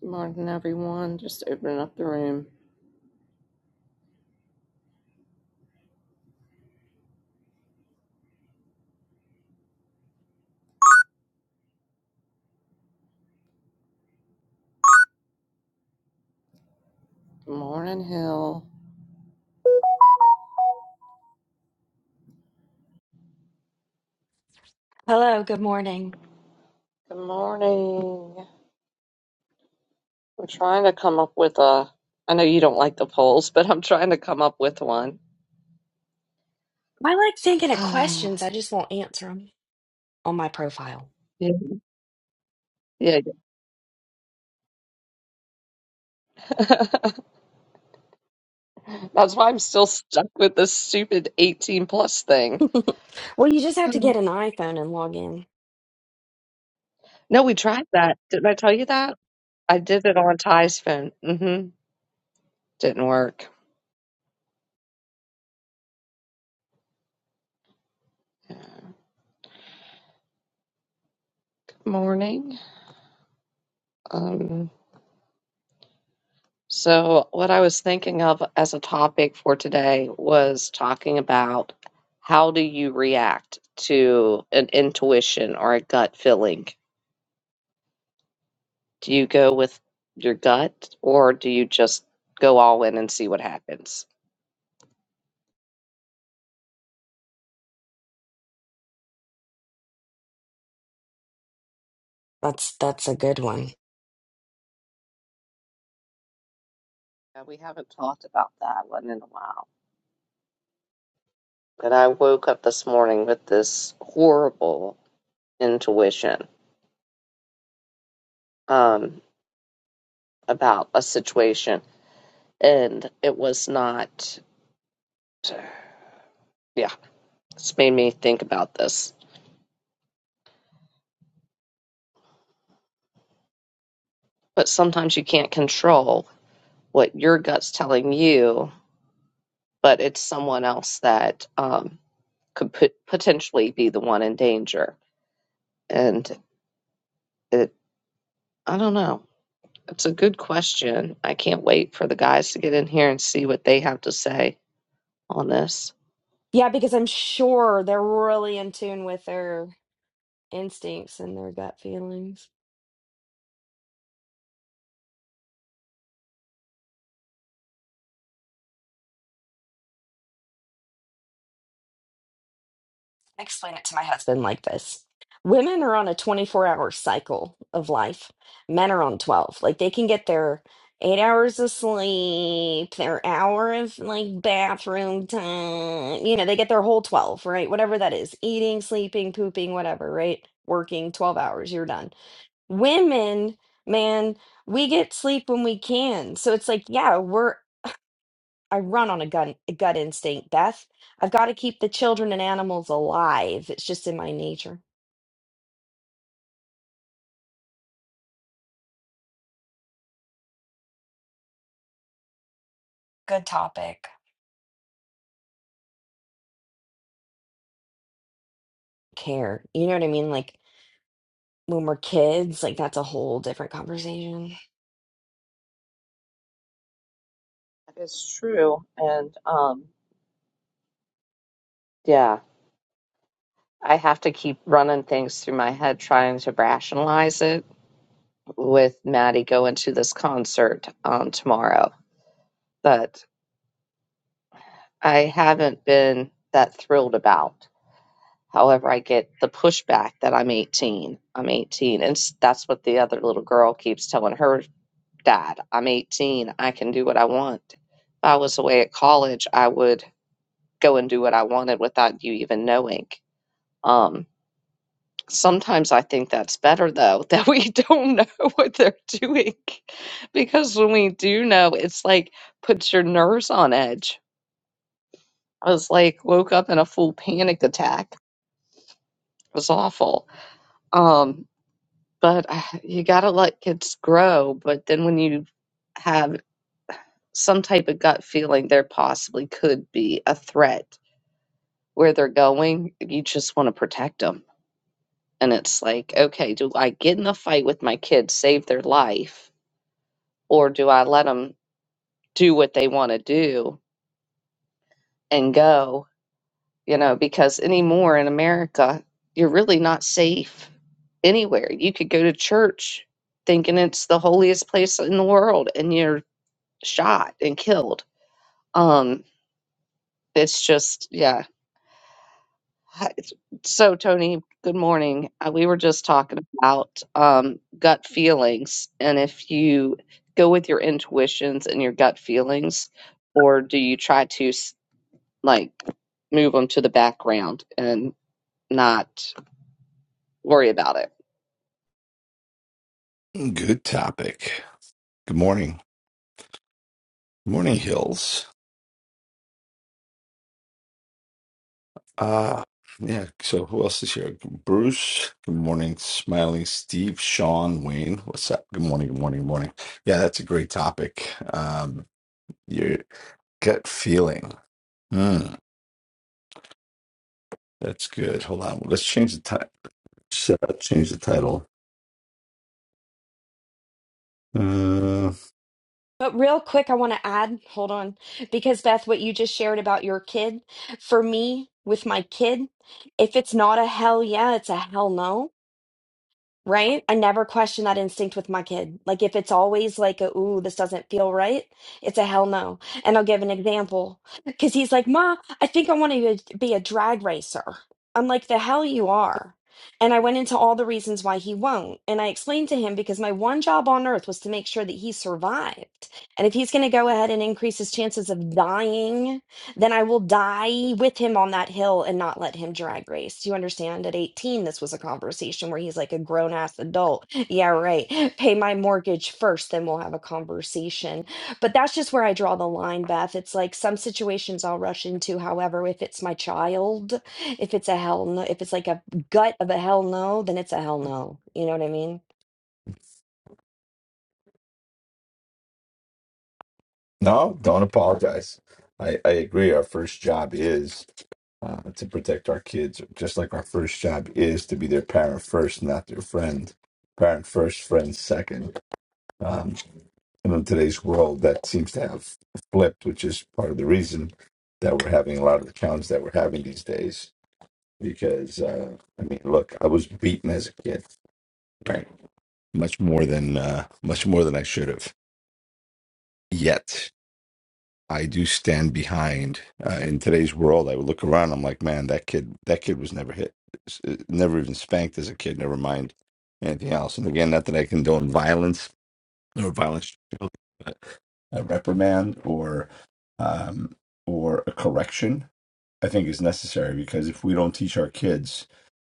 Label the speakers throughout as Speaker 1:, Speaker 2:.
Speaker 1: Good morning, everyone. Just opening up the room. Good morning, Hill.
Speaker 2: Hello, good morning.
Speaker 1: Good morning. I'm trying to come up with a. I know you don't like the polls, but I'm trying to come up with one.
Speaker 2: I like thinking of questions. I just won't answer them on my profile.
Speaker 1: yeah, yeah. That's why I'm still stuck with this stupid 18 plus thing.
Speaker 2: well, you just have to
Speaker 1: Oh.
Speaker 2: get an iPhone and log in.
Speaker 1: No, we tried that. Didn't I tell you that? I did it on Ty's phone. hmm Didn't work. Morning. Um. So, what I was thinking of as a topic for today was talking about how do you react to an intuition or a gut feeling? Do you go with your gut or do you just go all in and see what happens?
Speaker 2: That's that's a good one.
Speaker 1: Yeah, we haven't talked about that one in a while. But I woke up this morning with this horrible intuition um, about a situation, and it was not. So, yeah, it's made me think about this. But sometimes you can't control what your gut's telling you, but it's someone else that um, could put, potentially be the one in danger. And it, I don't know. It's a good question. I can't wait for the guys to get in here and see what they have to say on this.
Speaker 2: Yeah, because I'm sure they're really in tune with their instincts and their gut feelings. explain it to my husband like this women are on a 24 hour cycle of life men are on 12 like they can get their eight hours of sleep their hour of like bathroom time you know they get their whole 12 right whatever that is eating sleeping pooping whatever right working 12 hours you're done women man we get sleep when we can so it's like yeah we're I run on a gun a gut instinct, Beth. I've got to keep the children and animals alive. It's just in my nature. Good topic. Care. You know what I mean? Like when we're kids, like that's a whole different conversation.
Speaker 1: That is true. And um, Yeah, I have to keep running things through my head, trying to rationalize it with Maddie going to this concert um, tomorrow that I haven't been that thrilled about. However, I get the pushback that I'm 18. I'm 18. And s- that's what the other little girl keeps telling her dad I'm 18. I can do what I want. If I was away at college, I would go and do what I wanted without you even knowing. Um. Sometimes I think that's better though, that we don't know what they're doing. Because when we do know, it's like puts your nerves on edge. I was like woke up in a full panic attack. It was awful. Um, but I- you gotta let kids grow. But then when you have some type of gut feeling, there possibly could be a threat where they're going. You just want to protect them. And it's like, okay, do I get in a fight with my kid, save their life? or do I let them do what they want to do and go? You know, because anymore in America, you're really not safe anywhere. You could go to church thinking it's the holiest place in the world and you're shot and killed. Um, it's just, yeah. Hi- So, Tony, good morning. Uh, We were just talking about um, gut feelings and if you go with your intuitions and your gut feelings, or do you try to? like move them to the background and not worry about it.
Speaker 3: Good topic. Good morning. Good morning, Hills. Uh yeah, so who else is here? Bruce. Good morning, smiling Steve, Sean, Wayne. What's up? Good morning, good morning, good morning. Yeah, that's a great topic. Um your gut feeling. Hmm, that's good. Hold on. Let's change the title. Uh, change the title. Uh,
Speaker 2: But real quick, I want to add, hold on, because Beth, what you just shared about your kid, for me, with my kid, if it's not a hell yeah, it's a hell no Right? I never question that instinct with my kid. Like if it's always like a ooh, this doesn't feel right, it's a hell no. And I'll give an example because he's like, "Ma, I think I want to be a drag racer." I'm like, "The hell you are." And I went into all the reasons why he won't. And I explained to him because my one job on earth was to make sure that he survived. And if he's going to go ahead and increase his chances of dying then I will die with him on that hill and not let him drag race. Do you understand? At 18, this was a conversation where he's like a grown ass adult. Yeah, right. Pay my mortgage first, then we'll have a conversation. But that's just where I draw the line, Beth. It's like some situations I'll rush into. However, if it's my child, if it's a hell no, if it's like a gut of a hell no, then it's a hell no. You know what I mean?
Speaker 3: no, don't apologize. I, I agree. Our first job is uh, to protect our kids, just like our first job is to be their parent first, not their friend. Parent first, friend second. Um, and in today's world, that seems to have flipped, which is part of the reason that we're having a lot of the challenges that we're having these days. Because uh, I mean, look, I was beaten as a kid, right? Much more than uh, much more than I should have. Yet I do stand behind. Uh, in today's world, I would look around. I'm like, man, that kid, that kid was never hit, s- uh, never even spanked as a kid. Never mind anything else. And again, not that I condone violence or violence, but a reprimand or um, or a correction, I think is necessary because if we don't teach our kids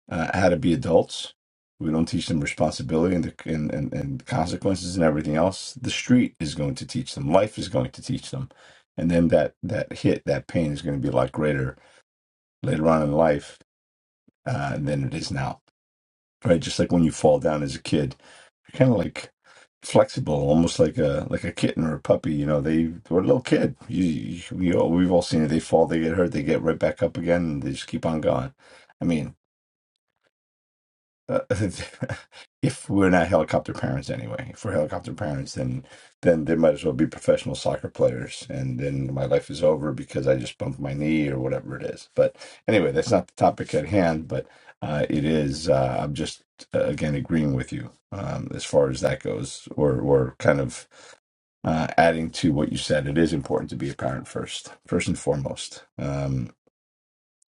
Speaker 3: uh, how to be adults. We don't teach them responsibility and, the, and, and, and consequences and everything else. The street is going to teach them. Life is going to teach them. And then that, that hit, that pain is going to be a lot greater later on in life uh, than it is now. Right? Just like when you fall down as a kid, you're kind of like flexible, almost like a like a kitten or a puppy. You know, they or a little kid. You, you, we all, we've all seen it. They fall, they get hurt, they get right back up again, and they just keep on going. I mean, Uh, if we're not helicopter parents anyway, if we're helicopter parents, then then they might as well be professional soccer players, and then my life is over because I just bumped my knee or whatever it is. But anyway, that's not the topic at hand. But uh, it is. Uh, I'm just uh, again agreeing with you um, as far as that goes, or or kind of uh, adding to what you said. It is important to be a parent first, first and foremost. Um,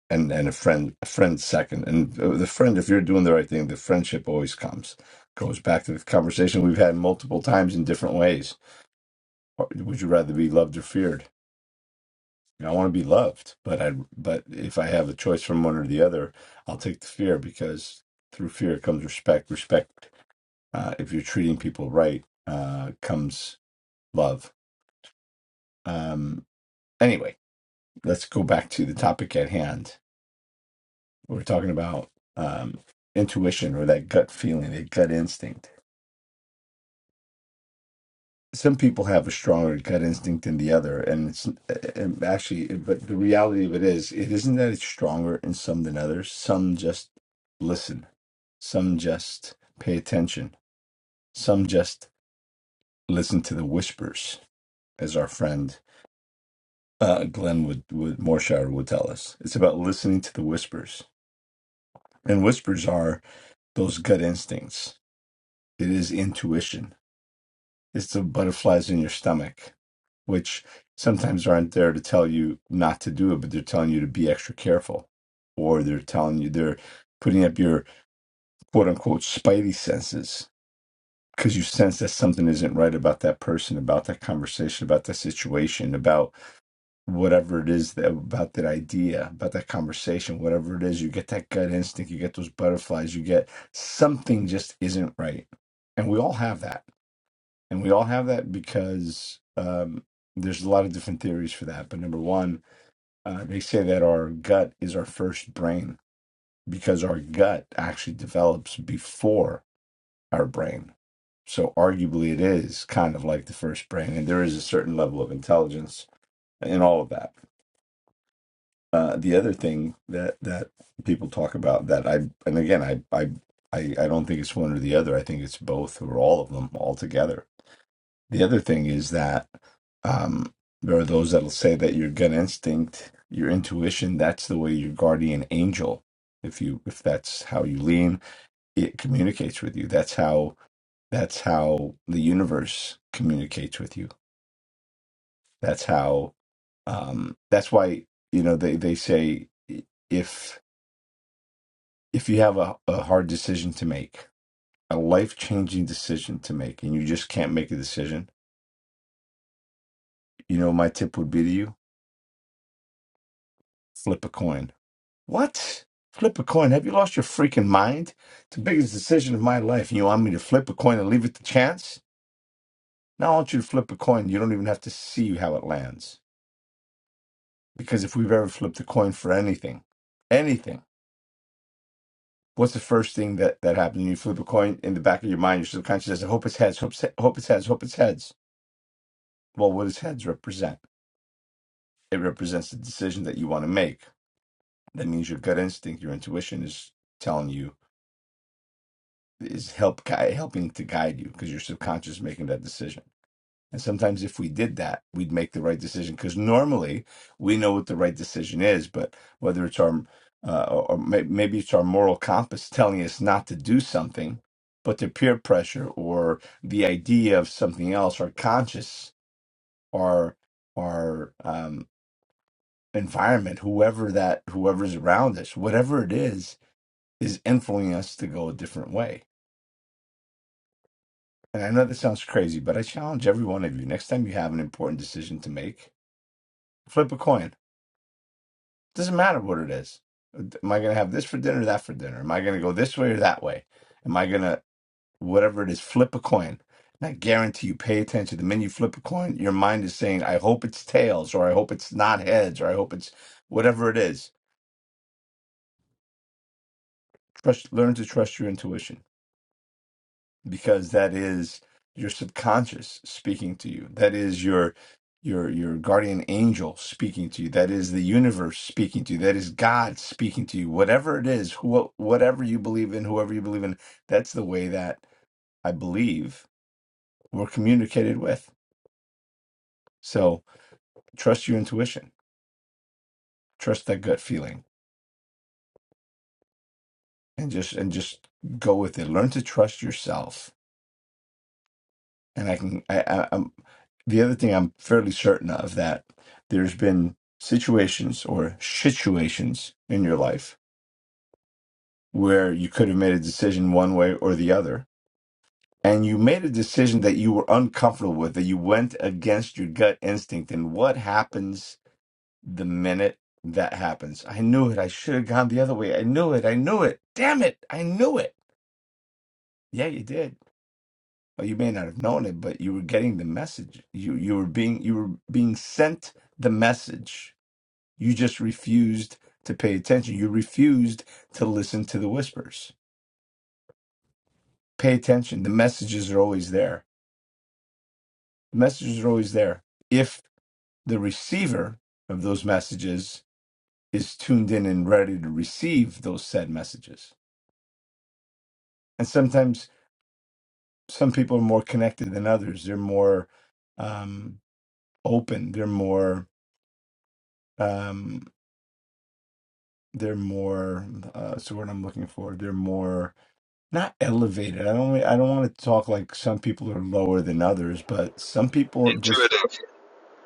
Speaker 3: and and a friend a friend second and uh, the friend if you're doing the right thing the friendship always comes goes back to the conversation we've had multiple times in different ways Or would you rather be loved or feared You know, i want to be loved but i but if i have a choice from one or the other i'll take the fear because through fear comes respect respect uh, if you're treating people right uh, comes love um anyway let's go back to the topic at hand We're talking about um, intuition or that gut feeling, that gut instinct. Some people have a stronger gut instinct than the other, and it's and actually, but the reality of it is, it isn't that it's stronger in some than others. Some just listen, some just pay attention, some just listen to the whispers, as our friend uh, Glenn would, would Morshire would tell us. It's about listening to the whispers, and whispers are those gut instincts. It is intuition is the butterflies in your stomach, which sometimes aren't there to tell you not to do it, but they're telling you to be extra careful, or they're telling you they're putting up your quote unquote spidey senses because you sense that something isn't right about that person, about that conversation, about that situation, about whatever it is that about that idea, about that conversation, whatever it is, you get that gut instinct, you get those butterflies, you get something just isn't right. And we all have that and we all have that because um, there's a lot of different theories for that. But number one, uh, they say that our gut is our first brain because our gut actually develops before our brain. So arguably, it is kind of like the first brain, and there is a certain level of intelligence in all of that. Uh, the other thing that that people talk about that I and again I I I, I don't think it's one or the other. I think it's both or all of them all together The other thing is that um, there are those that'll say that your gut instinct, your intuition, that's the way your guardian angel, if you if that's how you lean, it communicates with you. That's how that's how the universe communicates with you. That's how um, that's why you know they they say if if you have a, a hard decision to make, a life changing decision to make, and you just can't make a decision, you know my tip would be to you flip a coin What? Flip a coin? Have you lost your freaking mind? It's the biggest decision of my life, and you want me to flip a coin and leave it to chance? Now I want you to flip a coin. You don't even have to see how it lands. Because if we've ever flipped a coin for anything, anything, what's the first thing that, that happens? when You flip a coin in the back of your mind, your subconscious says, I hope it's heads, hope it's, he- hope it's heads, hope it's heads. Well, what does heads represent? It represents the decision that you want to make. That means your gut instinct, your intuition is telling you is help guide, helping to guide you because your subconscious is making that decision. And sometimes if we did that, we'd make the right decision because normally we know what the right decision is, but whether it's our uh, or or may- maybe it's our moral compass telling us not to do something, but the peer pressure or the idea of something else, our conscious, our our um, environment, whoever that whoever's around us, whatever it is, is influencing us to go a different way And I know this sounds crazy, but I challenge every one of you. Next time you have an important decision to make, flip a coin. Doesn't matter what it is. Am I going to have this for dinner, that for dinner? Am I going to go this way or that way? Am I going to, whatever it is, flip a coin? And I guarantee you, pay attention. The minute you flip a coin, your mind is saying, I hope it's tails, or I hope it's not heads, or I hope it's whatever it is. Trust, learn to trust your intuition. because that is your subconscious speaking to you that is your your your guardian angel speaking to you that is the universe speaking to you that is god speaking to you whatever it is who, whatever you believe in whoever you believe in that's the way that i believe we're communicated with so trust your intuition trust that gut feeling and just and just go with it learn to trust yourself and I can I, I I'm the other thing I'm fairly certain of that there's been situations or situations in your life where you could have made a decision one way or the other and you made a decision that you were uncomfortable with that you went against your gut instinct and what happens the minute that happens I knew it I should have gone the other way I knew it I knew it damn it I knew it yeah you did Well, you may not have known it, but you were getting the message. You you were being you were being sent the message. You just refused to pay attention. You refused to listen to the whispers. Pay attention. The messages are always there. The messages are always there. If the receiver of those messages is tuned in and ready to receive those said messages. And sometimes some people are more connected than others. They're more um, open. They're more. Um, they're more uh so what I'm looking for they're more not elevated I don't I don't want to talk like some people are lower than others but some people just
Speaker 4: intuitive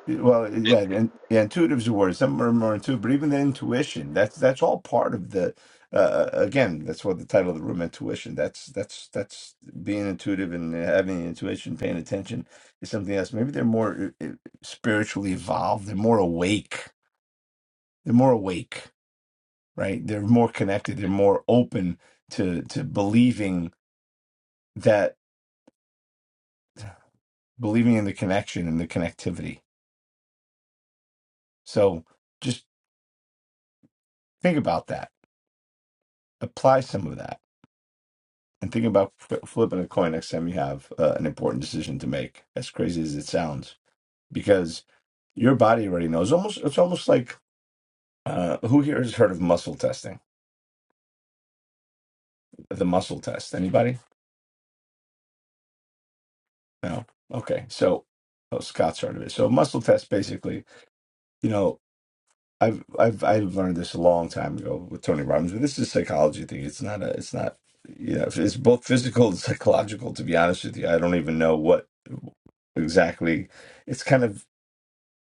Speaker 3: well yeah and yeah intuitive's a word some are more intuitive but even the intuition that's that's all part of the uh uh, again that's what the title of the room intuition that's that's that's being intuitive and having intuition paying attention is something else maybe they're more uh, uh, spiritually evolved they're more awake they're more awake right? They're more connected, they're more open to to believing that believing in the connection and the connectivity. So just think about that. Apply some of that and think about fl- flipping a coin next time you have uh, an important decision to make. As crazy as it sounds, because your body already knows. Almost it's almost like uh, who here has heard of muscle testing? The muscle test. Anybody? No. Okay. So oh, Scott's heard of it. So muscle test basically. You know, I've I've I have learned this a long time ago with Tony Robbins, but this is a psychology thing. It's not a it's not you know it's both physical and psychological. To be honest with you, I don't even know what exactly. It's kind of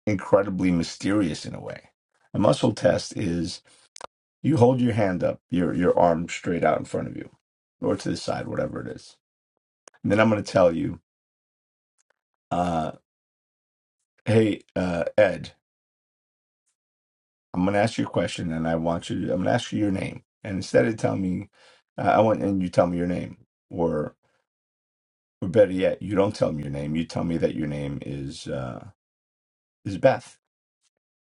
Speaker 3: incredibly mysterious in a way. A muscle test is you hold your hand up, your your arm straight out in front of you, or to the side, whatever it is. And then I'm going to tell you, uh, hey uh, Ed, I'm going to ask you a question, and I want you. To, I'm going to ask you your name, and instead of telling me, uh, I want and you tell me your name, or or better yet, you don't tell me your name. You tell me that your name is uh, is Beth,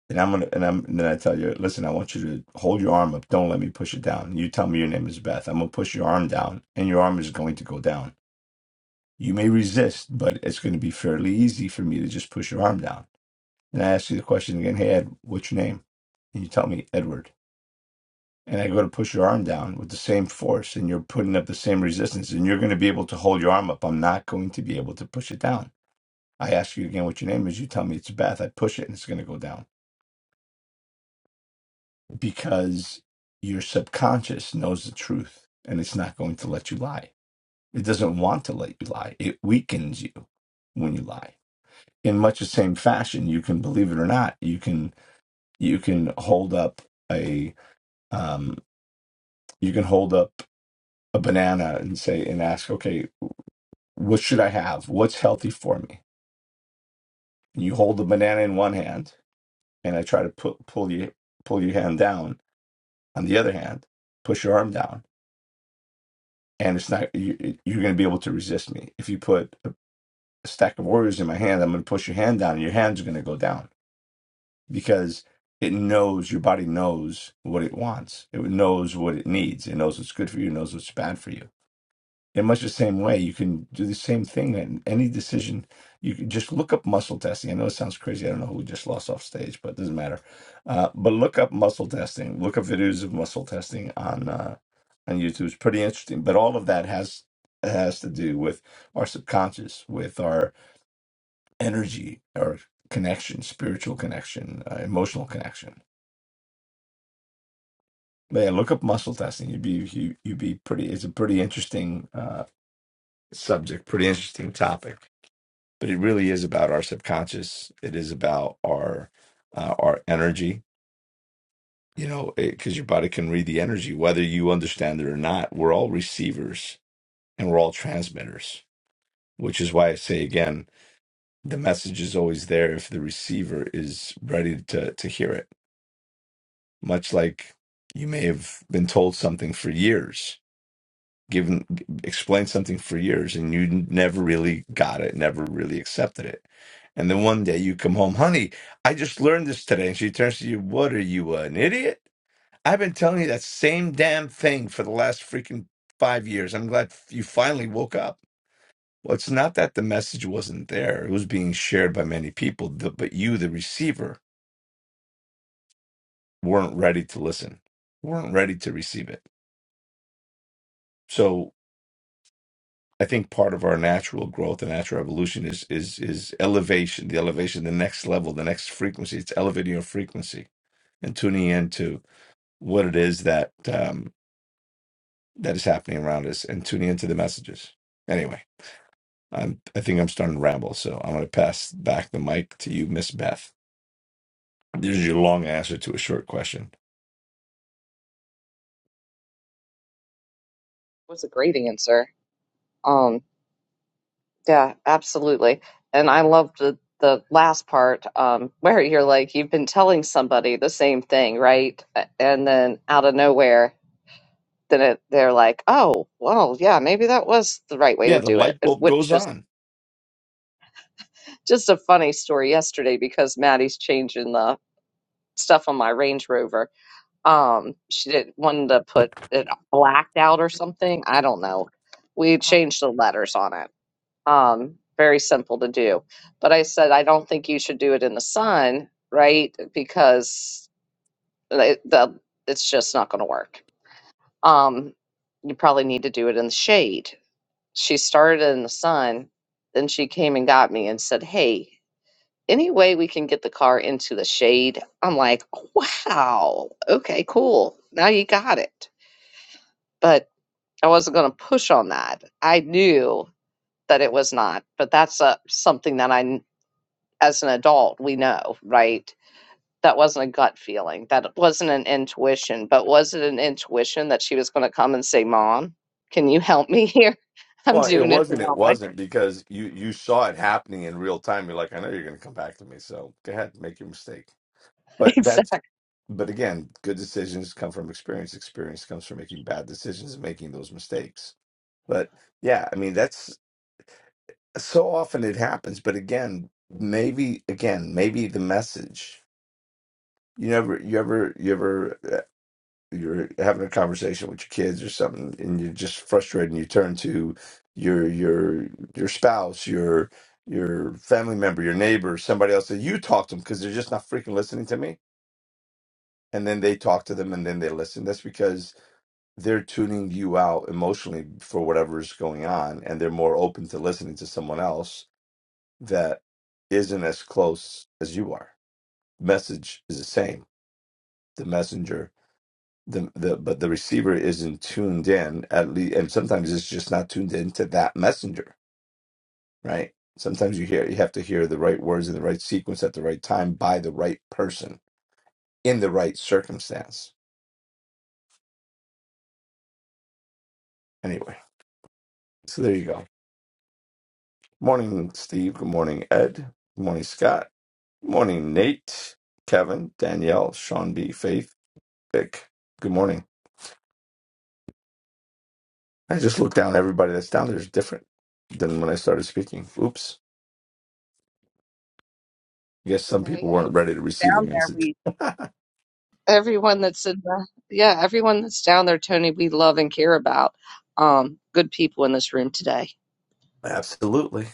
Speaker 3: and I'm gonna and I'm and then I tell you, listen, I want you to hold your arm up. Don't let me push it down. You tell me your name is Beth. I'm gonna push your arm down, and your arm is going to go down. You may resist, but it's going to be fairly easy for me to just push your arm down. And I ask you the question again, hey Ed, what's your name? And you tell me Edward. and I go to push your arm down with the same force and you're putting up the same resistance and you're going to be able to hold your arm up. I'm not going to be able to push it down. I ask you again what your name is. You tell me it's Beth. I push it and it's going to go down because your subconscious knows the truth and it's not going to let you lie. It doesn't want to let you lie. It weakens you when you lie. In much the same fashion, you can believe it or not, you can you can hold up a um, you can hold up a banana and say and ask, okay, what should I have? What's healthy for me? And you hold the banana in one hand, and I try to pull pull you pull your hand down on the other hand, push your arm down, and it's not you, it- you're going to be able to resist me. If you put a stack of warriors in my hand, I'm going to push your hand down, and your hand's going to go down because it knows your body knows what it wants. It knows what it needs. It knows what's good for you. It knows what's bad for you in much the same way, you can do the same thing in any decision. You can just look up muscle testing. I know it sounds crazy. I don't know who we just lost off stage, but it doesn't matter. Uh, but look up muscle testing. Look up videos of muscle testing on uh, on YouTube. It's pretty interesting. But all of that has has to do with our subconscious, with our energy, our connection, spiritual connection, uh, emotional connection. But yeah, look up muscle testing. You'd be you, you'd be pretty. It's a pretty interesting uh, subject. Pretty interesting topic. but it really is about our subconscious. It is about our uh, our energy. You know, because your body can read the energy, whether you understand it or not. We're all receivers and we're all transmitters, which is why I say again, the message is always there if the receiver is ready to to hear it. Much like you may have been told something for years, given explained something for years and you never really got it never really accepted it and then one day you come home honey i just learned this today and she turns to you what are you an idiot i've been telling you that same damn thing for the last freaking five years i'm glad you finally woke up well it's not that the message wasn't there it was being shared by many people th- but you the receiver weren't ready to listen weren't ready to receive it So. I think part of our natural growth and natural evolution is is is elevation, the elevation, the next level, the next frequency. It's elevating your frequency and tuning into what it is that um, that is happening around us and tuning into the messages. Anyway, I'm I think I'm starting to ramble, so I'm going to pass back the mic to you, Miss Beth. This is your long answer to a short question.
Speaker 1: It was a great answer. Um, yeah, absolutely. And I loved the, the last part um, where you're like, you've been telling somebody the same thing, right? A- And then out of nowhere, then it, they're like, oh, well, yeah, maybe that was the right way
Speaker 3: Yeah,
Speaker 1: to
Speaker 3: the
Speaker 1: do it.
Speaker 3: light
Speaker 1: It-
Speaker 3: bulb
Speaker 1: Which
Speaker 3: goes
Speaker 1: just
Speaker 3: on.
Speaker 1: just a funny story yesterday because Maddie's changing the stuff on my Range Rover Um, she didn't wanted to put it blacked out or something. I don't know. We changed the letters on it. Um, very simple to do. But I said I don't think you should do it in the sun, right? Because it, the it's just not going to work. Um, you probably need to do it in the shade. She started in the sun, then she came and got me and said, "Hey, any way we can get the car into the shade?" I'm like, "Wow, okay, cool. Now you got it." but I wasn't going to push on that. I knew that it was not, but that's a, something that I, as an adult, we know, right? That wasn't a gut feeling. That wasn't an intuition, but was it an intuition that she was going to come and say, Mom, can you help me here? I'm
Speaker 3: Well, it
Speaker 1: doing it the
Speaker 3: wasn't. It
Speaker 1: wrong way.
Speaker 3: wasn't because you you saw it happening in real time. You're like, I know you're going to come back to me, so go ahead, make your mistake. But that's.
Speaker 1: Exactly.
Speaker 3: But again, good decisions come from experience. Experience comes from making bad decisions and making those mistakes. But yeah, I mean, that's so often it happens. But again, maybe again, maybe the message. You never, you ever, you ever. you're having a conversation with your kids or something and you're just frustrated and you turn to your your your spouse your your family member your neighbor somebody else that you talk to them because they're just not freaking listening to me and then they talk to them and then they listen that's because they're tuning you out emotionally for whatever's going on and they're more open to listening to someone else that isn't as close as you are message is the same the messenger the the but the receiver isn't tuned in at least and sometimes it's just not tuned in to that messenger right sometimes you hear you have to hear the right words in the right sequence at the right time by the right person in the right circumstance anyway so there you go morning steve good morning ed good morning scott good morning nate kevin danielle sean b faith vic good morning i just looked down everybody that's down there's different than when i started speaking oops I guess some
Speaker 1: Okay.
Speaker 3: people weren't
Speaker 1: Everything's
Speaker 3: ready to receive the
Speaker 1: down there. we.
Speaker 3: message.
Speaker 1: everyone that's in the yeah everyone that's down there tony we love and care about um good people in this room today
Speaker 3: Absolutely.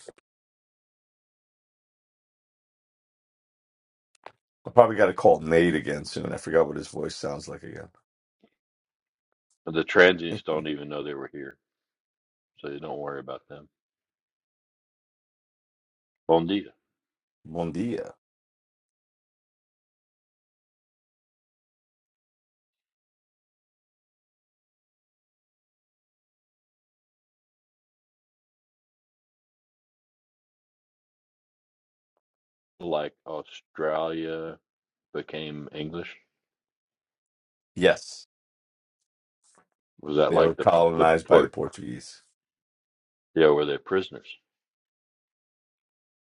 Speaker 3: I probably got to call Nate again soon. I forgot what his voice sounds like again.
Speaker 5: The transients don't even know they were here, so you don't worry about them. Bon dia.
Speaker 3: Bon dia.
Speaker 5: Like Australia became English.
Speaker 3: Yes,
Speaker 5: Was that
Speaker 3: they were
Speaker 5: like the the
Speaker 3: colonized by the
Speaker 5: port?
Speaker 3: Portuguese.
Speaker 5: Yeah, were they prisoners?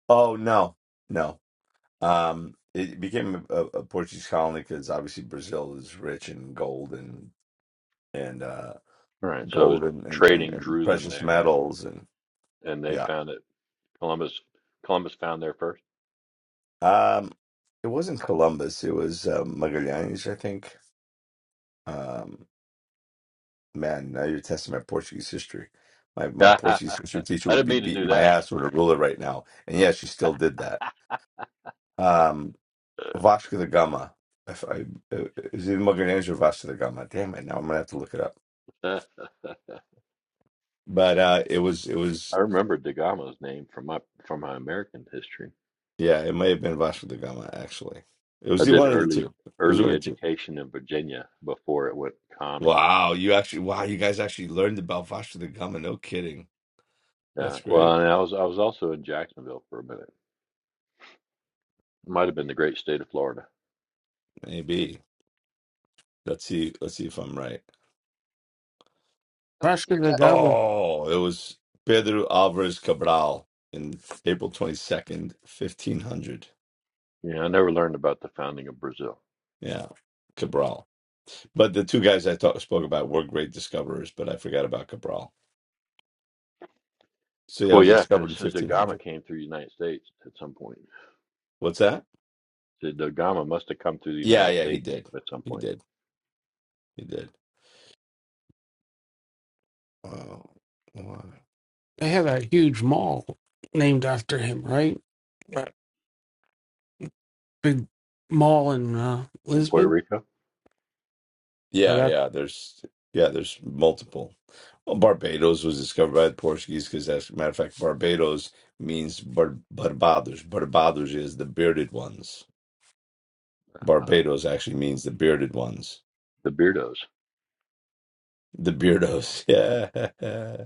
Speaker 3: Oh no, no. Um, it became a, a Portuguese colony because obviously Brazil is rich in gold and and uh,
Speaker 5: All Right. So
Speaker 3: gold and, and, and,
Speaker 5: trading
Speaker 3: and
Speaker 5: drew them
Speaker 3: precious
Speaker 5: there,
Speaker 3: metals and
Speaker 5: and they
Speaker 3: yeah.
Speaker 5: found it. Columbus Columbus found there first.
Speaker 3: Um, it wasn't Columbus. It was uh, Magallanes, I think. Um, Man, now you're testing my Portuguese history. My my
Speaker 5: I
Speaker 3: Portuguese history teacher would
Speaker 5: didn't
Speaker 3: be
Speaker 5: mean to do
Speaker 3: beating my
Speaker 5: that.
Speaker 3: ass with a ruler right now. And yeah, she still did that. Um, Vasco da Gama. If I, uh, is it Magalhães or Vasco da Gama? Damn it! Now I'm gonna have to look it up.
Speaker 5: Uh,
Speaker 3: But uh, it was it
Speaker 5: I
Speaker 3: was
Speaker 5: remember Da Gama's name from my from my American history.
Speaker 3: yeah, it may have been Vasco da Gama actually. It was
Speaker 5: I
Speaker 3: the
Speaker 5: did
Speaker 3: one of the
Speaker 5: early
Speaker 3: two. It was
Speaker 5: early
Speaker 3: one of the two.
Speaker 5: education in Virginia before it went commie.
Speaker 3: Wow, you actually wow, you guys actually learned about Vasco da Gama. No kidding.
Speaker 5: Yeah.
Speaker 3: That's great.
Speaker 5: Well, and I was I was also in Jacksonville for a minute. Might have been the great state of Florida.
Speaker 3: Maybe let's see let's see if I'm right.
Speaker 1: Go with
Speaker 6: Vasco
Speaker 1: your
Speaker 6: da
Speaker 1: gut
Speaker 6: Gama,
Speaker 3: Oh, it was Pedro Alvarez Cabral in April 22nd, 1500.
Speaker 5: Yeah, I never learned about the founding of Brazil.
Speaker 3: Yeah, Cabral. But the two guys I talk, spoke about were great discoverers, but I forgot about Cabral. So yeah, it
Speaker 5: Well,
Speaker 3: was
Speaker 5: yeah,
Speaker 3: discovered
Speaker 5: because
Speaker 3: in
Speaker 5: the Gama
Speaker 3: 1500.
Speaker 5: came through the United States at some point.
Speaker 3: What's that?
Speaker 5: The, the Gama must have come through the
Speaker 3: Yeah,
Speaker 5: United
Speaker 3: yeah, he
Speaker 5: States
Speaker 3: did.
Speaker 5: at some
Speaker 3: He
Speaker 5: point
Speaker 3: did. He did. Wow. Wow.
Speaker 6: they had a huge mall named after him, right? That big mall in uh,
Speaker 5: in Puerto
Speaker 6: Lisbon.
Speaker 5: Rico.
Speaker 6: Now
Speaker 3: Yeah,
Speaker 6: that-
Speaker 3: yeah. There's yeah, there's multiple. Well, Barbados was discovered by the Portuguese because, as a matter of fact, Barbados means bar- Barbados. Barbados is the bearded ones.
Speaker 5: Ah,
Speaker 3: Barbados actually means the bearded ones.
Speaker 5: the Beardos,
Speaker 3: The beardos. Yeah.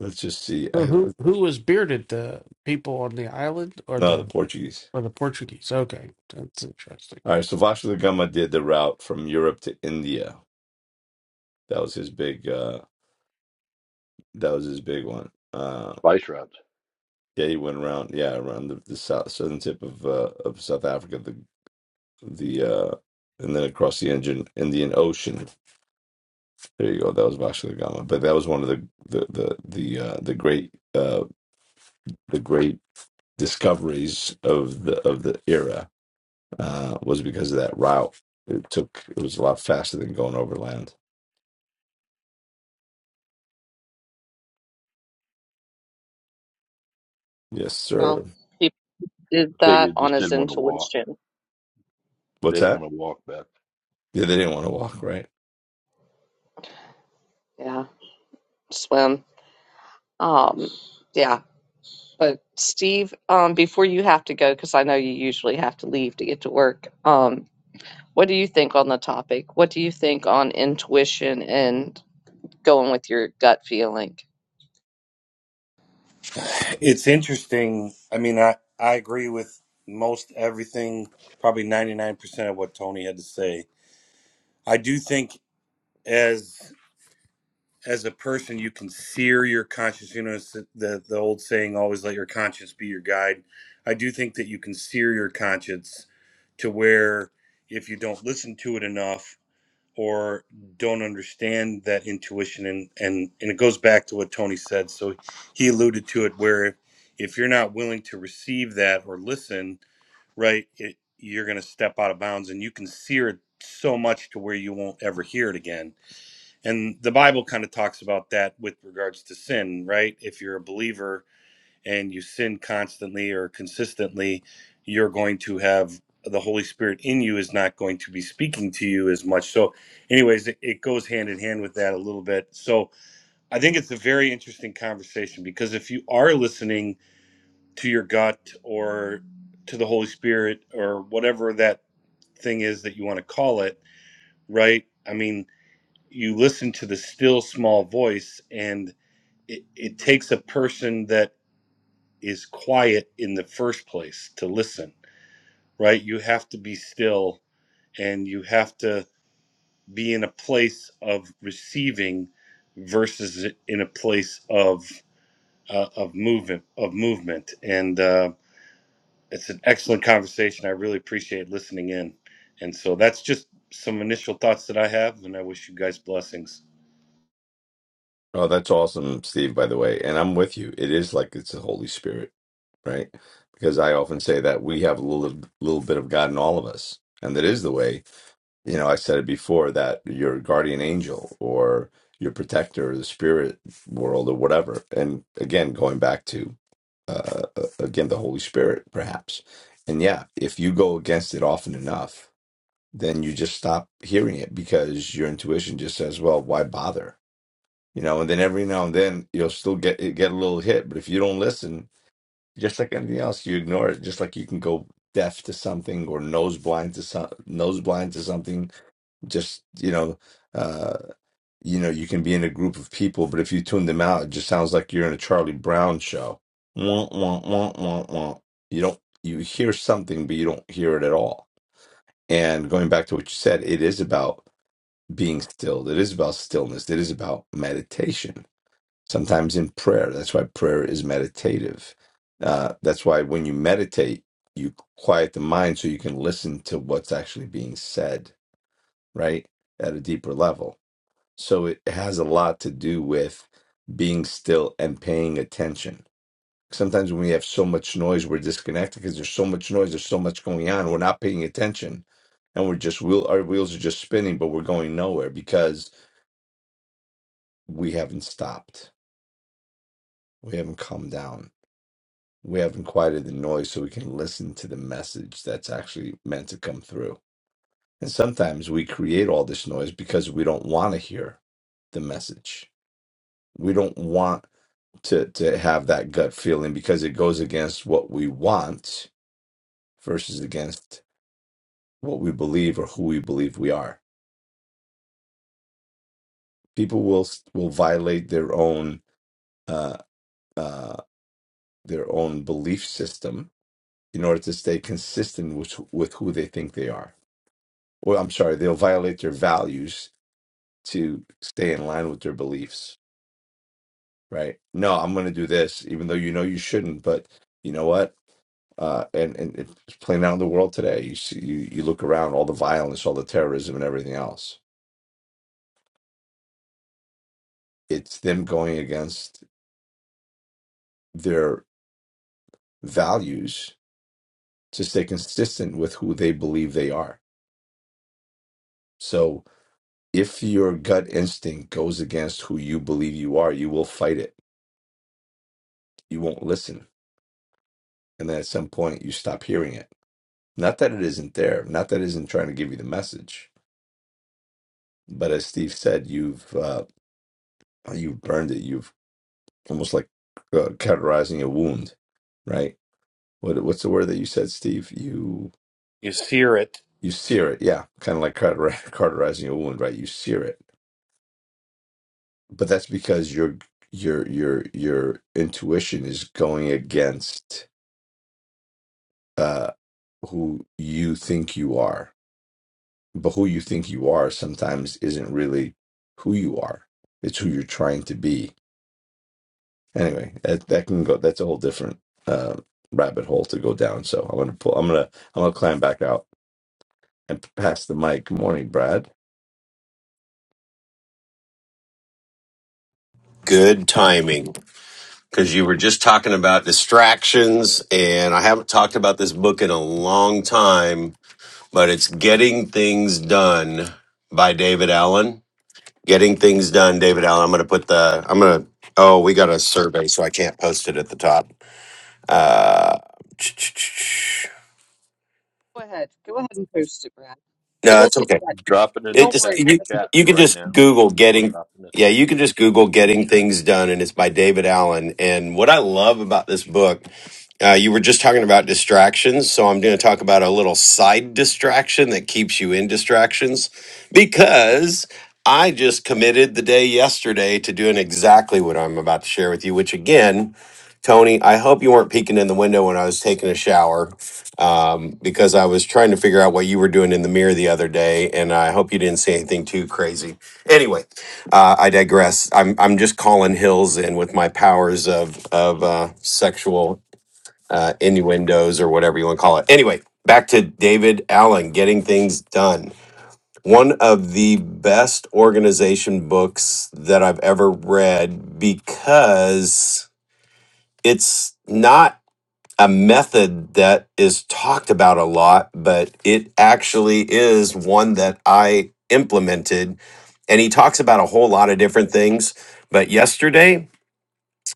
Speaker 3: Let's just see.
Speaker 6: so
Speaker 3: I,
Speaker 6: who who was bearded? The people on the island or
Speaker 3: no, the
Speaker 6: the
Speaker 3: Portuguese.
Speaker 6: or the Portuguese? Okay, that's interesting.
Speaker 3: All right. So Vasco da Gama did the route from Europe to India. That was his big. uh That was his big one. Uh,
Speaker 5: spice routes.
Speaker 3: yeah, he went around. Yeah, around the, the south southern tip of uh, of South Africa. the uh and then across the engine Indian Ocean. There you go. That was Vasco da Gama. But that was one of the the the the uh, the great uh the great discoveries of the of the era uh was because of that route. It took it was a lot faster than going overland. Yes, sir.
Speaker 1: well he did
Speaker 5: They
Speaker 1: that on
Speaker 5: just
Speaker 1: his
Speaker 5: didn't want to walk.
Speaker 1: intuition
Speaker 3: What's
Speaker 5: They didn't
Speaker 3: that?
Speaker 5: want to walk back.
Speaker 3: Yeah, they didn't want to walk, right?
Speaker 1: yeah swim um yeah But Steve, um, before you have to go, because I know you usually have to leave to get to work, um, what do you think on the topic? What do you think on intuition and going with your gut feeling?
Speaker 7: It's interesting. I mean, I, I agree with most everything, probably 99% of what Tony had to say. I do think as as a person you can sear your conscience, you know, it's the, the, the old saying always let your conscience be your guide. I do think that you can sear your conscience to where if you don't listen to it enough or don't understand that intuition and and and it goes back to what tony said so he alluded to it where if you're not willing to receive that or listen right it, you're going to step out of bounds and you can sear it so much to where you won't ever hear it again and the bible kind of talks about that with regards to sin right if you're a believer and you sin constantly or consistently, you're going to have the Holy Spirit in you is not going to be speaking to you as much. So, anyways, it, it goes hand in hand with that a little bit. So, I think it's a very interesting conversation because if you are listening to your gut or to the Holy Spirit or whatever that thing is that you want to call it, right? I mean, you listen to the still small voice and it, it takes a person that is quiet in the first place to listen, right? You have to be still and you have to be in a place of receiving versus in a place of uh, of movement of movement and uh, it's an excellent conversation i really appreciate listening in and so that's just some initial thoughts that i have and i wish you guys blessings
Speaker 3: Oh, that's awesome, Steve, by the way. And I'm with you. It is like it's the Holy Spirit, right? Because I often say that we have a little little bit of God in all of us. And that is the way you know, I said it before that your guardian angel or your protector, or the spirit world, or whatever. And again, going back to uh, uh, again the Holy Spirit, perhaps. And yeah, if you go against it often enough, then you just stop hearing it because your intuition just says, "Well, why bother?" You know. And then every now and then you'll still get get a little hit, but if you don't listen, just like anything else, you ignore it. Just like you can go deaf to something or nose blind to some nose blind to something just you know uh you know you can be in a group of people but if you tune them out it just sounds like you're in a charlie brown show wah, wah, wah, wah, wah. you don't you hear something but you don't hear it at all and going back to what you said it is about being still it is about stillness it is about meditation sometimes in prayer that's why prayer is meditative uh that's why when you meditate you quiet the mind so you can listen to what's actually being said right at a deeper level so it has a lot to do with being still and paying attention. Sometimes when we have so much noise, we're disconnected because there's so much noise, there's so much going on. We're not paying attention and we're just, wheel, our wheels are just spinning, but we're going nowhere because we haven't stopped. We haven't calmed down. We haven't quieted the noise so we can listen to the message that's actually meant to come through. And sometimes we create all this noise because we don't want to hear the message. We don't want to to have that gut feeling because it goes against what we want versus against what we believe or who we believe we are. People will will violate their own uh, uh, their own belief system in order to stay consistent with with who they think they are. Or I'm sorry, they'll violate their values to stay in line with their beliefs. Right? No, I'm going to do this, even though you know you shouldn't. But you know what? uh, and and it's playing out in the world today. You see, you you look around, all the violence, all the terrorism, and everything else. It's them going against their values to stay consistent with who they believe they are. So, if your gut instinct goes against who you believe you are, you will fight it. You won't listen, and then at some point, you stop hearing it. Not that it isn't there. Not that it isn't trying to give you the message. But as Steve said, you've uh, you've burned it. You've almost like uh, cauterizing a wound, right? What what's the word that you said, Steve? You
Speaker 7: you hear it
Speaker 3: you sear it, yeah, kind of like cauter- cauterizing a wound, right? You sear it, but that's because your your your your intuition is going against uh, who you think you are. But who you think you are sometimes isn't really who you are. It's who you're trying to be. Anyway, that, that can go. That's a whole different uh, rabbit hole to go down. So I'm gonna pull. I'm gonna I'm gonna climb back out. and pass the mic. Good morning, Brad.
Speaker 8: Good timing because you were just talking about distractions, and I haven't talked about this book in a long time, but it's Getting Things Done by David Allen. Getting Things Done, David Allen. I'm going to put the, I'm going to, oh, we got a survey, so I can't post it at the top. Uh,
Speaker 1: Go ahead. Go ahead and post it, Brad.
Speaker 8: no,
Speaker 1: It'll
Speaker 8: it's
Speaker 1: take
Speaker 8: okay.
Speaker 1: that.
Speaker 5: Drop it in
Speaker 8: It
Speaker 5: the
Speaker 1: Don't
Speaker 8: just,
Speaker 1: worry.
Speaker 5: text
Speaker 1: I
Speaker 8: you,
Speaker 1: just put,
Speaker 5: chat
Speaker 8: you can
Speaker 5: right
Speaker 8: just
Speaker 5: now.
Speaker 8: Google Getting
Speaker 5: Drop it in the
Speaker 8: yeah,
Speaker 5: text
Speaker 8: you can
Speaker 5: chat,
Speaker 8: just Google Getting Things Done, and it's by David Allen. And what I love about this book Uh, you were just talking about distractions, so I'm going to talk about a little side distraction that keeps you in distractions because I just committed the day yesterday to doing exactly what I'm about to share with you, which again, Tony, I hope you weren't peeking in the window when I was taking a shower um, because I was trying to figure out what you were doing in the mirror the other day, and I hope you didn't say anything too crazy. Anyway, uh, I digress. I'm I'm just calling hills in with my powers of of uh, sexual uh, innuendos or whatever you want to call it. Anyway, back to David Allen, Getting Things Done. One of the best organization books that I've ever read because it's not a method that is talked about a lot, but it actually is one that I implemented. And he talks about a whole lot of different things. But yesterday,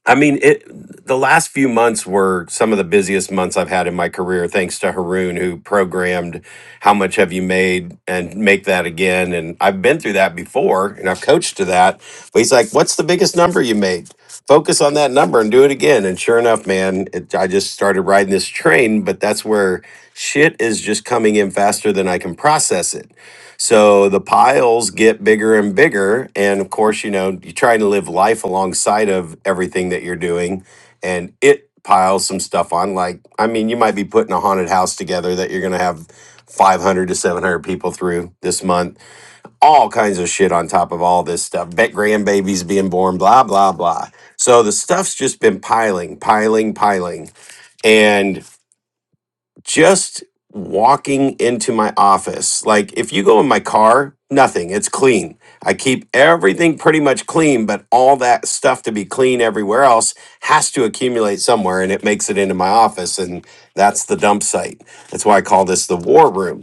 Speaker 8: I mean, it. The last few months were some of the busiest months I've had in my career, thanks to Haroon, who programmed "How much have you made?" and make that again. And I've been through that before, and I've coached to that. But he's like, "What's the biggest number you made? Focus on that number and do it again." And sure enough, man, it, I just started riding this train. But that's where shit is just coming in faster than I can process it so the piles get bigger and bigger. And of course, you know, you're trying to live life alongside of everything that you're doing. And it piles some stuff on. Like, I mean, you might be putting a haunted house together that you're going to have 500 to 700 people through this month. All kinds of shit on top of all this stuff. Bet grandbabies being born, blah, blah, blah. So the stuff's just been piling, piling, piling. and just walking into my office. Like if you go in my car, nothing, it's clean. I keep everything pretty much clean, but all that stuff to be clean everywhere else has to accumulate somewhere and it makes it into my office and that's the dump site. That's why I call this the war room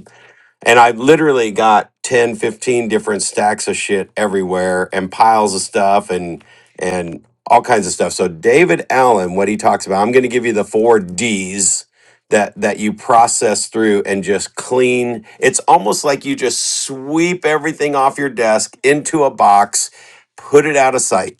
Speaker 8: and I literally got 10, 15 different stacks of shit everywhere and piles of stuff and and all kinds of stuff. So David Allen, what he talks about, I'm gonna give you the four D's that that you process through and just clean. It's almost like you just sweep everything off your desk into a box, put it out of sight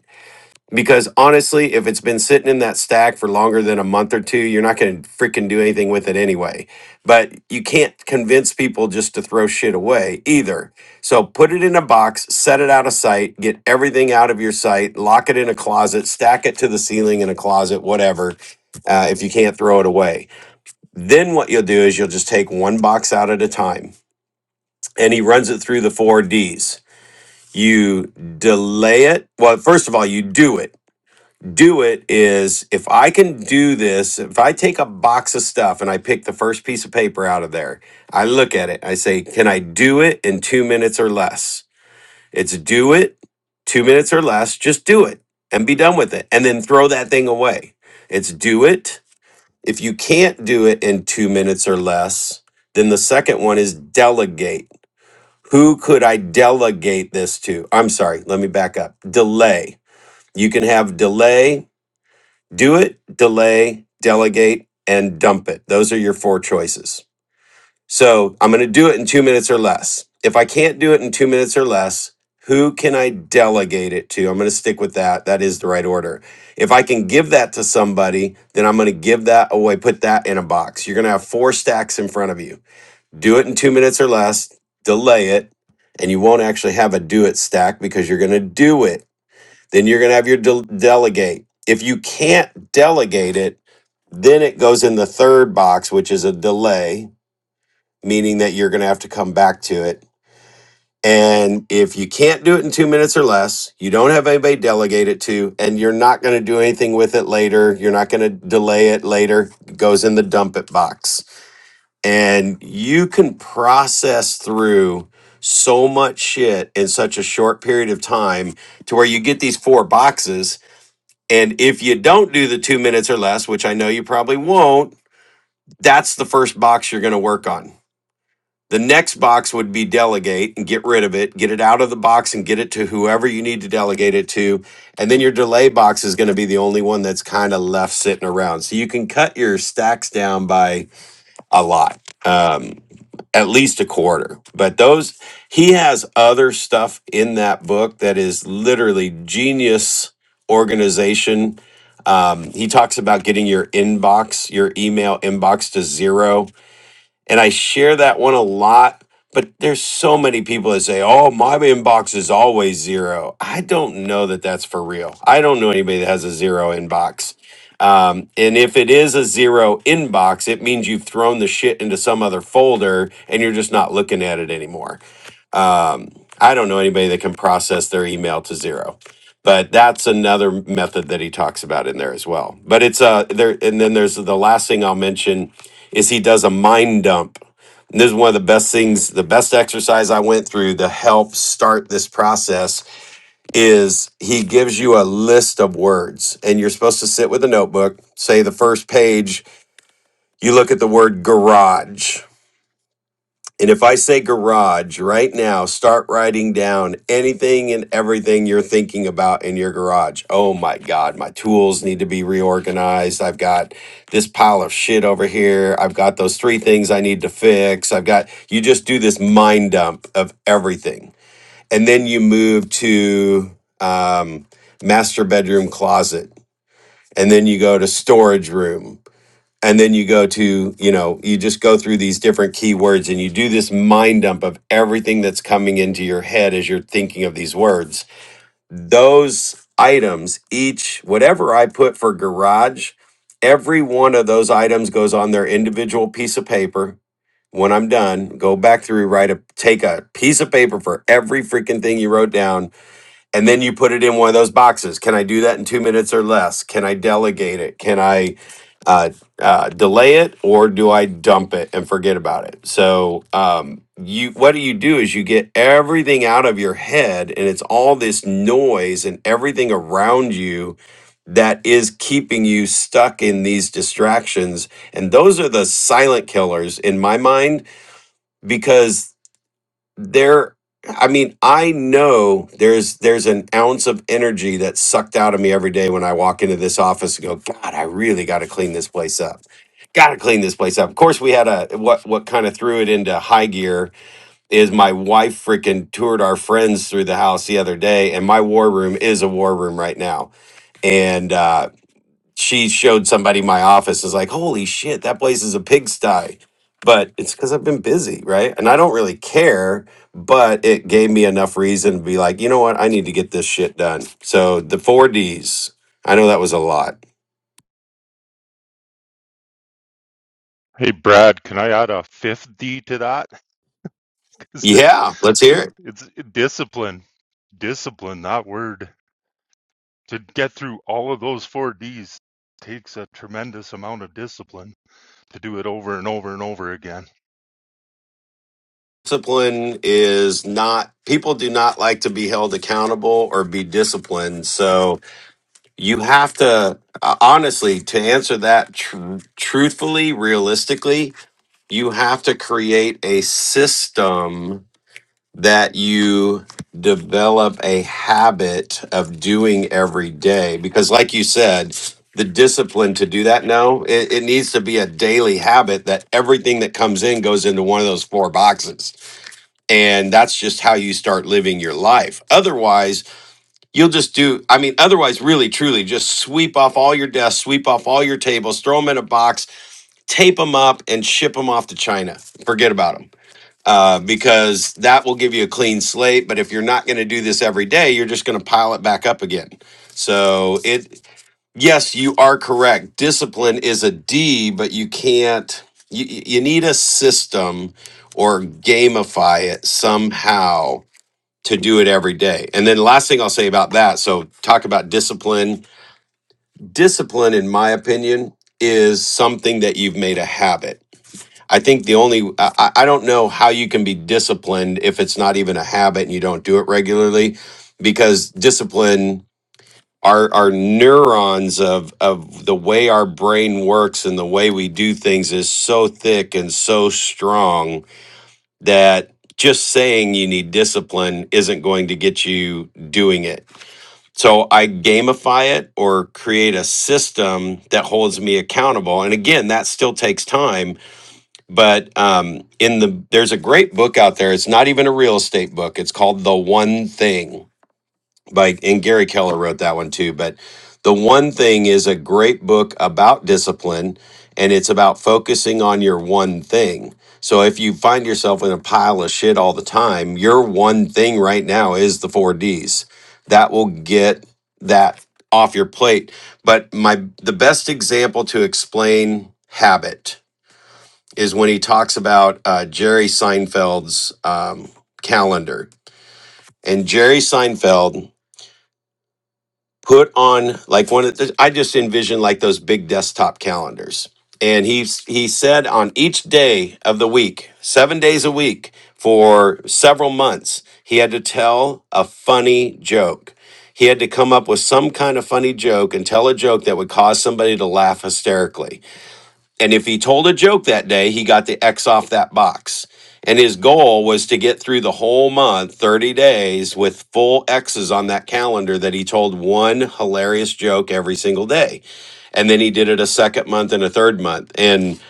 Speaker 8: because honestly, if it's been sitting in that stack for longer than a month or two, you're not going to freaking do anything with it anyway. But you can't convince people just to throw shit away either. So put it in a box, set it out of sight, get everything out of your sight, lock it in a closet, stack it to the ceiling in a closet, whatever, uh, if you can't throw it away. Then what you'll do is you'll just take one box out at a time. And he runs it through the four Ds. You delay it. Well, first of all, you do it do it is if I can do this, if I take a box of stuff and I pick the first piece of paper out of there, I look at it, I say, can I do it in two minutes or less? It's do it, two minutes or less, just do it and be done with it. And then throw that thing away. It's do it. If you can't do it in two minutes or less, then the second one is delegate. Who could I delegate this to? I'm sorry, let me back up. Delay. You can have delay do it, delay, delegate, and dump it. Those are your four choices. So I'm going to do it in two minutes or less. If I can't do it in two minutes or less, who can I delegate it to? I'm going to stick with that. That is the right order. If I can give that to somebody, then I'm going to give that away, put that in a box. You're going to have four stacks in front of you. Do it in two minutes or less, delay it, and you won't actually have a do it stack because you're going to do it. Then you're going to have your del delegate. If you can't delegate it, then it goes in the third box, which is a delay, meaning that you're going to have to come back to it. And if you can't do it in two minutes or less, you don't have anybody delegate it to, and you're not going to do anything with it later, you're not going to delay it later, it goes in the dump it box. And you can process through so much shit in such a short period of time to where you get these four boxes. And if you don't do the two minutes or less, which I know you probably won't, that's the first box you're going to work on. The next box would be delegate and get rid of it, get it out of the box and get it to whoever you need to delegate it to. And then your delay box is going to be the only one that's kind of left sitting around. So you can cut your stacks down by a lot, um, at least a quarter. But those, he has other stuff in that book that is literally genius organization. Um, he talks about getting your inbox, your email inbox to zero and I share that one a lot. But there's so many people that say, "Oh, my inbox is always zero. I don't know that that's for real. I don't know anybody that has a zero inbox. Um, and if it is a zero inbox, it means you've thrown the shit into some other folder and you're just not looking at it anymore. Um, I don't know anybody that can process their email to zero but that's another method that he talks about in there as well. But it's uh there, and then there's the last thing I'll mention is he does a mind dump. And this is one of the best things, the best exercise I went through to help start this process is he gives you a list of words and you're supposed to sit with a notebook, say the first page, you look at the word garage and if I say garage right now, start writing down anything and everything you're thinking about in your garage. Oh my God, my tools need to be reorganized. I've got this pile of shit over here. I've got those three things I need to fix. I've got, you just do this mind dump of everything. And then you move to um, master bedroom closet. And then you go to storage room and then you go to you know you just go through these different keywords and you do this mind dump of everything that's coming into your head as you're thinking of these words those items each whatever i put for garage every one of those items goes on their individual piece of paper when i'm done go back through write a take a piece of paper for every freaking thing you wrote down and then you put it in one of those boxes. Can I do that in two minutes or less? Can I delegate it? Can I uh, uh, delay it, or do I dump it and forget about it? So um, you, what do you do is you get everything out of your head, and it's all this noise and everything around you that is keeping you stuck in these distractions and those are the silent killers in my mind because there i mean i know there's there's an ounce of energy that's sucked out of me every day when i walk into this office and go god i really got to clean this place up got to clean this place up of course we had a what what kind of threw it into high gear is my wife freaking toured our friends through the house the other day and my war room is a war room right now and uh she showed somebody my office is like, holy shit, that place is a pigsty. But it's because I've been busy, right? And I don't really care, but it gave me enough reason to be like, you know what? I need to get this shit done. So the four D's, I know that was a lot.
Speaker 9: Hey Brad, can I add a fifth D to that? Because
Speaker 8: Yeah, let's hear it.
Speaker 9: it's discipline, discipline, that word. To get through all of those four Ds takes a tremendous amount of discipline to do it over and over and over again.
Speaker 8: Discipline is not, people do not like to be held accountable or be disciplined. So you have to, uh, honestly, to answer that tr- truthfully, realistically, you have to create a system that you develop a habit of doing every day because like you said the discipline to do that now it, it needs to be a daily habit that everything that comes in goes into one of those four boxes and that's just how you start living your life otherwise you'll just do i mean otherwise really truly just sweep off all your desks sweep off all your tables throw them in a box tape them up and ship them off to china forget about them uh, because that will give you a clean slate. But if you're not going to do this every day, you're just going to pile it back up again. So it, yes, you are correct. Discipline is a D, but you can't. You you need a system or gamify it somehow to do it every day. And then last thing I'll say about that. So talk about discipline. Discipline, in my opinion, is something that you've made a habit I think the only I, I I don't know how you can be disciplined if it's not even a habit and you don't do it regularly, because discipline our our neurons of of the way our brain works and the way we do things is so thick and so strong that just saying you need discipline isn't going to get you doing it. So I gamify it or create a system that holds me accountable. And again, that still takes time but um, in the there's a great book out there. It's not even a real estate book. It's called The One Thing by and Gary Keller wrote that one too. But The One Thing is a great book about discipline, and it's about focusing on your one thing. So if you find yourself in a pile of shit all the time, your one thing right now is the four D's. That will get that off your plate. But my the best example to explain habit is when he talks about uh, Jerry Seinfeld's um, calendar. And Jerry Seinfeld put on like one of the, I just envision like those big desktop calendars. And he he said on each day of the week, seven days a week for several months, he had to tell a funny joke. He had to come up with some kind of funny joke and tell a joke that would cause somebody to laugh hysterically. And if he told a joke that day, he got the X off that box. And his goal was to get through the whole month, 30 days, with full X's on that calendar that he told one hilarious joke every single day. And then he did it a second month and a third month. And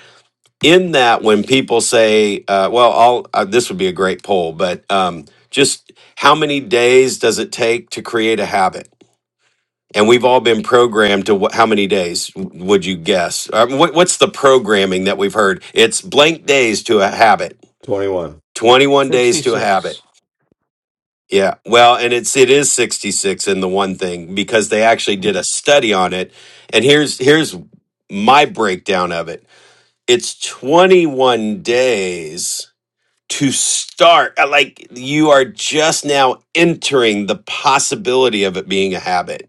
Speaker 8: in that, when people say, uh, well, I'll, uh, this would be a great poll, but um, just how many days does it take to create a habit? and we've all been programmed to wh- how many days w- would you guess Uh, what, what's the programming that we've heard it's blank days to a habit
Speaker 3: Twenty-one.
Speaker 8: 21
Speaker 6: Sixty
Speaker 8: days to a habit
Speaker 6: six.
Speaker 8: yeah well and it's it is 66 in the one thing because they actually did a study on it and here's here's my breakdown of it it's 21 days to start uh, like you are just now entering the possibility of it being a habit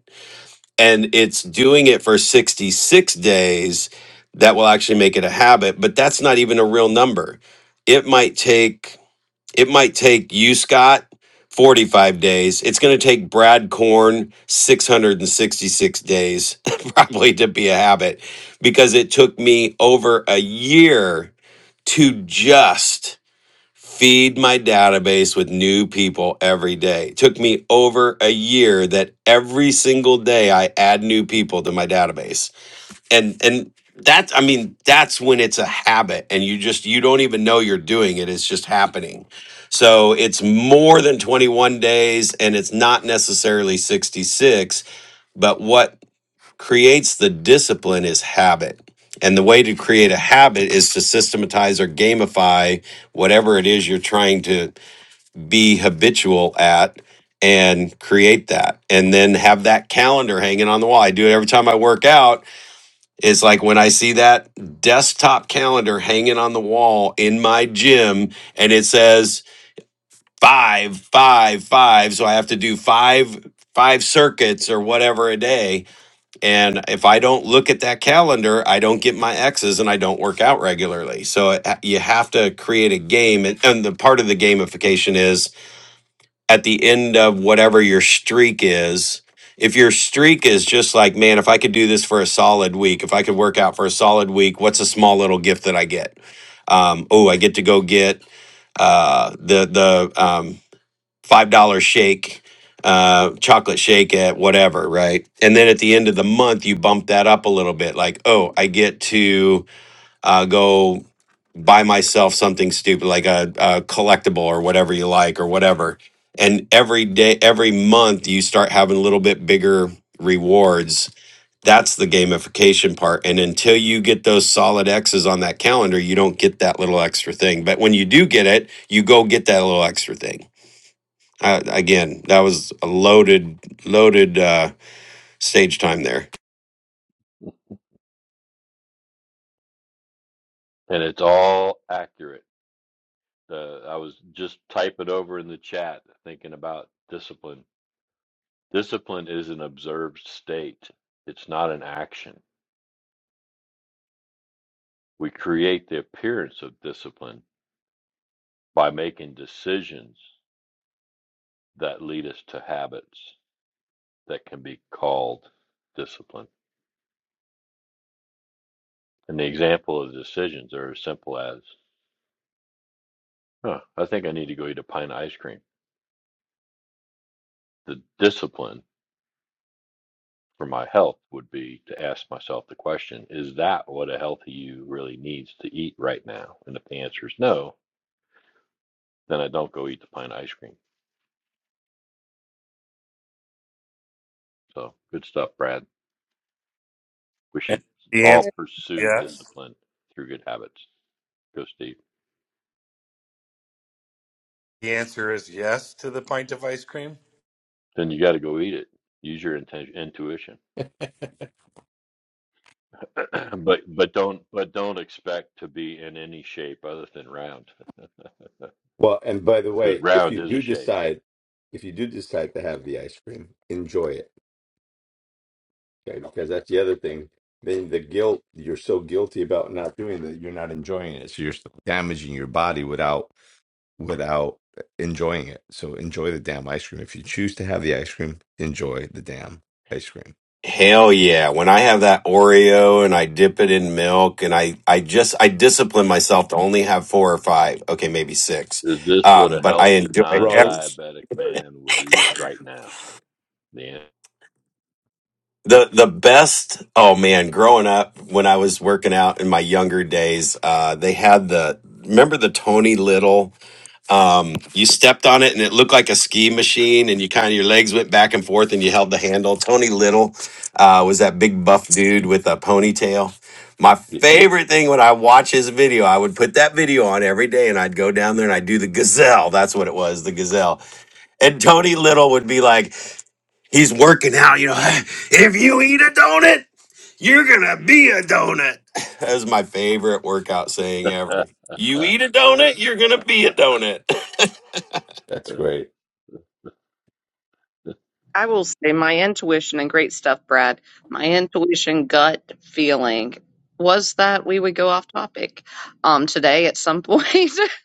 Speaker 8: and it's doing it for 66 days that will actually make it a habit but that's not even a real number it might take it might take you scott 45 days it's going to take brad corn 666 days probably to be a habit because it took me over a year to just feed my database with new people every day. It took me over a year that every single day I add new people to my database. And and that's I mean that's when it's a habit and you just you don't even know you're doing it. It's just happening. So it's more than 21 days and it's not necessarily 66, but what creates the discipline is habit. And the way to create a habit is to systematize or gamify whatever it is you're trying to be habitual at and create that and then have that calendar hanging on the wall. I do it every time I work out. It's like when I see that desktop calendar hanging on the wall in my gym and it says five, five, five. So I have to do five, five circuits or whatever a day. And if I don't look at that calendar, I don't get my X's and I don't work out regularly. So it, you have to create a game. And, and the part of the gamification is at the end of whatever your streak is, if your streak is just like, man, if I could do this for a solid week, if I could work out for a solid week, what's a small little gift that I get? Um, oh, I get to go get uh, the the um, five dollar shake, uh, chocolate shake at whatever, right? And then at the end of the month, you bump that up a little bit, like, oh, I get to uh, go buy myself something stupid like a, a collectible or whatever you like or whatever and every day every month you start having a little bit bigger rewards that's the gamification part and until you get those solid x's on that calendar you don't get that little extra thing but when you do get it you go get that little extra thing uh, again that was a loaded loaded uh, stage time there
Speaker 5: and it's all accurate. Uh, I was just typing over in the chat, thinking about discipline Discipline is an observed state, it's not an action. We create the appearance of discipline by making decisions that lead us to habits that can be called discipline. And the example of decisions are as simple as, huh, I think I need to go eat a pint of ice cream. The discipline for my health would be to ask myself the question, is that what a healthy you really needs to eat right now? And if the answer is no, then I don't go eat the pint of ice cream. So good stuff, Brad. We
Speaker 7: and
Speaker 5: should
Speaker 7: the
Speaker 5: all
Speaker 1: I,
Speaker 7: answer
Speaker 5: pursue
Speaker 7: yes
Speaker 5: discipline through good habits. Go Steve.
Speaker 7: the answer is yes to the pint of ice cream
Speaker 5: Then you got to go eat it. Use your inten- intuition, but but don't but don't expect to be in any shape other than round,
Speaker 3: Well, and by the
Speaker 5: because
Speaker 3: way, if
Speaker 5: round
Speaker 3: you
Speaker 5: is a
Speaker 3: do
Speaker 5: shape.
Speaker 3: decide, if you do decide to have the ice cream, enjoy it. Okay, because that's the other thing. Then the guilt you're so guilty about not doing that you're not enjoying it. So you're still damaging your body without without enjoying it. So enjoy the damn ice cream. If you choose to have the ice cream, enjoy the damn ice cream.
Speaker 8: Hell yeah. When I have that Oreo and I dip it in milk and I, I just, I discipline myself to only have four or five. Okay. Maybe six.
Speaker 5: Is this what a
Speaker 8: Um, but I
Speaker 5: healthy
Speaker 8: enjoy ev-
Speaker 3: Rose.
Speaker 5: non-diabetic man would eat right now? The
Speaker 8: the, the best. Oh man. Growing up when I was working out in my younger days, uh, they had the, remember the Tony Little? Um, you stepped on it and it looked like a ski machine, and you kind of your legs went back and forth and you held the handle. Tony Little uh, was that big buff dude with a ponytail. My favorite thing when I watch his video, I would put that video on every day and I'd go down there and I'd do the gazelle. That's what it was, the gazelle. And Tony Little would be like, He's working out, you know. "Hey, If you eat a donut, you're gonna be a donut. That's my favorite workout saying ever.
Speaker 5: an-
Speaker 8: You eat a donut, you're gonna be a donut.
Speaker 3: That's great.
Speaker 1: I will say my intuition and great stuff, Brad. My intuition, gut feeling was that we would go off topic um today at some point.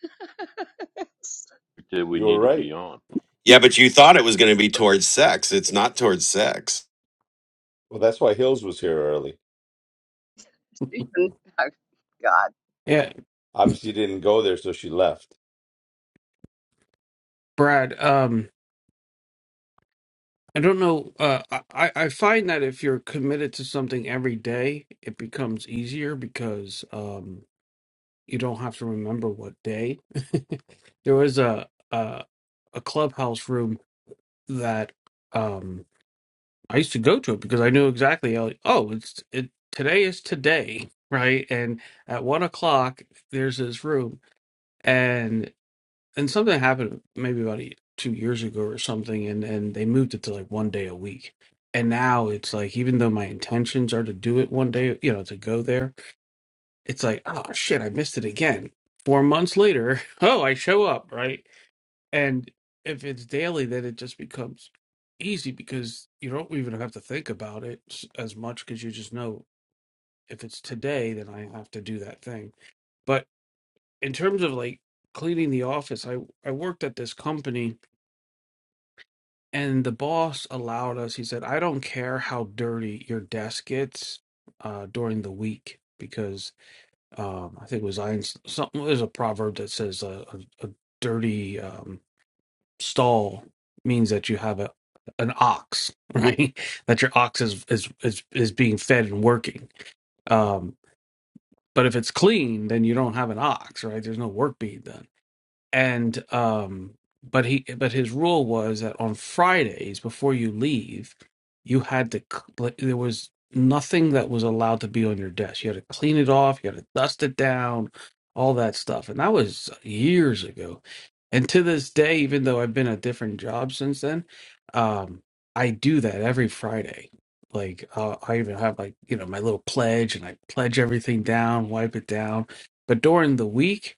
Speaker 5: Did we
Speaker 3: You were
Speaker 5: need to be
Speaker 3: right.
Speaker 5: on?
Speaker 8: yeah, but you thought it was gonna be towards sex. It's not towards sex.
Speaker 3: Well, that's why Hills was here early.
Speaker 1: Stephen, oh, God.
Speaker 6: Yeah,
Speaker 3: Obviously, you didn't go there, so she left.
Speaker 6: Brad. Um, I don't know. Uh, I I I find that if you're committed to something every day, it becomes easier because um you don't have to remember what day. there was a, a a clubhouse room that um I used to go to it because I knew exactly like, oh it's it today is today right and at one o'clock there's this room and and something happened maybe about a, two years ago or something and and they moved it to like one day a week and now it's like even though my intentions are to do it one day you know to go there it's like, oh shit, I missed it again. Four months later, oh, I show up, right? And if it's daily, then it just becomes easy because you don't even have to think about it s- as much because you just know if it's today, then I have to do that thing. But in terms of like cleaning the office, I, I worked at this company and the boss allowed us, he said, I don't care how dirty your desk gets uh, during the week um, I think it was Einstein, something there's a proverb that says a, a, a dirty um, stall means that you have a an ox, right? That your ox is is is, is being fed and working. Um, but if it's clean, then you don't have an ox, right? There's no work being done and um but he but his rule was that on fridays before you leave you had to c- like, there was nothing that was allowed to be on your desk you had to clean it off you had to dust it down all that stuff and that was years ago and to this day even though i've been at different jobs since then um i do that every friday like uh, i even have like you know my little pledge and i pledge everything down wipe it down but during the week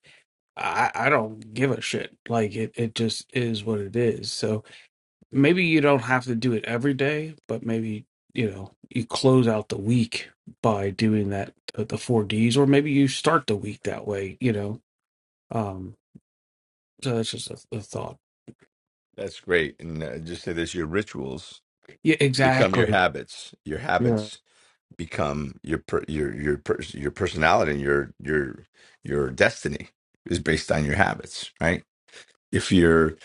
Speaker 6: I, I don't give a shit. Like it, it just is what it is. So maybe you don't have to do it every day, but maybe, you know, you close out the week by doing that the, the four Ds, or maybe you start the week that way, you know. Um so that's just a, a thought.
Speaker 3: That's great. And uh, just say this: your rituals
Speaker 6: Yeah,
Speaker 3: become your
Speaker 6: exactly.
Speaker 3: habits. Your
Speaker 6: Yeah.
Speaker 3: habits become your per- your your per- your personality and your your your destiny is based on your habits, right? If you're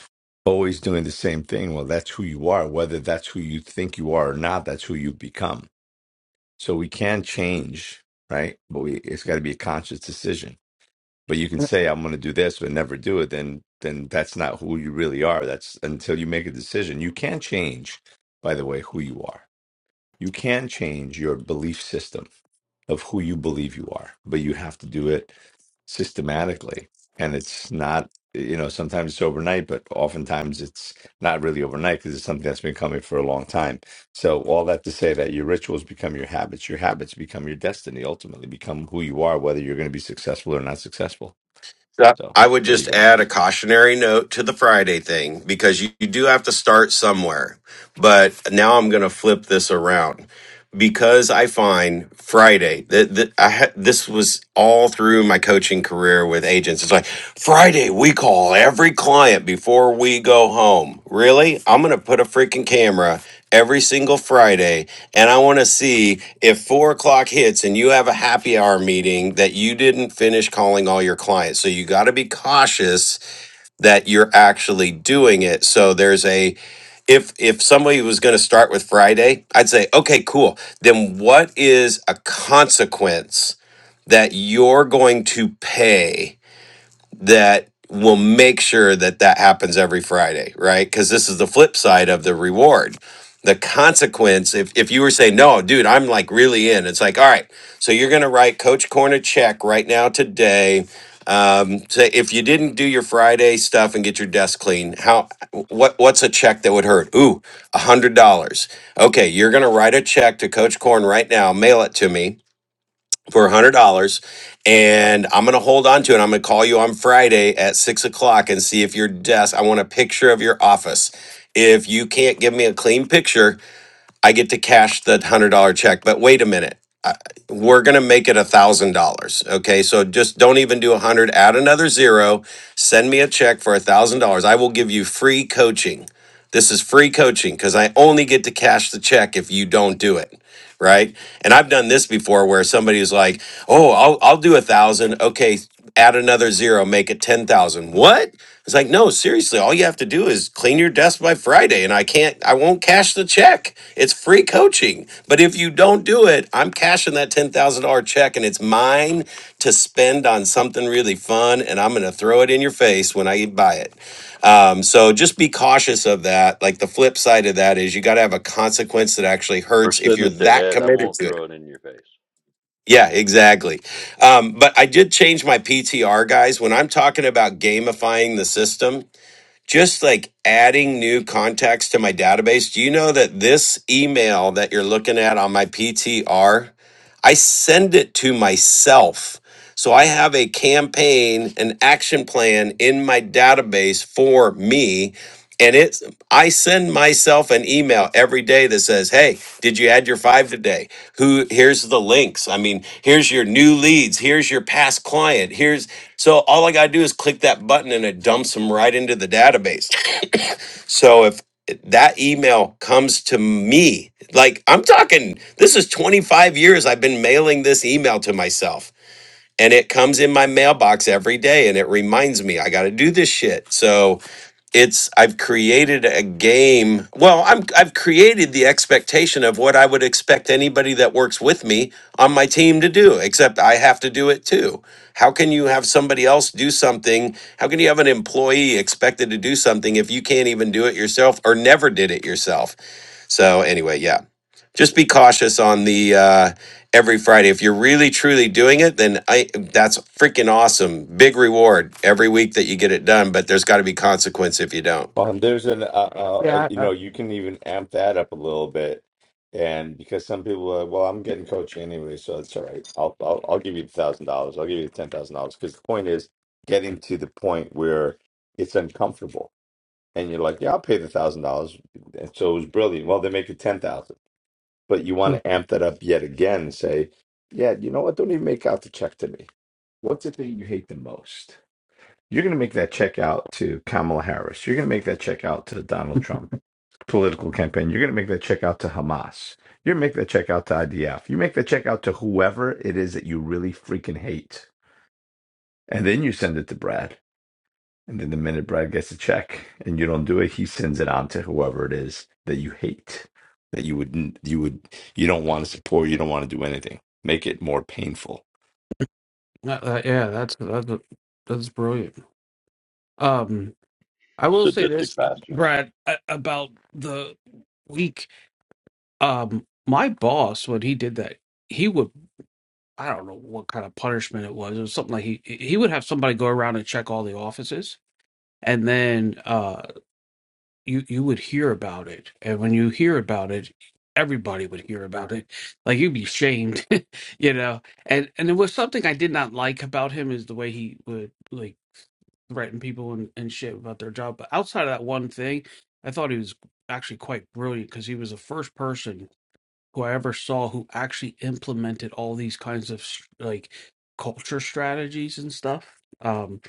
Speaker 3: always doing the same thing, well, that's who you are. Whether that's who you think you are or not, that's who you become. So we can change, right? But we it's got to be a conscious decision but you can say i'm going to do this but never do it then then that's not who you really are that's until you make a decision you can change by the way who you are you can change your belief system of who you believe you are but you have to do it systematically and it's not you know sometimes it's overnight but oftentimes it's not really overnight because it's something that's been coming for a long time so all that to say that your rituals become your habits your habits become your destiny ultimately become who you are whether you're going to be successful or not successful
Speaker 8: Yeah.
Speaker 3: so
Speaker 8: I would
Speaker 3: there
Speaker 8: just
Speaker 3: you go.
Speaker 8: add a cautionary note to the Friday thing because you, you do have to start somewhere. But now I'm gonna flip this around because I find Friday that th- I ha- this was all through my coaching career with agents. It's like Friday we call every client before we go home. Really, I'm gonna put a freaking camera every single Friday, and I want to see if four o'clock hits and you have a happy hour meeting that you didn't finish calling all your clients. So you got to be cautious that you're actually doing it. So there's a if if somebody was going to start with Friday, I'd say, "Okay, cool. Then what is a consequence that you're going to pay?" that will make sure that that happens every Friday, right? Because this is the flip side of the reward. The consequence, if, if you were saying, no, dude, I'm like really in, it's like, all right, so you're going to write Coach Corn a check right now today. Um, say if you didn't do your Friday stuff and get your desk clean, how what what's a check that would hurt? Ooh, a hundred dollars. Okay, you're gonna write a check to Coach Corn right now, mail it to me for a hundred dollars and i'm gonna hold on to it i'm gonna call you on friday at six o'clock and see if your desk i want a picture of your office if you can't give me a clean picture i get to cash the one hundred dollar check but wait a minute I- we're gonna make it a thousand dollars okay so just don't even do a hundred add another zero send me a check for a thousand dollars i will give you free coaching this is free coaching because i only get to cash the check if you don't do it right? And I've done this before where somebody's like, "Oh, I'll I'll do a thousand. Okay, add another zero, make it ten thousand. What? It's like, no, seriously, all you have to do is clean your desk by Friday, and I can't, I won't cash the check. It's free coaching. But if you don't do it, I'm cashing that ten thousand dollar check, and it's mine to spend on something really fun, and I'm gonna throw it in your face when I buy it. Um, so just be cautious of that. Like the flip side of that is you got to have a consequence that actually
Speaker 5: Or
Speaker 8: hurts if
Speaker 5: send
Speaker 8: you're
Speaker 5: it to
Speaker 8: that
Speaker 5: Ed. I
Speaker 8: committed
Speaker 5: won't
Speaker 8: to it.
Speaker 5: throw it in your face.
Speaker 8: Yeah, exactly. Um, but I did change my PTR, guys. When I'm talking about gamifying the system, just like adding new contacts to my database, do you know that this email that you're looking at on my PTR, I send it to myself. So I have a campaign, an action plan in my database for me and it's I send myself an email every day that says, "Hey, did you add your five today? Who here's the links. I mean, here's your new leads, here's your past client. Here's so all I got to do is click that button and it dumps them right into the database. So if that email comes to me, like I'm talking this is 25 years I've been mailing this email to myself and it comes in my mailbox every day and it reminds me I got to do this shit. So it's I've created a game. Well, I'm I've created the expectation of what I would expect anybody that works with me on my team to do, except I have to do it too. How can you have somebody else do something? How can you have an employee expected to do something if you can't even do it yourself or never did it yourself? So anyway, yeah just be cautious on the uh, every Friday. If you're really truly doing it, then I that's freaking awesome. Big reward every week that you get it done, but there's got to be consequence if you don't.
Speaker 3: Well, and there's an, uh, uh, uh,
Speaker 6: Yeah,
Speaker 3: you
Speaker 6: I, I,
Speaker 3: know, you can even amp that up a little bit, and because some people are, well, I'm getting coaching anyway, so it's all right. I'll, I'll, I'll give you the thousand dollars. I'll give you the ten thousand dollars. Because the point is getting to the point where it's uncomfortable, and you're like, yeah, I'll pay the thousand dollars. And so it was brilliant. Well, they make it ten thousand, but you want
Speaker 6: Mm.
Speaker 3: to amp that up yet again and say, yeah, you know what? Don't even make out the check to me. What's the thing you hate the most? You're going to make that check out to Kamala Harris. You're going to make that check out to Donald Trump political campaign. You're going to make that check out to Hamas. You're going to make that check out to IDF. You make that check out to whoever it is that you really freaking hate. And then you send it to Brad. And then the minute Brad gets a check and you don't do it, he sends it on to whoever it is that you hate, that you wouldn't, you would, you don't want to support, you don't want to do anything. Make it more painful.
Speaker 6: uh, uh, yeah, that's that's that's brilliant. Um, I will say
Speaker 5: Sadistic
Speaker 6: this,
Speaker 5: bastards.
Speaker 6: Brad, a- about the week. um my boss when he did that he would i don't know what kind of punishment it was it was something like he he would have somebody go around and check all the offices and then uh you you would hear about it and when you hear about it everybody would hear about it like you'd be shamed you know and and it was something i did not like about him is the way he would like threaten people and, and shit about their job but outside of that one thing i thought he was actually quite brilliant because he was the first person who I ever saw who actually implemented all these kinds of like culture strategies and stuff. Um,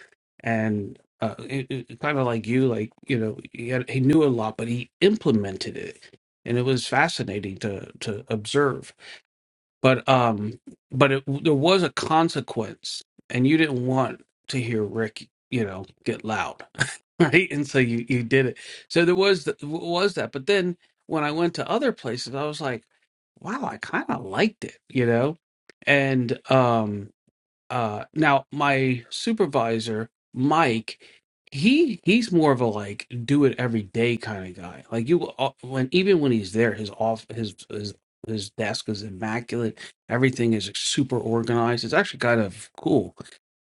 Speaker 6: and uh, it, it, kind of like you, like you know, he, had, he knew a lot, but he implemented it, and it was fascinating to to observe. But um, but it, there was a consequence, and you didn't want to hear Rick, you know, get loud right? And so you you did it. So there was th- was that. But then when I went to other places, I was like, wow, I kind of liked it, you know? And um uh, now my supervisor, Mike, he he's more of a like do it every day kind of guy. Like you uh, when even when he's there, his off his his his desk is immaculate. Everything is super organized. It's actually kind of cool.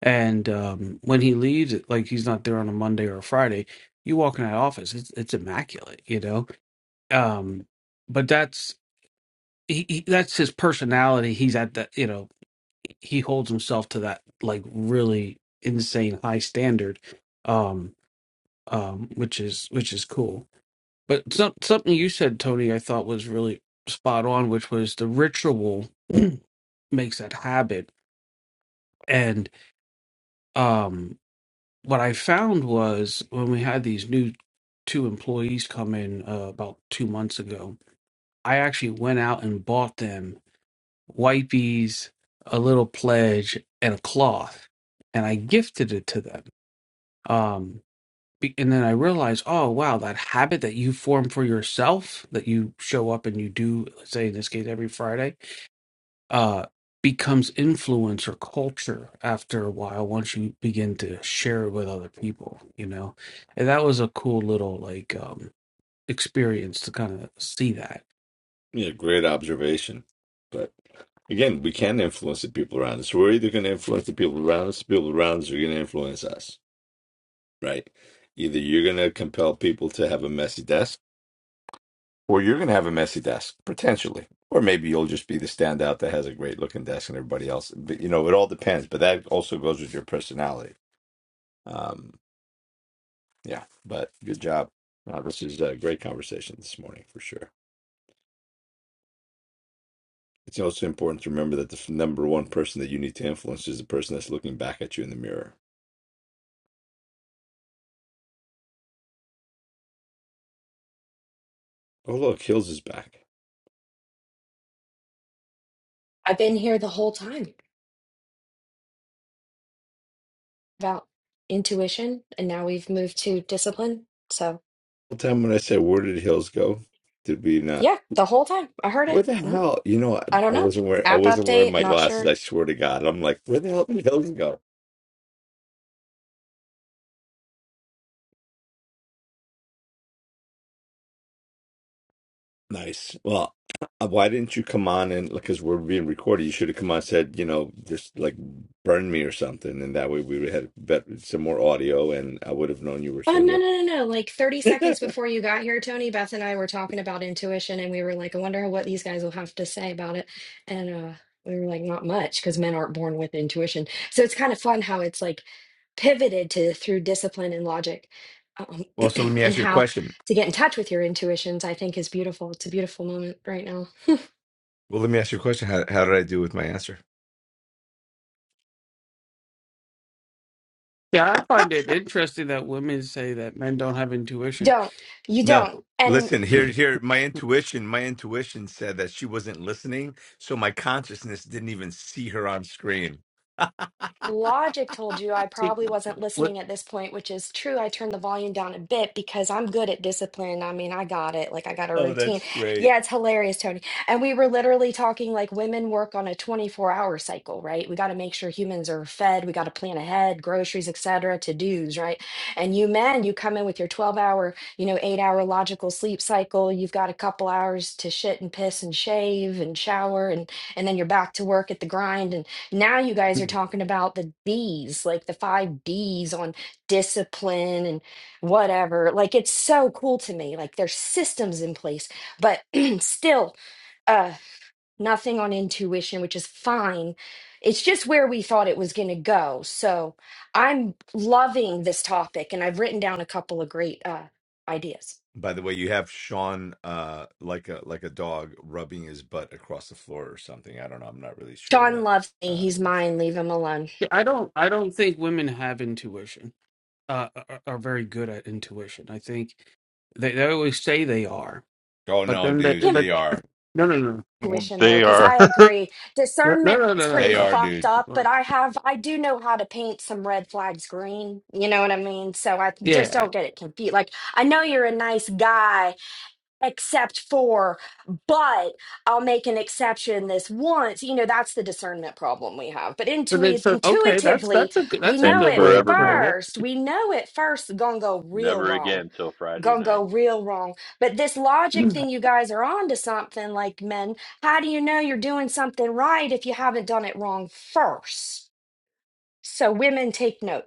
Speaker 6: And um, when he leaves, it like he's not there on a Monday or a Friday. You walk in that office, it's it's immaculate, you know. Um, but that's he, he, that's his personality. He's at that, you know he holds himself to that like really insane high standard um um which is which is cool but some, something you said tony i thought was really spot on which was the ritual makes that habit and um what i found was when we had these new two employees come in uh, about two months ago i actually went out and bought them wipies a little pledge and a cloth and i gifted it to them um be- and then i realized oh wow that habit that you form for yourself that you show up and you do let's say in this case every friday uh becomes influence or culture after a while once you begin to share it with other people you know and that was a cool little like um experience to kind of see that
Speaker 3: Yeah, great observation. But again, we can influence the people around us. We're either going to influence the people around us, people around us are going to influence us, right? Either you're going to compel people to have a messy desk, or you're going to have a messy desk, potentially. Or maybe you'll just be the standout that has a great looking desk and everybody else. But, you know, it all depends. But that also goes with your personality. Um, yeah, but good job. Uh, this is a great conversation this morning for sure. It's also important to remember that the f- number one person that you need to influence is the person that's looking back at you in the mirror. Oh, look, Hills is back.
Speaker 2: I've been here the whole time about intuition, and now we've moved to discipline. So.
Speaker 3: The whole time when I said, "Where did Hills go?" Did we not?
Speaker 2: Yeah, the whole time. I heard it.
Speaker 3: Where the
Speaker 2: Mhm.
Speaker 3: hell? You know, I,
Speaker 2: I don't
Speaker 3: I
Speaker 2: know.
Speaker 3: wasn't wearing. I
Speaker 2: App
Speaker 3: wasn't wearing
Speaker 2: update,
Speaker 3: my
Speaker 2: not
Speaker 3: glasses.
Speaker 2: sure.
Speaker 3: I swear to God, I'm like, where the hell did Hills go? Nice. Well, uh, why didn't you come on and because we're being recorded, you should have come on and said, you know, just like burn me or something, and that way we would have had bet- some more audio, and I would have known you were
Speaker 2: Oh,
Speaker 3: still
Speaker 2: no,
Speaker 3: here.
Speaker 2: no, no, no. Like 30 seconds before you got here, Tony, Beth and I were talking about intuition, and we were like, I wonder what these guys will have to say about it. And uh, we were like, not much, because men aren't born with intuition. So it's kind of fun how it's like pivoted to through discipline and logic. Um,
Speaker 3: Well, so let me
Speaker 2: and
Speaker 3: ask you a
Speaker 2: how
Speaker 3: question.
Speaker 2: to get in touch with your intuitions, I think, is beautiful. It's a beautiful moment right now.
Speaker 3: Well, let me ask you a question. How, how did I do with my answer?
Speaker 6: yeah i find it interesting that women say that men don't have intuition
Speaker 2: Don't. You
Speaker 3: No.
Speaker 2: don't. And
Speaker 3: Listen, here, here, my intuition, my intuition said that she wasn't listening. So my consciousness didn't even see her on screen.
Speaker 2: Logic told you I
Speaker 6: see
Speaker 2: probably wasn't
Speaker 6: what
Speaker 2: listening at this point, which is true. I turned the volume down a bit because I'm good at discipline. I mean, I got it. Like, I got a
Speaker 3: Oh,
Speaker 2: routine.
Speaker 3: that's great.
Speaker 2: Yeah, it's hilarious, Tony. And we were literally talking like women work on a 24-hour cycle, right? We got to make sure humans are fed. We got to plan ahead, groceries, et cetera, to-dos, right? And you men, you come in with your 12-hour, you know, eight-hour logical sleep cycle. You've got a couple hours to shit and piss and shave and shower, and and then you're back to work at the grind. And now you guys are talking about the D's, like the five D's on discipline and whatever. Like it's so cool to me. Like there's systems in place, but still uh nothing on intuition, which is fine. It's just where we thought it was going to go. So I'm loving this topic and I've written down a couple of great uh ideas.
Speaker 3: By the way, you have Sean, uh, like a, like a dog rubbing his butt across the floor or something. I don't know. I'm not really sure
Speaker 2: Sean
Speaker 3: what,
Speaker 2: loves me.
Speaker 3: uh,
Speaker 2: He's
Speaker 3: he's,
Speaker 2: mine. Leave him alone.
Speaker 6: i don't i don't think women have intuition uh, are, are very good at intuition. I think they, they always say they are,
Speaker 3: oh
Speaker 6: but
Speaker 3: no,
Speaker 6: then they
Speaker 3: dude,
Speaker 6: but
Speaker 3: they are,
Speaker 6: no no no
Speaker 9: Well,
Speaker 2: tuition though
Speaker 9: They
Speaker 2: because
Speaker 9: are.
Speaker 2: i agree
Speaker 6: no no no
Speaker 2: discernment
Speaker 6: no, no,
Speaker 2: is
Speaker 6: no.
Speaker 2: pretty
Speaker 3: they
Speaker 6: no,
Speaker 3: are,
Speaker 2: fucked
Speaker 3: dude.
Speaker 2: up
Speaker 6: no.
Speaker 2: but i have i do know how to paint some red flags green you know what i mean so i just
Speaker 6: yeah.
Speaker 2: don't get it confused like i know you're a nice guy except for but i'll make an exception this once you know that's the discernment problem we have but
Speaker 6: But then
Speaker 2: intuit-
Speaker 6: so okay, that's
Speaker 2: intuitively
Speaker 6: that's a good,
Speaker 2: we
Speaker 6: that's a
Speaker 5: And
Speaker 2: know
Speaker 6: good
Speaker 2: it
Speaker 6: way of
Speaker 5: forevermore.
Speaker 6: putting it.
Speaker 2: first we know it first gonna go real
Speaker 5: Never
Speaker 2: wrong
Speaker 5: again till Friday
Speaker 2: gonna go
Speaker 5: night.
Speaker 2: real wrong. But this logic thing, you guys are on to something like men. How do you know you're doing something right if you haven't done it wrong first? So women take note.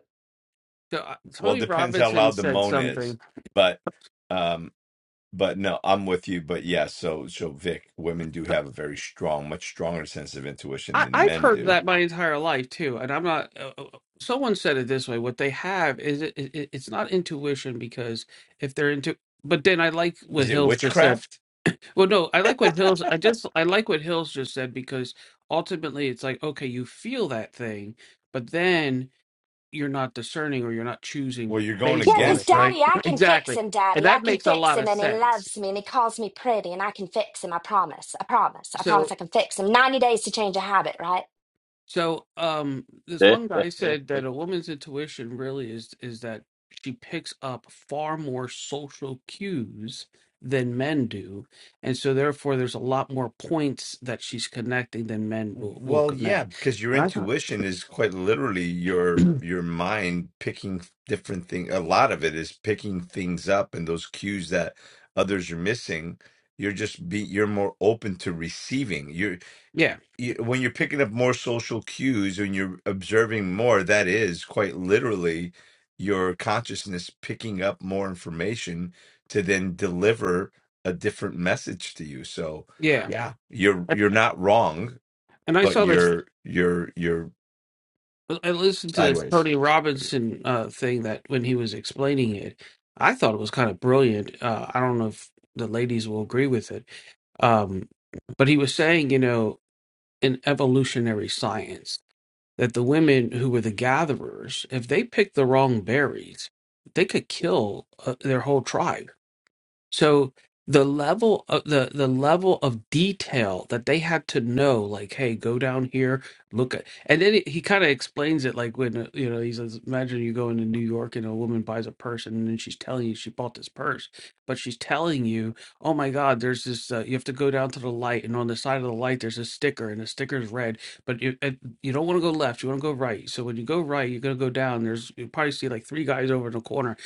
Speaker 6: So, uh,
Speaker 3: Well, it
Speaker 6: Tony
Speaker 3: depends how
Speaker 6: Robinson
Speaker 3: loud the
Speaker 6: said
Speaker 3: moan is,
Speaker 6: something.
Speaker 3: but, um But no, I'm with you. But yeah, so so Vic, women do have a very strong, much stronger sense of intuition
Speaker 6: I,
Speaker 3: than
Speaker 6: I've
Speaker 3: men
Speaker 6: heard
Speaker 3: do.
Speaker 6: that my entire life too, and I'm not. Uh, uh, someone said it this way: what they have is it, it, it's not intuition because if they're into. But then I like what
Speaker 3: Is it
Speaker 6: Hill just said
Speaker 3: witchcraft?
Speaker 6: Well, no, I like what Hills. I just I like what Hills just said because ultimately it's like okay, you feel that thing, but then you're not discerning or you're not choosing
Speaker 3: Well, you're going
Speaker 6: based
Speaker 2: Yeah,
Speaker 6: on
Speaker 2: because
Speaker 6: it,
Speaker 3: against it.
Speaker 6: right?
Speaker 2: daddy, I can fix
Speaker 6: exactly,
Speaker 2: him,
Speaker 6: and
Speaker 2: daddy. I
Speaker 6: that
Speaker 2: can
Speaker 6: makes a
Speaker 2: fix
Speaker 6: lot
Speaker 2: him
Speaker 6: of
Speaker 2: and he
Speaker 6: sense.
Speaker 2: loves me and he calls me pretty and I can fix him. I promise. I promise. I promise
Speaker 6: So,
Speaker 2: I can fix him. 90 days to change a habit, right?
Speaker 6: so um, this one guy said that a woman's intuition really is is that she picks up far more social cues than men do, and so therefore there's a lot more points that she's connecting than men will, will
Speaker 3: Well, yeah,
Speaker 6: connect.
Speaker 3: because your intuition is quite literally your your mind picking different things. A lot of it is picking things up and those cues that others are missing. You're just be you're more open to receiving. You're.
Speaker 6: yeah,
Speaker 3: you- when you're picking up more social cues and you're observing more, that is quite literally your consciousness picking up more information to then deliver a different message to you. So,
Speaker 6: yeah.
Speaker 3: yeah, you're you're not wrong,
Speaker 6: And I
Speaker 3: but
Speaker 6: saw this.
Speaker 3: you're you're you're
Speaker 6: I listened to this
Speaker 3: sideways.
Speaker 6: Tony Robinson uh, thing that when he was explaining it, I thought it was kind of brilliant. Uh, I don't know if the ladies will agree with it, um, but he was saying, you know, in evolutionary science, that the women who were the gatherers, if they picked the wrong berries, they could kill uh, their whole tribe. So the level of the the level of detail that they had to know, like, hey, go down here, look at, and then he kind of explains it, like when uh, you know he says, imagine you go into New York and a woman buys a purse, and then she's telling you she bought this purse, but she's telling you, oh my God, there's this, uh, you have to go down to the light, and on the side of the light there's a sticker, and the sticker is red, but you uh, you don't want to go left, you want to go right. So when you go right, you're gonna go down. There's you probably see like three guys over in the corner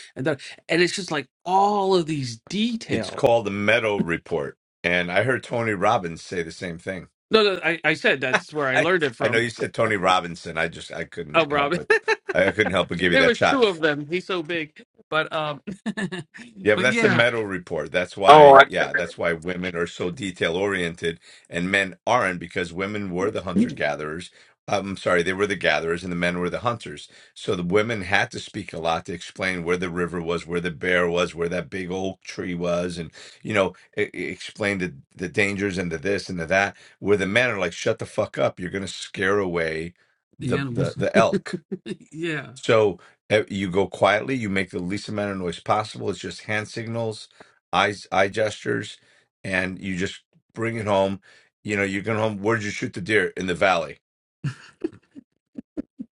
Speaker 6: and it's just like all of these
Speaker 3: It's
Speaker 6: details.
Speaker 3: called the Meadow Report, and I heard Tony Robbins say the same thing.
Speaker 6: No, no, I, I said that's where I
Speaker 3: I
Speaker 6: learned it
Speaker 3: I know
Speaker 6: from.
Speaker 3: you said Tony Robinson. I just I
Speaker 6: Oh,
Speaker 3: couldn't
Speaker 6: Rob,
Speaker 3: help it. I couldn't help but give you
Speaker 6: there
Speaker 3: that
Speaker 6: was
Speaker 3: shot.
Speaker 6: two of them. He's so big, but um,
Speaker 3: Yeah, but
Speaker 6: but
Speaker 3: that's the
Speaker 6: yeah,
Speaker 3: Meadow report. That's
Speaker 8: Oh,
Speaker 3: why,
Speaker 8: I,
Speaker 3: yeah, that's why women are so detail oriented and men aren't because women were the hunter
Speaker 6: the
Speaker 3: gatherers. I'm sorry, they were the gatherers and the men were the hunters. So the women had to speak a lot to explain where the river was, where the bear was, where that big oak tree was, and you know, e- e- explain the the dangers and the this and the that. Where the men are like, shut the fuck up, you're gonna scare away the the
Speaker 6: animals.
Speaker 3: the elk
Speaker 6: yeah,
Speaker 3: so eh, you go quietly, you make the least amount of noise possible. It's just hand signals, eyes, eye gestures, and you just bring it home. You know, you're going home. Where did you shoot the deer? In the valley.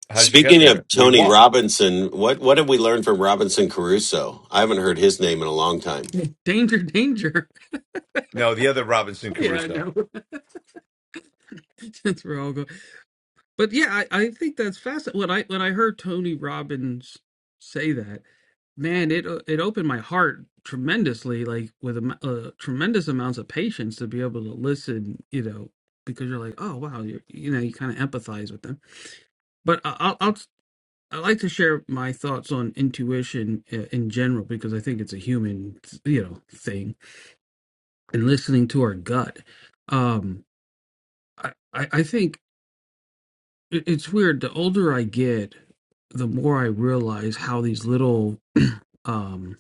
Speaker 3: How did you get
Speaker 8: Speaking
Speaker 3: there?
Speaker 8: of
Speaker 3: We
Speaker 8: Tony
Speaker 3: walked.
Speaker 8: Robinson, what what have we learned from Robinson Crusoe? I haven't heard his name in a long time.
Speaker 6: danger, danger.
Speaker 3: No, the other Robinson
Speaker 6: Yeah, I
Speaker 3: Crusoe.
Speaker 6: know. Since we're all going. But yeah, I, I think that's fascinating. When I when I heard Tony Robbins say that, man, it uh, it opened my heart tremendously, like with am- uh, tremendous amounts of patience to be able to listen, you know, because you're like, oh wow, you're, you know, you kind of empathize with them. But I, I'll, I'll I like to share my thoughts on intuition uh, in general because I think it's a human, you know, thing and listening to our gut. Um, I I I think It- It's weird. The older I get, the more I realize how these little um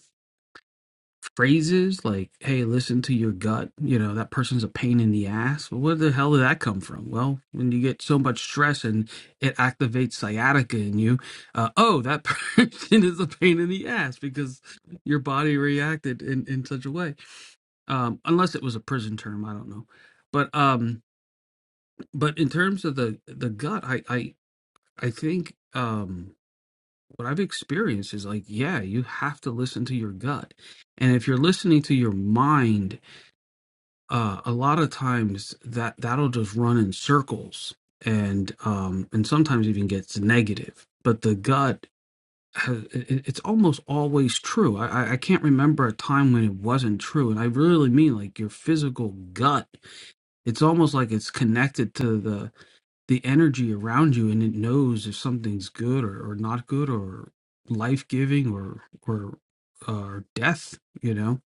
Speaker 6: phrases like, hey, listen to your gut, you know, that person's a pain in the ass. Well, where the hell did that come from? Well, when you get so much stress and it activates sciatica in you, uh, oh, that person is a pain in the ass because your body reacted in, in such a way. Um, unless it was a prison term, I don't know. But um but in terms of the the gut, I I I think Um, what I've experienced is like, yeah, you have to listen to your gut, and if you're listening to your mind, uh, a lot of times that that'll just run in circles, and um, and sometimes even gets negative. But the gut, has, it- it's almost always true. I, I I can't remember a time when it wasn't true, and I really mean like your physical gut. It's almost like it's connected to the the energy around you and it knows if something's good or, or not good or life-giving or or or death you know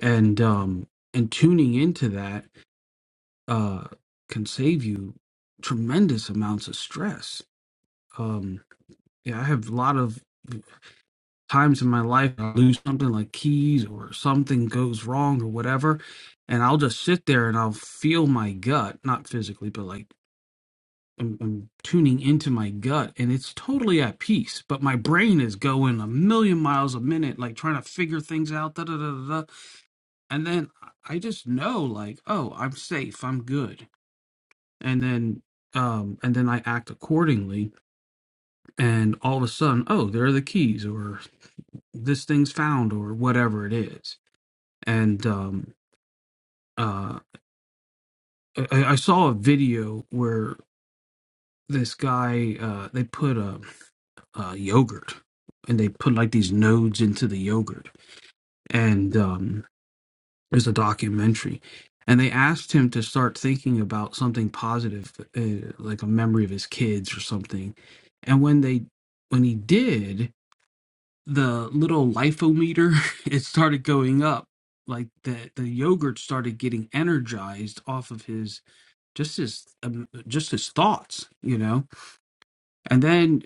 Speaker 6: and um and tuning into that uh can save you tremendous amounts of stress um yeah i have a lot of times in my life i lose something like keys or something goes wrong or whatever and i'll just sit there and i'll feel my gut not physically but like I'm, I'm tuning into my gut and it's totally at peace, but my brain is going a million miles a minute, like trying to figure things out. Da, da, da, da, da. And then I just know, like, oh, I'm safe, I'm good. And then, um, and then I act accordingly. And all of a sudden, oh, there are the keys, or this thing's found, or whatever it is. And um, uh, I, I saw a video where this guy, uh, they put a uh, yogurt, and they put like these nodes into the yogurt. And um, there's a documentary, and they asked him to start thinking about something positive, uh, like a memory of his kids or something. And when they when he did, the little lifometer it started going up. Like the the yogurt started getting energized off of his just his um, just his thoughts, you know. And then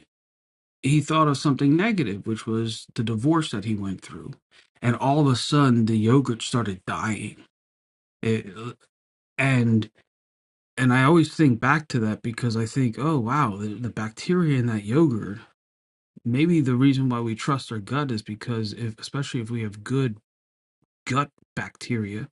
Speaker 6: he thought of something negative, which was the divorce that he went through, and all of a sudden the yogurt started dying. It, and and I always think back to that because I think, oh wow, the, the bacteria in that yogurt. Maybe the reason why we trust our gut is because if, especially if we have good gut bacteria,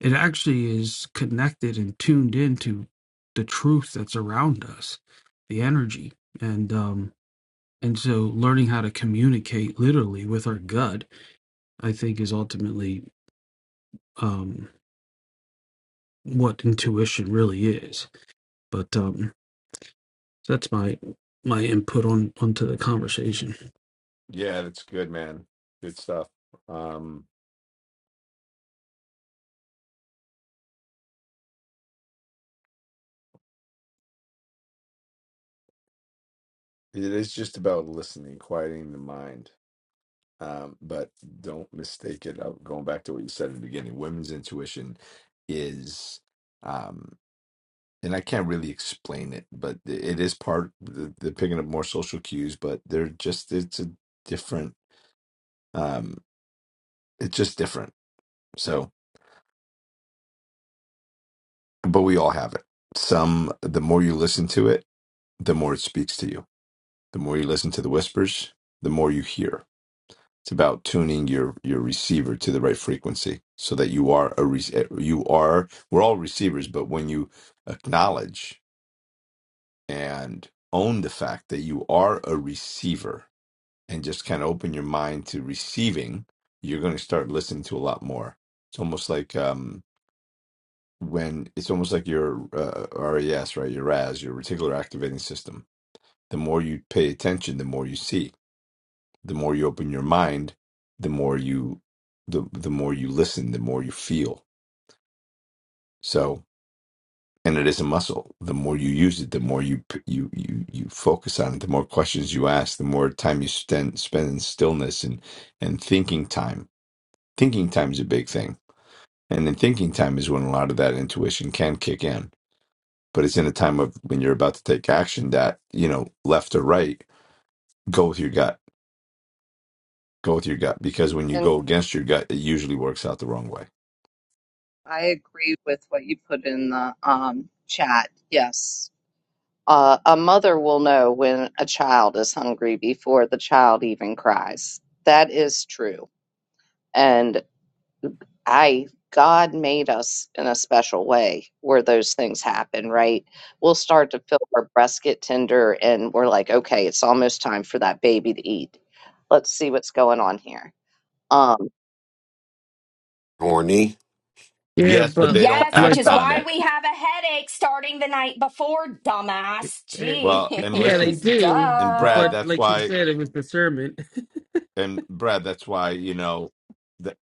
Speaker 6: it actually is connected and tuned into the truth that's around us, the energy, and um, and so learning how to communicate literally with our gut I think is ultimately um, what intuition really is. But um, that's my my input on onto the conversation.
Speaker 3: Yeah, that's good, man. Good stuff. Um, it is just about listening, quieting the mind. Um, but don't mistake it. Uh, Going back to what you said at the beginning, women's intuition is. Um, and I can't really explain it, but it is part the, the picking up more social cues, but they're just it's a different um it's just different. So but we all have it. Some the more you listen to it, the more it speaks to you. The more you listen to the whispers, the more you hear. It's about tuning your your receiver to the right frequency so that you are a re- you are we're all receivers, but when you acknowledge and own the fact that you are a receiver and just kind of open your mind to receiving, you're going to start listening to a lot more. It's almost like um, when it's almost like your uh, RAS, right? Your RAS, your reticular activating system. The more you pay attention, the more you see. The more you open your mind, the more you the the more you listen, the more you feel. So, and it is a muscle. The more you use it, the more you p- you you you focus on it. The more questions you ask, the more time you spend spend in stillness and and thinking time thinking time's a big thing. And in thinking time is when a lot of that intuition can kick in. But it's in the time of when you're about to take action that, you know, left or right, go with your gut. Go with your gut. Because when you go against your gut, it usually works out the wrong way.
Speaker 1: I agree with what you put in the um, chat. Yes. Uh, a mother will know when a child is hungry before the child even cries. That is true. And I, God made us in a special way where those things happen, right? We'll start to feel our breasts get tender and we're like, okay, it's almost time for that baby to eat. Let's see what's going on here. Um,
Speaker 8: Horny.
Speaker 6: Yeah,
Speaker 3: Yes, but
Speaker 6: but
Speaker 3: they don't
Speaker 2: Yes, which
Speaker 6: like,
Speaker 3: act
Speaker 2: is
Speaker 3: on
Speaker 2: why
Speaker 3: it.
Speaker 2: we have a headache starting the night before, dumbass.
Speaker 6: eh,
Speaker 3: Well, and
Speaker 6: yeah, they
Speaker 3: listen,
Speaker 2: Jeez,
Speaker 6: do.
Speaker 3: and
Speaker 2: duh.
Speaker 3: Brad,
Speaker 6: But
Speaker 3: that's
Speaker 6: like you
Speaker 3: why,
Speaker 6: said, it was discernment.
Speaker 3: and Brad, that's why, you know, th-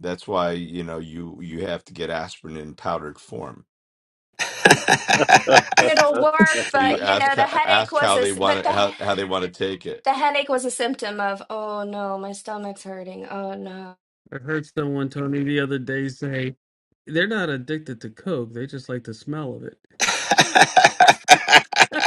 Speaker 3: that's why, you know, you you have to get aspirin in powdered form.
Speaker 2: mean, it'll work,
Speaker 3: So
Speaker 2: but
Speaker 3: you
Speaker 2: you
Speaker 3: ask
Speaker 2: know, the headache
Speaker 3: ask
Speaker 2: was
Speaker 3: how
Speaker 2: a
Speaker 3: they
Speaker 2: but
Speaker 3: want to
Speaker 2: the
Speaker 3: how, how they want to take it.
Speaker 2: the headache was a symptom of oh no, my stomach's hurting. Oh no.
Speaker 6: I heard someone, Tony, the other day say they're not addicted to Coke; they just like the smell of it. I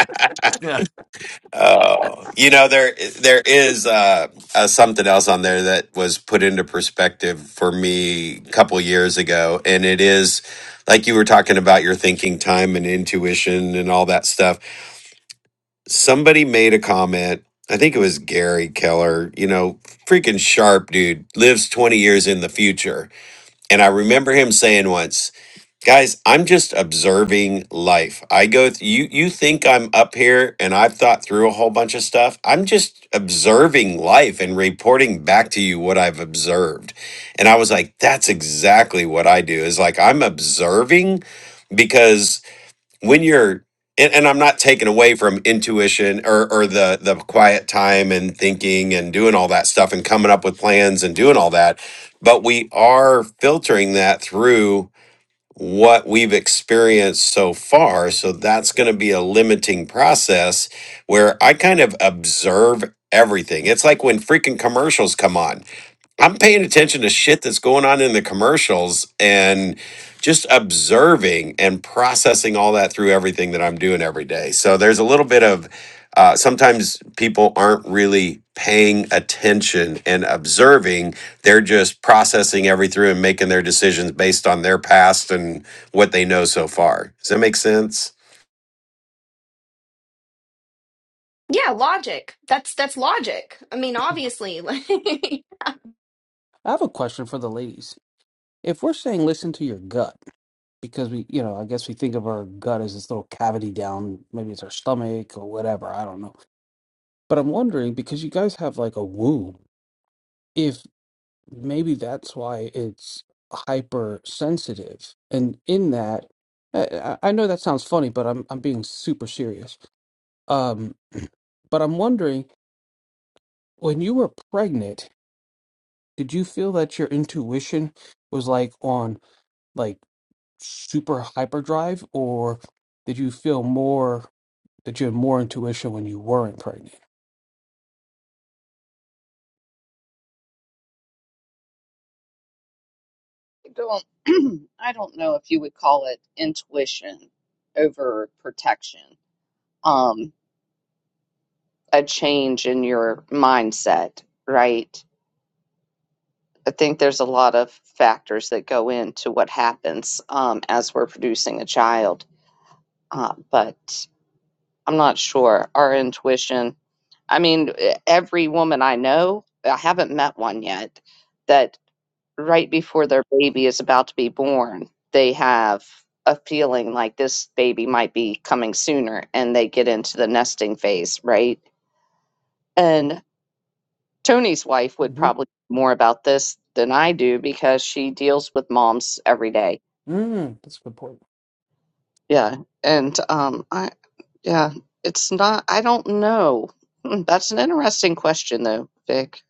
Speaker 8: Oh, you know there there is uh, uh, something else on there that was put into perspective for me a couple years ago, and it is like you were talking about your thinking time and intuition and all that stuff. Somebody made a comment. I think it was Gary Keller. You know, freaking sharp dude lives twenty years in the future, and I remember him saying once. Guys, I'm just observing life. I go th- you you think I'm up here and I've thought through a whole bunch of stuff. I'm just observing life and reporting back to you what I've observed. And I was like, that's exactly what I do. Is like I'm observing because when you're and, and I'm not taking away from intuition or or the the quiet time and thinking and doing all that stuff and coming up with plans and doing all that, but we are filtering that through what we've experienced so far. So that's going to be a limiting process where I kind of observe everything. It's like when freaking commercials come on I'm paying attention to shit that's going on in the commercials and just observing and processing all that through everything that I'm doing every day. So there's a little bit of uh, sometimes people aren't really paying attention and observing. They're just processing every through and making their decisions based on their past and what they know so far. Does that make sense?
Speaker 2: Yeah, logic. That's that's logic. I mean, obviously.
Speaker 6: have a question for the ladies. If we're saying listen to your gut, because we, you know, I guess we think of our gut as this little cavity down, maybe it's our stomach or whatever, I don't know. But I'm wondering because you guys have like a womb. if. maybe that's why it's hypersensitive. And in that, I, I I know that sounds funny, but I'm I'm being super serious. Um, but I'm wondering, when you were pregnant, did you feel that your intuition was like on like super hyperdrive, or did you feel more that you had more intuition when you weren't pregnant?
Speaker 1: don't I don't know if you would call it intuition over protection. Um, a change in your mindset, right? I think there's a lot of factors that go into what happens um, as we're producing a child, uh, but I'm not sure. Our intuition. I mean, e- every woman I know, I haven't met one yet, that. right before their baby is about to be born, they have a feeling like this baby might be coming sooner and they get into the nesting phase, right? And Tony's wife would
Speaker 6: Mm-hmm.
Speaker 1: probably know more about this than I do because she deals with moms every day.
Speaker 6: Mm, that's a good point.
Speaker 1: Yeah. And um I yeah, it's not I don't know. Hmm, That's an interesting question though, Vic.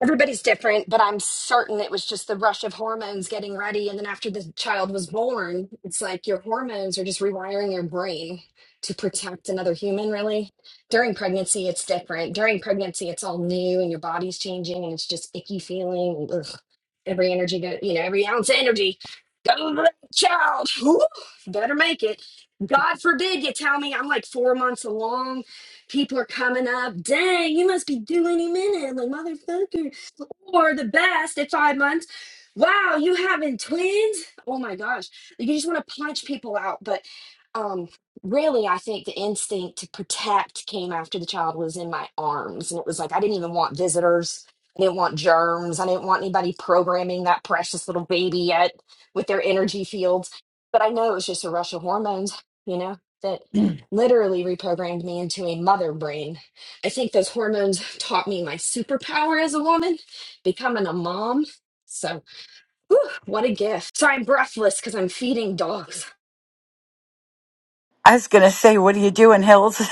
Speaker 2: Everybody's different, but I'm certain it was just the rush of hormones getting ready. And then after the child was born, it's like your hormones are just rewiring your brain to protect another human, really. During pregnancy, it's different. During pregnancy, it's all new and your body's changing and it's just icky feeling. Ugh. Every energy, go, you know, every ounce of energy go to the child. Whew, better make it. God forbid you tell me I'm like four months along people are coming up. Dang, you must be due any minute. I'm like, motherfucker or the best at five months. Wow, you having twins? Oh my gosh. You just want to punch people out. But um, really, I think the instinct to protect came after the child was in my arms. And it was like, I didn't even want visitors. I didn't want germs. I didn't want anybody programming that precious little baby yet with their energy fields. But I know it was just a rush of hormones, you know, that literally reprogrammed me into a mother brain. I think those hormones taught me my superpower as a woman becoming a mom. So, whew, what a gift. So, I'm breathless because I'm feeding dogs.
Speaker 10: I was going to say, what are you doing, Hills?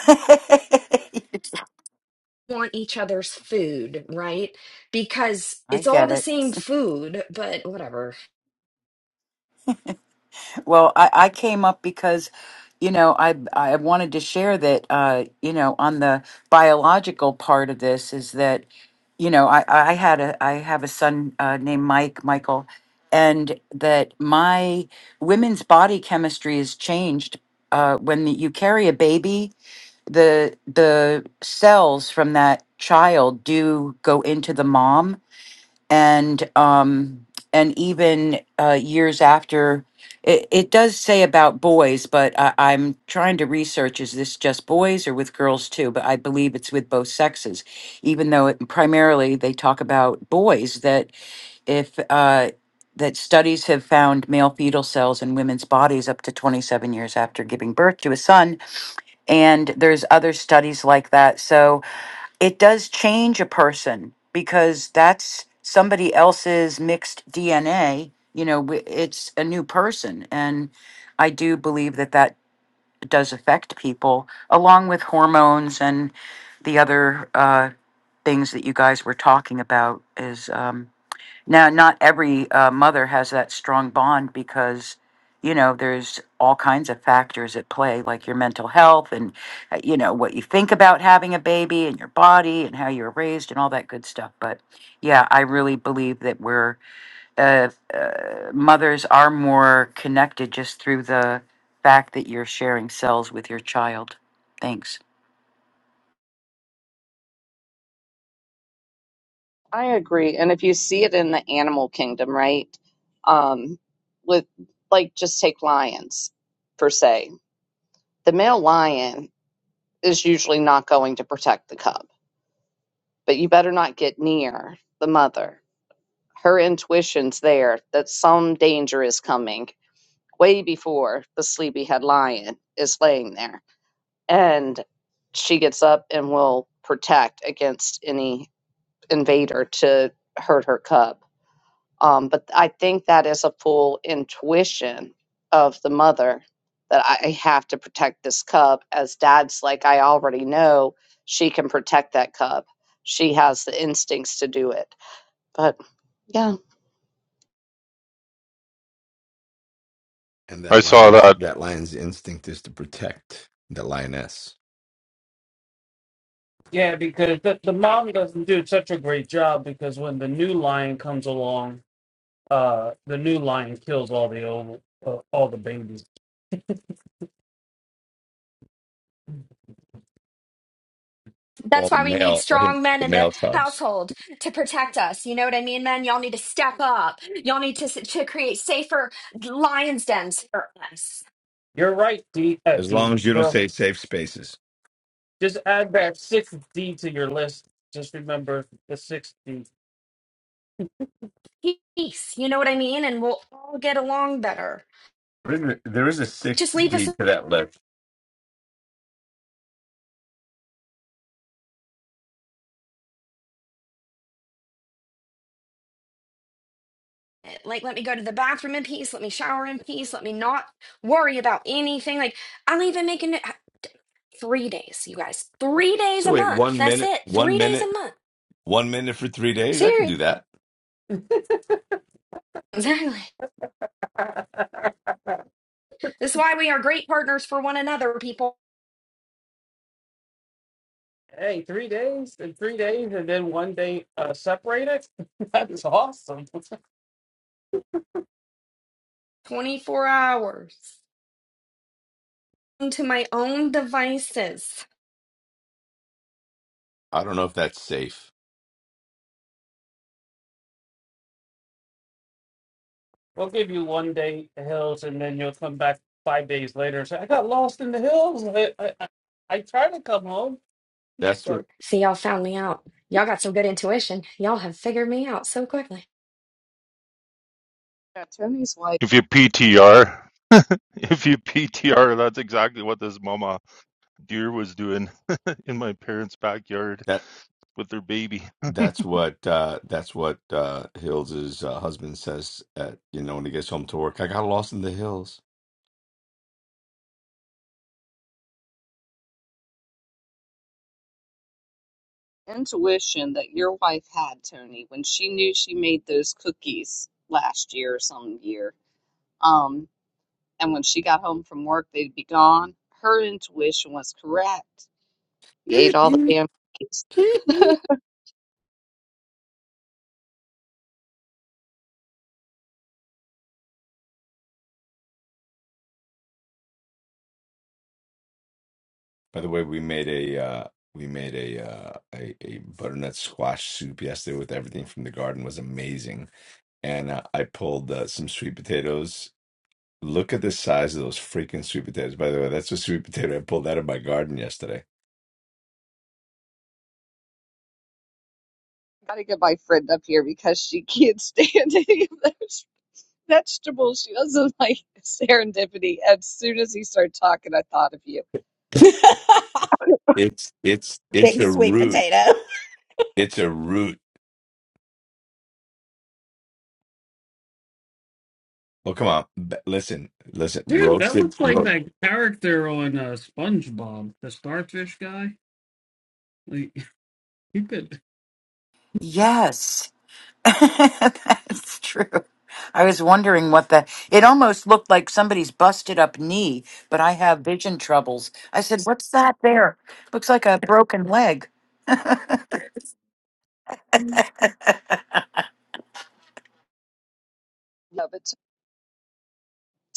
Speaker 2: Want each other's food, right? Because
Speaker 10: I
Speaker 2: it's all
Speaker 10: get
Speaker 2: the
Speaker 10: it.
Speaker 2: same food, but whatever.
Speaker 10: Well, I, I came up because, you know, I I wanted to share that, uh, you know, on the biological part of this is that, you know, I, I had a I have a son uh, named Mike Michael, and that my women's body chemistry is changed uh, when you carry a baby. The the cells from that child do go into the mom, and um and even uh years after it, it does say about boys but I, i'm trying to research is this just boys or with girls too but i believe it's with both sexes even though it, primarily they talk about boys that if uh that studies have found male fetal cells in women's bodies up to 27 years after giving birth to a son and there's other studies like that so it does change a person because that's somebody else's mixed DNA. You know, w- it's a new person. And I do believe that that does affect people, along with hormones and the other uh, things that you guys were talking about. Is um, now, not every uh, mother has that strong bond because, you know, there's all kinds of factors at play, like your mental health and, uh, you know, what you think about having a baby and your body and how you were raised and all that good stuff. But yeah, I really believe that we're, uh, uh, mothers are more connected just through the fact that you're sharing cells with your child. Thanks.
Speaker 1: I agree. And if you see it in the animal kingdom, right? Um, with like just take lions per se. The male lion is usually not going to protect the cub, but you better not get near the mother. Her intuition's there that some danger is coming way before the sleepyhead lion is laying there. And she gets up and will protect against any invader to hurt her cub Um, but I think that is a full intuition of the mother that I I have to protect this cub. As dad's like, I already know she can protect that cub. She has the instincts to do it. But yeah.
Speaker 3: and
Speaker 9: I
Speaker 3: that
Speaker 9: saw
Speaker 3: lion's
Speaker 9: that.
Speaker 3: that lion's instinct is to protect the lioness
Speaker 6: Yeah, because the, the mom doesn't do such a great job because when the new lion comes along, uh, the new lion kills all the old, uh, all the babies.
Speaker 3: All
Speaker 2: That's
Speaker 3: the
Speaker 2: why we need
Speaker 3: male or him
Speaker 2: strong men
Speaker 3: the
Speaker 2: in the
Speaker 3: male cubs
Speaker 2: household to protect us. You know what I mean, men? Y'all need to step up. Y'all need to, to create safer lions' dens for us.
Speaker 6: You're right, D. Uh,
Speaker 3: as
Speaker 6: D.
Speaker 3: long as you don't
Speaker 6: Well,
Speaker 3: say safe spaces
Speaker 6: just add that sixth D to your list. Just remember the sixth D.
Speaker 2: Peace. You know what I mean? And we'll all get along better.
Speaker 3: there isn't- there is a
Speaker 2: Just
Speaker 3: sixth
Speaker 2: leave us
Speaker 3: beat to that list
Speaker 2: eh, like let me go to the bathroom in peace let me shower in peace let me not worry about anything like i'll even make it uh, three days you guys three days
Speaker 3: so
Speaker 2: a
Speaker 3: wait
Speaker 2: month
Speaker 3: one
Speaker 2: that's
Speaker 3: minute
Speaker 2: it
Speaker 3: one
Speaker 2: three days a
Speaker 3: minute
Speaker 2: month
Speaker 3: one minute for three days i could
Speaker 2: seriously
Speaker 3: do that
Speaker 2: exactly this is why we are great partners for one another people
Speaker 6: Hey, three days and three days, and then one day uh, separated. That is awesome.
Speaker 2: 24 hours into my own devices
Speaker 3: i don't know if that's safe
Speaker 6: We'll give you one day in the hills, and then you'll come back five days later and say, "I got lost in the hills. I I, I I tried to come home,
Speaker 3: that's what
Speaker 6: but
Speaker 2: see y'all found me out y'all got some good intuition y'all have figured me out so quickly
Speaker 1: Yeah, Tony's wife,
Speaker 9: If you PTR, if you PTR, that's exactly what this mama deer was doing in my parents' backyard
Speaker 3: that
Speaker 9: with their baby.
Speaker 3: that's what uh that's what uh hills's uh, husband says at you know when he gets home to work i got lost in the hills
Speaker 1: intuition that your wife had, Tony, when she knew she made those cookies last year or some year. Um, and when she got home from work, they'd be gone. Her intuition was correct. You ate all the damn cookies.
Speaker 3: By the way, we made a uh, we made a, uh, a a butternut squash soup yesterday with everything from the garden. It was amazing, and uh, I pulled uh, some sweet potatoes. Look at the size of those freaking sweet potatoes. By the way, that's a sweet potato I pulled out of my garden yesterday.
Speaker 1: gotta get my friend up here because she can't stand any of those vegetables. She doesn't like serendipity. As soon as he started talking, I thought of you.
Speaker 3: It's it's it's
Speaker 11: Big
Speaker 3: a
Speaker 11: sweet
Speaker 3: root.
Speaker 11: potato.
Speaker 3: It's a root. Well, come on. B- Listen, listen.
Speaker 6: Dude, that
Speaker 3: Roasted.
Speaker 6: looks like
Speaker 3: Ro-
Speaker 6: that character on uh, SpongeBob, the starfish guy. Like you could.
Speaker 10: Yes. That's true. I was wondering what that. It almost looked like somebody's busted up knee, but I have vision troubles. I said, "What's that there?" Looks like a broken leg.
Speaker 1: No, but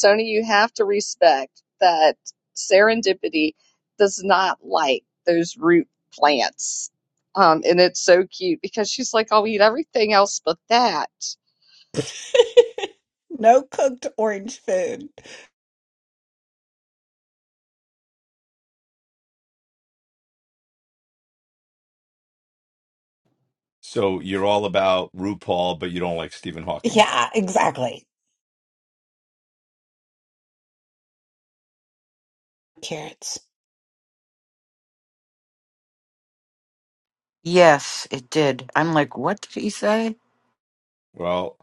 Speaker 1: Tony, you have to respect that serendipity does not like those root plants. Um, and it's so cute because she's like, I'll eat everything else but that.
Speaker 11: No cooked orange food.
Speaker 3: so you're all about RuPaul, but you don't like Stephen Hawking.
Speaker 11: Yeah, exactly. Carrots.
Speaker 10: Yes, it did. I'm like, "What did he say?"
Speaker 3: Well,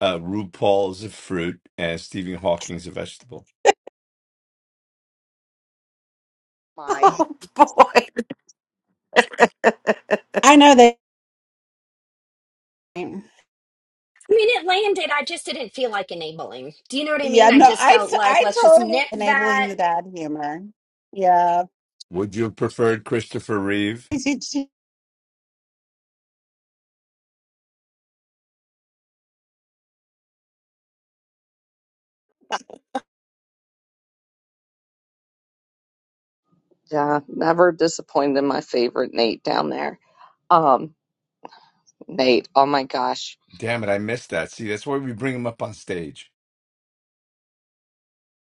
Speaker 3: uh, RuPaul is a fruit, and Stephen Hawking's a vegetable.
Speaker 1: My,
Speaker 10: Oh boy,
Speaker 11: I know that. Yeah,
Speaker 2: I mean, it landed. I just didn't feel like enabling. Do you know what I mean? I
Speaker 11: no,
Speaker 2: just
Speaker 11: I,
Speaker 2: felt
Speaker 11: t-
Speaker 2: like,
Speaker 11: I
Speaker 2: let's just
Speaker 11: totally
Speaker 2: nip that.
Speaker 11: enabling the dad humor. Yeah.
Speaker 3: Would you have preferred Christopher Reeve?
Speaker 1: yeah, never disappointed my favorite Nate down there. Um, Nate, oh my gosh.
Speaker 3: Damn it, I missed that. See, that's why we bring him up on stage.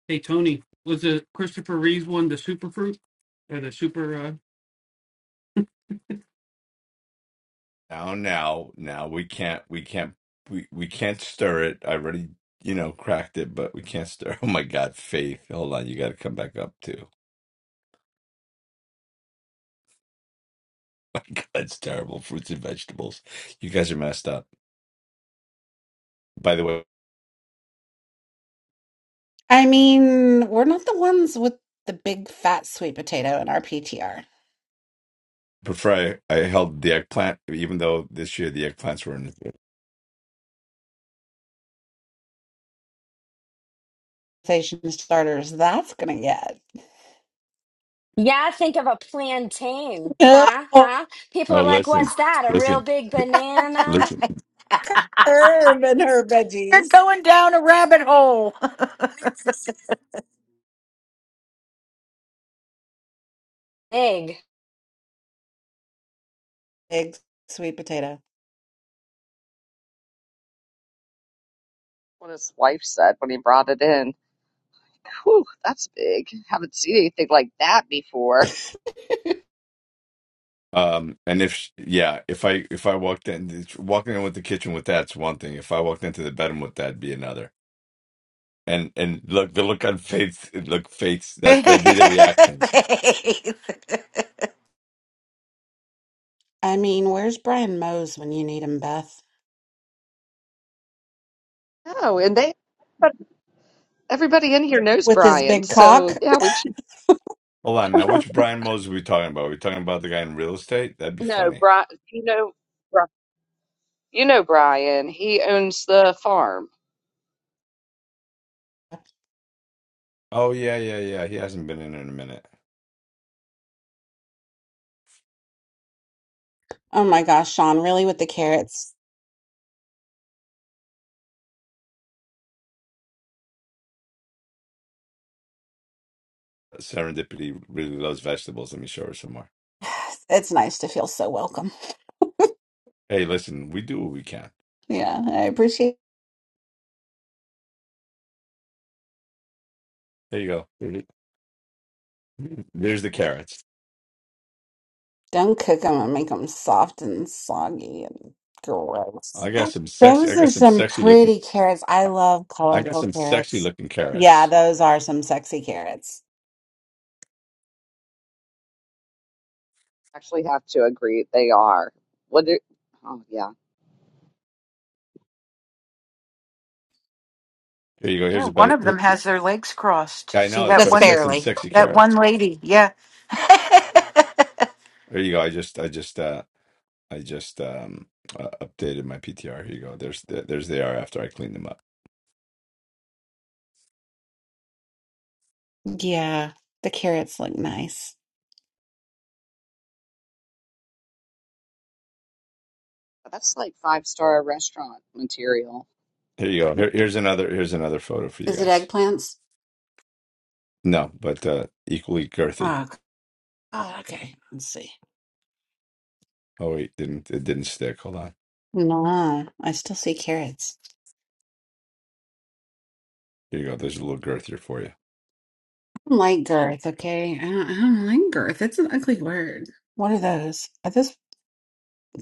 Speaker 6: Hey Tony, was the Christopher Reeves one the super fruit or the super? Uh,
Speaker 3: Now, now, now we can't, we can't, we, we can't stir it. I already, you know, cracked it, but we can't stir. Oh my God, Faith, hold on, you got to come back up too. My God, it's terrible. Fruits and vegetables, you guys are messed up. By the way,
Speaker 11: I mean, we're not the ones with the big fat sweet potato in our PTR.
Speaker 3: prefer I, I held the eggplant, even though this year the eggplants were in.
Speaker 11: Station starters, that's gonna get.
Speaker 2: Yeah, think of a plantain. Huh?
Speaker 11: Oh,
Speaker 2: Huh? People
Speaker 3: Oh,
Speaker 2: are like,
Speaker 3: listen,
Speaker 2: what's that? A real
Speaker 3: listen,
Speaker 2: big banana?
Speaker 3: listen.
Speaker 11: Herb and her
Speaker 10: you're
Speaker 11: veggies.
Speaker 10: going down a rabbit hole.
Speaker 2: Egg.
Speaker 11: Big sweet potato.
Speaker 1: what his wife said when he brought it in. Whew, that's big. Haven't seen anything like that before.
Speaker 3: Um, and if sh- yeah, if I if I walked in it's- walking in with the kitchen with that's one thing. If I walked into the bedroom with that'd be another. And and look the look on Faith look Faith's that that'd be
Speaker 10: Faith.
Speaker 3: the reaction.
Speaker 11: I mean, where's Brian Mose when you need him, Beth?
Speaker 1: Oh, and they, but everybody in here knows
Speaker 11: With his
Speaker 1: Brian,
Speaker 11: big
Speaker 1: so
Speaker 11: cock?
Speaker 1: yeah, we should.
Speaker 3: Hold on now, which Brian Moses are we talking about? Are we talking about the guy in real estate? That'd be
Speaker 1: No,
Speaker 3: funny.
Speaker 1: Brian, you know, Bri- you know Brian. He owns the farm.
Speaker 3: Oh yeah, yeah, yeah. He hasn't been in in a minute.
Speaker 11: Oh my gosh, Sean, really with the carrots.
Speaker 3: Serendipity really loves vegetables. Let me show her some more.
Speaker 11: It's nice to feel so welcome.
Speaker 3: Hey, listen, we do what we can.
Speaker 11: Yeah, I appreciate
Speaker 3: There you go. There's the carrots.
Speaker 11: Don't cook them and make them soft and soggy and gross.
Speaker 3: I got some sexy. I
Speaker 11: Those
Speaker 3: got
Speaker 11: are
Speaker 3: some
Speaker 11: some
Speaker 3: sexy looking.
Speaker 11: pretty carrots. I love
Speaker 3: I got
Speaker 11: colorful
Speaker 3: some sexy
Speaker 11: carrots.
Speaker 3: looking
Speaker 11: Yeah,
Speaker 3: carrots.
Speaker 11: those are some sexy carrots.
Speaker 1: Actually, have to agree they are. What? Do, oh, yeah,
Speaker 3: There you go.
Speaker 10: Yeah,
Speaker 3: Here's a
Speaker 10: one
Speaker 3: better.
Speaker 10: of them has their legs crossed.
Speaker 3: I
Speaker 10: See
Speaker 3: know that's
Speaker 10: that
Speaker 11: That's
Speaker 3: right. I
Speaker 10: one
Speaker 3: have some
Speaker 11: barely.
Speaker 3: sexy
Speaker 10: that one
Speaker 3: carrots.
Speaker 10: lady. Yeah.
Speaker 3: There you go. I just, I just, uh, I just um uh, updated my PTR. Here you go. There's, the, there's they are after I cleaned them up.
Speaker 11: Yeah, the carrots look nice.
Speaker 1: that's like five star restaurant material.
Speaker 3: Here you go. Here, here's another. Here's another photo for you
Speaker 11: Is it
Speaker 3: guys.
Speaker 11: eggplants?
Speaker 3: No, but uh equally girthy.
Speaker 11: Oh, c- oh, okay. Let's see.
Speaker 3: Oh wait, didn't it didn't stick? Hold on.
Speaker 11: No, I still see carrots.
Speaker 3: Here you go. There's a little girthier for you.
Speaker 11: I don't like girth, okay? I don't, I don't like girth. It's an ugly word. What are those? Are those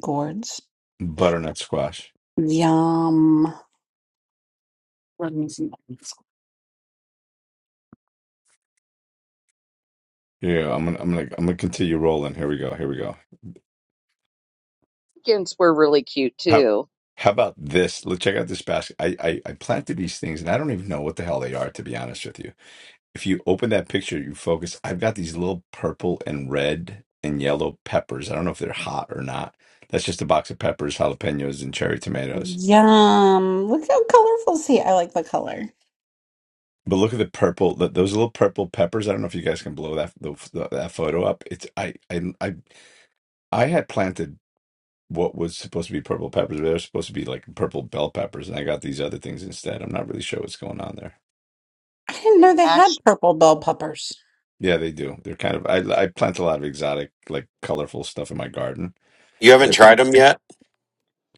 Speaker 11: gourds?
Speaker 3: Butternut squash.
Speaker 11: Yum. Let me see.
Speaker 3: Here you go. I'm gonna, I'm gonna, I'm gonna continue rolling. Here we go. Here we go.
Speaker 1: Mexicans were really cute
Speaker 3: How,
Speaker 1: too.
Speaker 3: how about this? Let's check out this basket. I, I, I planted these things, and I don't even know what the hell they are, to be honest with you if you open that picture, you focus. I've got these little purple and red and yellow peppers. I don't know if they're hot or not. That's just a box of peppers, jalapenos, and cherry tomatoes.
Speaker 11: Yum. Look how colorful. See, I like the color.
Speaker 3: But look at the purple. th those little purple peppers. I don't know if you guys can blow that the, that photo up. It's I I I I had planted what was supposed to be purple peppers, but they are supposed to be like purple bell peppers, and I got these other things instead. I'm not really sure what's going on there.
Speaker 11: I didn't know
Speaker 1: They
Speaker 11: they had
Speaker 1: actually,
Speaker 11: purple bell peppers.
Speaker 3: Yeah, they do. They're kind of. I I plant a lot of exotic, like colorful stuff in my garden.
Speaker 8: You haven't tried them yet?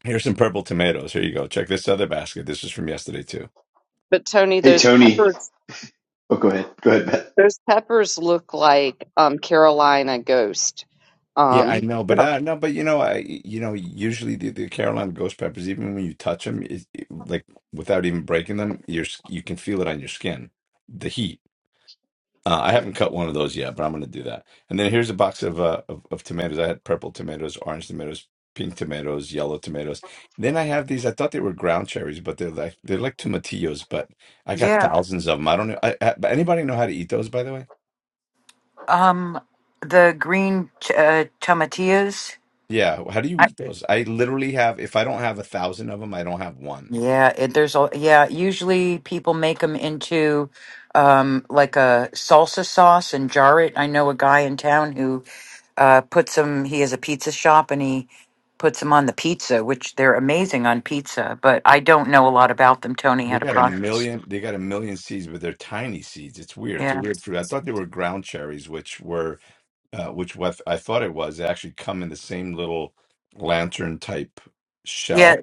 Speaker 3: Here's some purple tomatoes. Here you go. Check this other basket. This is from yesterday too.
Speaker 1: but Tony,
Speaker 12: Hey,
Speaker 1: those
Speaker 12: Tony.
Speaker 1: peppers.
Speaker 12: Oh, go ahead. Go ahead, Matt.
Speaker 1: Those peppers look like um, Carolina ghost.
Speaker 3: Yeah, I
Speaker 1: Um,
Speaker 3: know, but
Speaker 1: no,
Speaker 3: uh, no, but you know, I you know, usually the, the Carolina ghost peppers, even when you touch them, it, it- like without even breaking them, you're s- you can feel it on your skin, the heat. Uh, I haven't cut one of those yet, but I'm gonna do that. And then here's a box of uh of, of tomatoes. I had purple tomatoes, orange tomatoes, pink tomatoes, yellow tomatoes. Then I have these. I thought they were ground cherries, but they're like they're like tomatillos. But I got
Speaker 10: yeah.
Speaker 3: thousands of them. I don't know. I, I, anybody know how to eat those, by the way?
Speaker 10: Um the green ch- uh, tomatillas.
Speaker 3: Yeah, how do you
Speaker 10: I,
Speaker 3: eat those? I literally have, if I don't have a thousand of them, I don't have one.
Speaker 10: yeah, it, there's a yeah, usually people make them into um like a salsa sauce and jar it. I know a guy in town who uh puts them he has a pizza shop and he puts them on the pizza, which they're amazing on pizza, but I don't know a lot about them. Tony
Speaker 3: They
Speaker 10: had a
Speaker 3: got a
Speaker 10: process.
Speaker 3: million, they got a million seeds, but they're tiny seeds. It's weird.
Speaker 10: Yeah.
Speaker 3: It's a weird fruit. I thought they were ground cherries, which were, uh, which what I thought it was. They actually come in the same little lantern type
Speaker 10: Yeah,
Speaker 3: shell,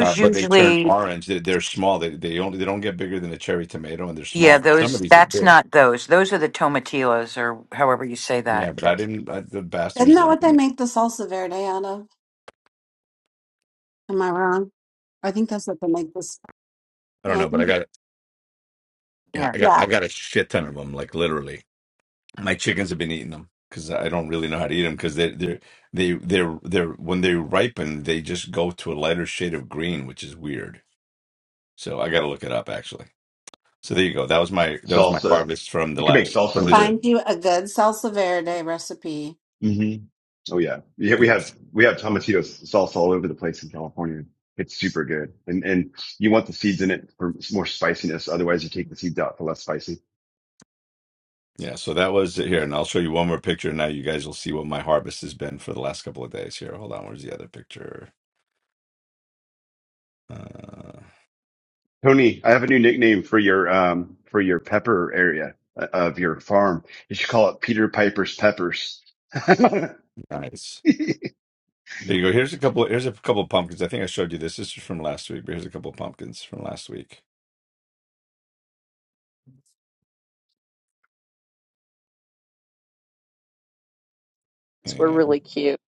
Speaker 3: uh, but they turn
Speaker 10: usually,
Speaker 3: orange. They're, they're small. They they only they don't get bigger than a cherry tomato, and they're
Speaker 10: yeah,
Speaker 3: small. Some of
Speaker 10: those,
Speaker 3: these are
Speaker 10: that's
Speaker 3: big.
Speaker 10: not those. Those are the tomatillos or however you say
Speaker 3: Yeah,
Speaker 10: that.
Speaker 3: but I didn't. I, the
Speaker 11: Isn't
Speaker 3: bastards
Speaker 11: that
Speaker 3: lied
Speaker 11: what
Speaker 3: to
Speaker 11: they
Speaker 3: me.
Speaker 11: make the salsa verde out of? Am I wrong? I think that's what they make this.
Speaker 3: I
Speaker 11: Yeah,
Speaker 3: don't
Speaker 11: I
Speaker 3: know, but I
Speaker 11: think.
Speaker 3: got yeah,
Speaker 10: Yeah.
Speaker 3: I got
Speaker 11: Yeah.
Speaker 3: I got a shit ton of them, like literally. my chickens have been eating them because I don't really know how to eat them because they're they're they they're they're when they ripen they just go to a lighter shade of green, which is weird. So I got to look it up actually. So there you go. That was my that was my
Speaker 12: salsa.
Speaker 3: harvest from the
Speaker 12: You can make
Speaker 3: last
Speaker 12: salsa
Speaker 3: from
Speaker 12: with
Speaker 3: this.
Speaker 12: it.
Speaker 11: Find you a good salsa verde recipe.
Speaker 12: hmm Oh yeah. Yeah, we
Speaker 3: Yes.
Speaker 12: have we have tomatillo salsa all over the place in California. It's super good, and and you want the seeds in it for more spiciness. Otherwise, you take the seeds out for less spicy.
Speaker 3: Yeah, so that was it here, and I'll show you one more picture. Now you guys will see what my harvest has been for the last couple of days. Here, hold on. Where's the other picture? Uh,
Speaker 12: Tony, I have a new nickname for your um for your pepper area uh, of your farm. You should call it Peter Piper's peppers. well,
Speaker 3: nice. Here you go. Here's a couple. Here's a couple of pumpkins. I think I showed you this. This is from last week, but here's a couple of pumpkins from last week.
Speaker 1: those were really cute.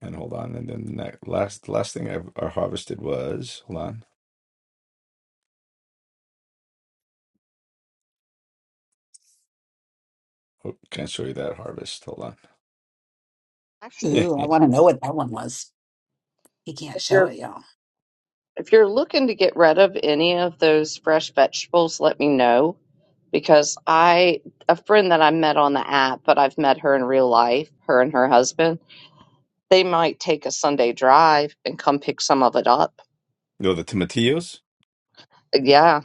Speaker 3: And hold on. And then the next, last last thing I've I harvested was hold on. Oh, can't show you that harvest. Hold on.
Speaker 1: Actually,
Speaker 11: Ooh, I want to know what that one was. He can't
Speaker 1: if
Speaker 11: show
Speaker 1: you're
Speaker 11: it, y'all.
Speaker 1: if you're looking to get rid of any of those fresh vegetables, let me know because I a friend that I met on the app, but I've met her in real life. Her and her husband, they might take a Sunday drive and come pick some of it up.
Speaker 3: no, the tomatillos.
Speaker 1: Yeah,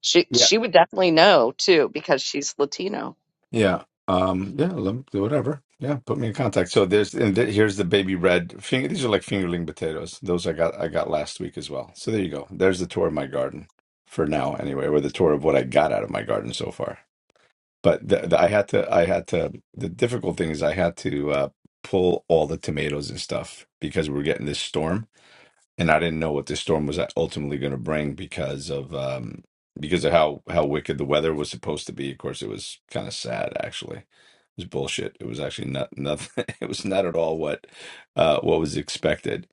Speaker 1: she
Speaker 3: Yeah.
Speaker 1: she would definitely know too because she's Latino.
Speaker 3: Yeah. Um. Yeah. lem- Whatever. Yeah. Put me in contact. So there's and th- here's the baby red finger. These are like fingerling potatoes. Those I got I got last week as well. So there you go. There's the tour of my garden for now, anyway, or the tour of what I got out of my garden so far. But the, the, I had to. I had to. The difficult thing is I had to uh, pull all the tomatoes and stuff because we were getting this storm and I didn't know what this storm was ultimately going to bring because of um because of how how wicked the weather was supposed to be. Of course, it was kind of sad actually. It was bullshit. It was actually not nothing. It was not at all what uh what was expected.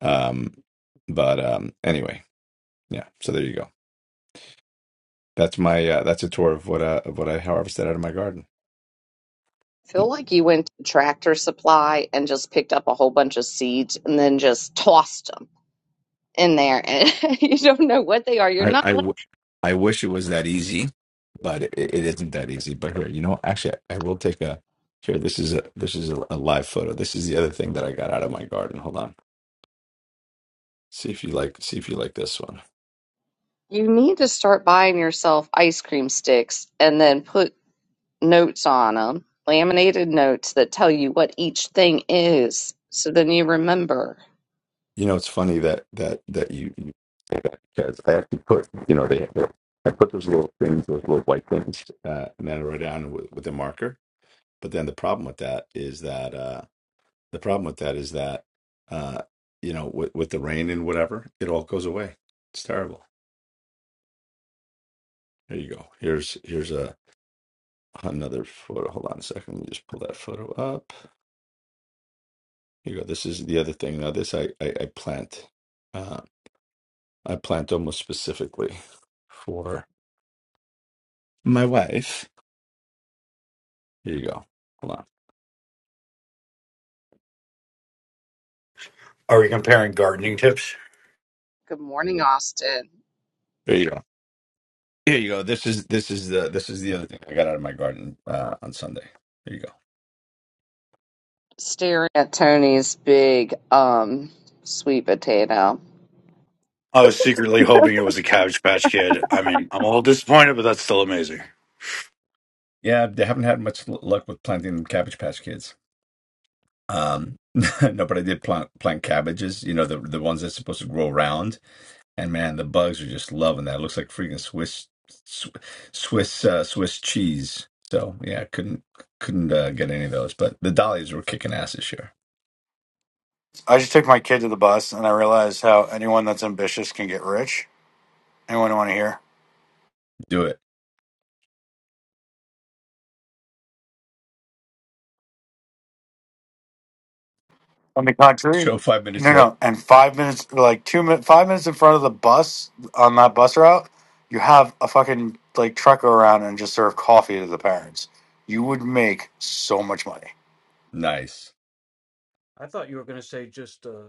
Speaker 3: Um but um anyway, yeah. So there you go. That's my uh, that's a tour of what uh, of what I harvested out of my garden.
Speaker 1: feel like you went to Tractor Supply and just picked up a whole bunch of seeds and then just tossed them in there, and you don't know what they are. You're
Speaker 3: I,
Speaker 1: not.
Speaker 3: I,
Speaker 1: like,
Speaker 3: w- I wish it was that easy, but it, it isn't that easy. But here, you know, actually, I will take a. Here, this is a this is a, a live photo. This is the other thing that I got out of my garden. Hold on, see if you like see if you like this one.
Speaker 1: You need to start buying yourself ice cream sticks and then put notes on them, laminated notes that tell you what each thing is, so then you remember.
Speaker 3: You know, it's funny that that that you, you say that because I actually put, you know, they, they I put those little things, those little white things, uh, and then I wrote down with, with a marker. But then the problem with that is that uh, the problem with that is that uh, you know, with with the rain and whatever, it all goes away. It's terrible. There you go. Here's here's a another photo. Hold on a second. Let me just pull that photo up. Here you go. This is the other thing. Now this I I, I plant. Uh, I plant almost specifically for. my wife. Here you go. Hold on.
Speaker 13: Are we comparing gardening tips?
Speaker 1: Good morning, Austin.
Speaker 3: There you go. Here you go. This is this is the this is the other thing I got out of my garden uh, on Sunday. Here you go.
Speaker 1: Staring at Tony's big um sweet potato.
Speaker 13: I was secretly hoping it was a Cabbage Patch Kid. I mean, I'm a little disappointed, but that's still amazing.
Speaker 3: Yeah, they haven't had much l- luck with planting Cabbage Patch Kids. Um, no, but I did plant plant cabbages. You know the the ones that's supposed to grow round. And man, the bugs are just loving that. It looks like freaking Swiss Swiss Swiss, uh, Swiss cheese. So yeah, couldn't couldn't uh, get any of those. But the dahlias were kicking ass this year.
Speaker 13: I just took my kid to the bus, and I realized how anyone that's ambitious can get rich. Anyone want to hear?
Speaker 3: Do it.
Speaker 13: On the contrary,
Speaker 3: Show five minutes
Speaker 13: no,
Speaker 3: later.
Speaker 13: no. And five minutes, like two minutes, five minutes in front of the bus on that bus route, you have a fucking like truck go around and just serve coffee to the parents. You would make so much money.
Speaker 3: Nice.
Speaker 6: I thought you were going to say just uh,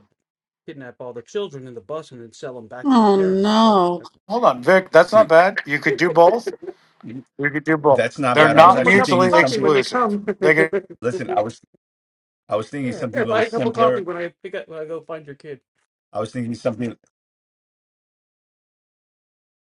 Speaker 6: kidnap all the children in the bus and then sell them back to their
Speaker 11: Oh
Speaker 6: parents. That,
Speaker 11: no.
Speaker 6: that
Speaker 13: Hold on, Vic. That's not
Speaker 3: See.
Speaker 13: bad. You could do both. You could do both.
Speaker 3: That's not
Speaker 6: I
Speaker 13: They're
Speaker 3: bad.
Speaker 6: can
Speaker 3: I
Speaker 6: give
Speaker 3: was
Speaker 13: not
Speaker 6: them a
Speaker 3: actually
Speaker 6: cup
Speaker 3: thinking
Speaker 13: mutually
Speaker 6: of coffee
Speaker 3: something.
Speaker 6: when they
Speaker 13: exclusive.
Speaker 6: come.
Speaker 13: They can.
Speaker 3: Listen, I was I was thinking
Speaker 6: here,
Speaker 3: something
Speaker 6: here,
Speaker 3: a little
Speaker 6: buy a cup of coffee
Speaker 3: simpler.
Speaker 6: when I pick up when I go find your kid.
Speaker 3: I was thinking something.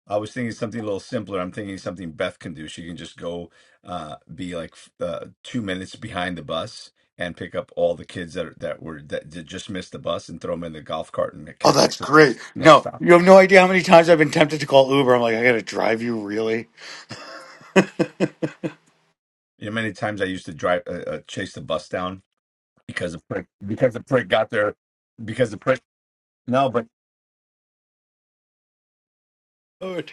Speaker 3: I was thinking something a little simpler. I'm thinking something Beth can do. She can just go, uh, be like f- uh, two minutes behind the bus and pick up all the kids that are, that were that did just missed the bus and throw them in the golf cart and
Speaker 13: Oh,
Speaker 3: catch up
Speaker 13: that's
Speaker 3: to the
Speaker 13: great.
Speaker 3: next next
Speaker 13: No,
Speaker 3: stop.
Speaker 13: you have no idea how many times I've been tempted to call Uber. I'm like, I gotta drive you, really.
Speaker 3: You know, many times I used to drive uh, uh, chase the bus down because the prick because the prick got there because the prick. No, but
Speaker 13: Dude,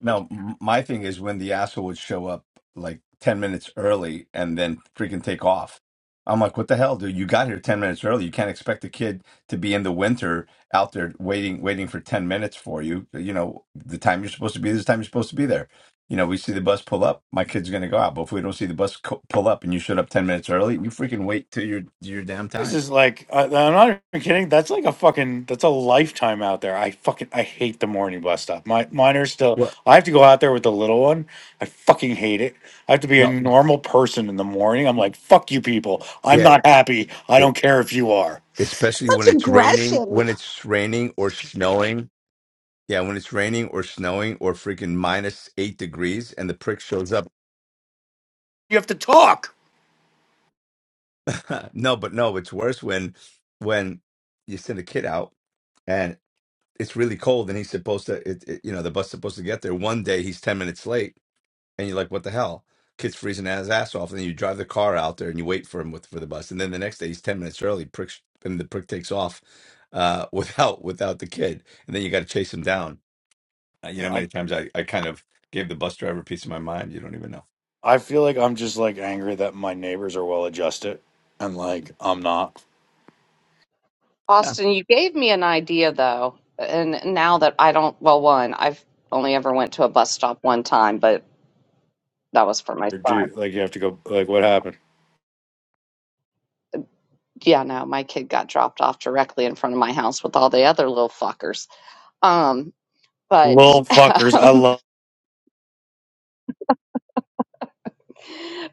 Speaker 3: No, m- my thing is when the asshole would show up like 10 minutes early and then freaking take off. I'm like, what the hell, dude? You got here 10 minutes early. You can't expect a kid to be in the winter out there waiting, waiting for 10 minutes for you. uh, You know, the time you're supposed to be, this time you're supposed to be there. You know, we see the bus pull up, my kid's going to go out. But if we don't see the bus co- pull up and you showed up 10 minutes early, you freaking wait till your, your damn
Speaker 13: This
Speaker 3: time.
Speaker 13: is like, I, I'm not even kidding. That's like a fucking, that's a lifetime out there. I fucking, I hate the morning bus stop. My mine are still.
Speaker 3: Well,
Speaker 13: I have to go out there with the little one. I fucking hate it. I have to be a
Speaker 3: no,
Speaker 13: normal person in the morning. I'm like, fuck you people. I'm not
Speaker 3: yeah.
Speaker 13: happy. I don't care if you are.
Speaker 3: especially when
Speaker 11: Much
Speaker 3: it's raining,
Speaker 11: aggression.
Speaker 3: when it's raining or snowing. Yeah, when it's raining or snowing or freaking minus eight degrees and the prick shows up.
Speaker 13: You have to talk.
Speaker 3: no, but no, it's worse when when you send a kid out and it's really cold and he's supposed to, it, it- you know, the bus supposed to get there. One day he's ten minutes late and you're like, what the hell? Kid's freezing his ass off, and then you drive the car out there and you wait for him with for the bus, and then the next day he's ten minutes early. Prick and the prick takes off uh, without without the kid, and then you got to chase him down Uh, You know, many times I, I kind of gave the bus driver a piece of my mind. You don't even know.
Speaker 13: I feel like I'm just like angry that my neighbors are well adjusted and like I'm not.
Speaker 3: Huh.
Speaker 1: Austin, you gave me an idea though, and now that I don't, well, one, I've only ever went to a bus stop one time, but that was for my
Speaker 13: Or
Speaker 1: son.
Speaker 13: dude, like you have to go like what happened?
Speaker 1: Yeah, no, my kid got dropped off directly in front of my house with all the other little fuckers. Um, but,
Speaker 13: Little fuckers. I
Speaker 1: um,
Speaker 13: love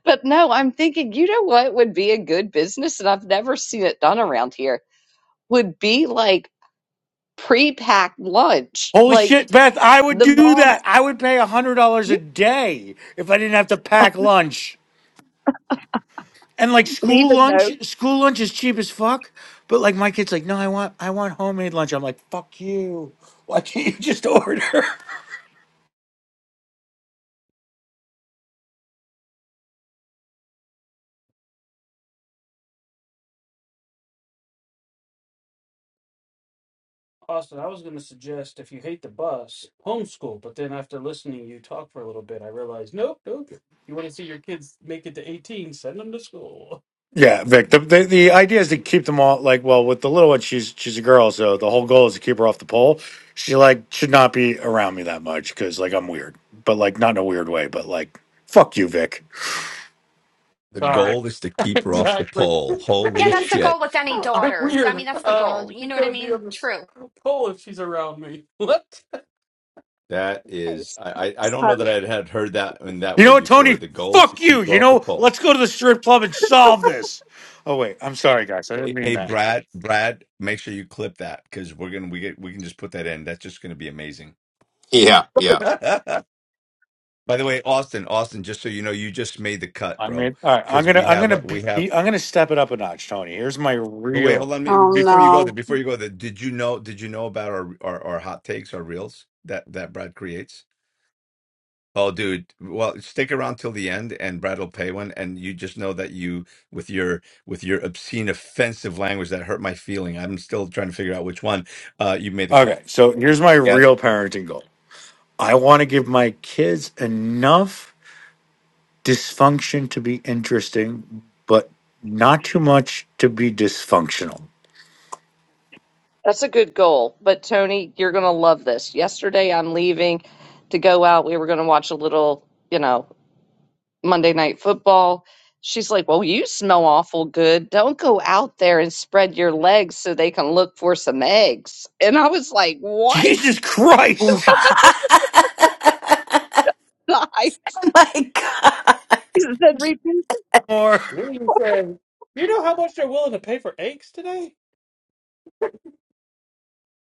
Speaker 1: but no, I'm thinking, you know what would be a good business, and I've never seen it done around here, would be like pre-packed lunch,
Speaker 13: Holy
Speaker 1: like
Speaker 13: shit, Beth, I would
Speaker 1: the
Speaker 13: do that.
Speaker 1: moms
Speaker 13: I would pay a hundred dollars a day if I didn't have to pack lunch. And like
Speaker 1: leave
Speaker 13: school
Speaker 1: a
Speaker 13: lunch
Speaker 1: note.
Speaker 13: school lunch is cheap as fuck. But like my kid's like, no, I want I want homemade lunch. I'm like, fuck you. Why can't you just order?
Speaker 6: Austin, I was going to suggest if you hate the bus, homeschool. But then after listening to you talk for a little bit, I realized nope, nope. You want to see your kids make it to eighteen? Send them to school.
Speaker 13: Yeah, Vic. The, the the idea is to keep them all like well with the little one. She's she's a girl, so the whole goal is to keep her off the pole. She like should not be around me that much because like I'm weird, but like not in a weird way, but like fuck you, Vic.
Speaker 3: The
Speaker 6: Sorry.
Speaker 3: goal is to keep her off the
Speaker 6: exactly.
Speaker 3: pole.
Speaker 2: Yeah,
Speaker 3: Holy
Speaker 2: that's the
Speaker 3: shit.
Speaker 2: goal with any
Speaker 6: I'm
Speaker 2: daughter. I
Speaker 6: weird.
Speaker 2: mean, that's the
Speaker 6: Uh,
Speaker 2: goal. You
Speaker 6: she's
Speaker 2: know what I
Speaker 6: gonna be
Speaker 2: mean?
Speaker 6: on
Speaker 2: True.
Speaker 6: the pole if she's around me. What?
Speaker 3: That is, I, I I don't know
Speaker 1: Honey,
Speaker 3: that I had heard that in that
Speaker 13: You
Speaker 3: way
Speaker 13: know what,
Speaker 3: before.
Speaker 13: Tony?
Speaker 3: The goal is to
Speaker 13: Fuck you.
Speaker 3: keep her
Speaker 13: You
Speaker 3: off the
Speaker 13: know,
Speaker 3: pole.
Speaker 13: let's go to the strip club and solve this. Oh wait, I'm sorry, guys. I didn't
Speaker 3: Hey,
Speaker 13: mean
Speaker 3: hey,
Speaker 13: that.
Speaker 3: Brad, Brad, make sure you clip that because we're gonna we get we can just put that in. That's just gonna be amazing.
Speaker 8: Yeah, yeah.
Speaker 3: By the way, Austin, Austin, just so you know, you just made the cut,
Speaker 13: I
Speaker 3: bro.
Speaker 13: mean, all right. I'm
Speaker 3: Because
Speaker 13: gonna
Speaker 3: we
Speaker 13: I'm
Speaker 3: have
Speaker 13: gonna
Speaker 3: a
Speaker 13: be
Speaker 3: we have
Speaker 13: I'm gonna step it up a notch, Tony. Here's my
Speaker 3: But wait,
Speaker 13: real.
Speaker 3: hold on. me-
Speaker 11: Oh
Speaker 3: Before you go
Speaker 11: no.
Speaker 3: there, before you go there, did you know? Did you know about our our, our hot takes, our reels that that Brad creates? Oh, dude. Well, stick around till the end, and Brad will pay one. And you just know that you with your with your obscene, offensive language that hurt my feeling. I'm still trying to figure out which one. Uh, you made the cut.
Speaker 13: Okay, so here's my real parenting goal. I want to give my kids enough dysfunction to be interesting, but not too much to be dysfunctional.
Speaker 1: That's a good goal. But Tony, you're going to love this. Yesterday, I'm leaving to go out. We were going to watch a little, you know, Monday Night Football. She's like, Well, you smell awful good. Don't go out there and spread your legs so they can look for some eggs. And I was like, What?
Speaker 13: Jesus Christ!
Speaker 1: I
Speaker 10: What? oh
Speaker 1: said, Repeat
Speaker 13: Or
Speaker 6: Then you say, you know how much they're willing to pay for eggs today?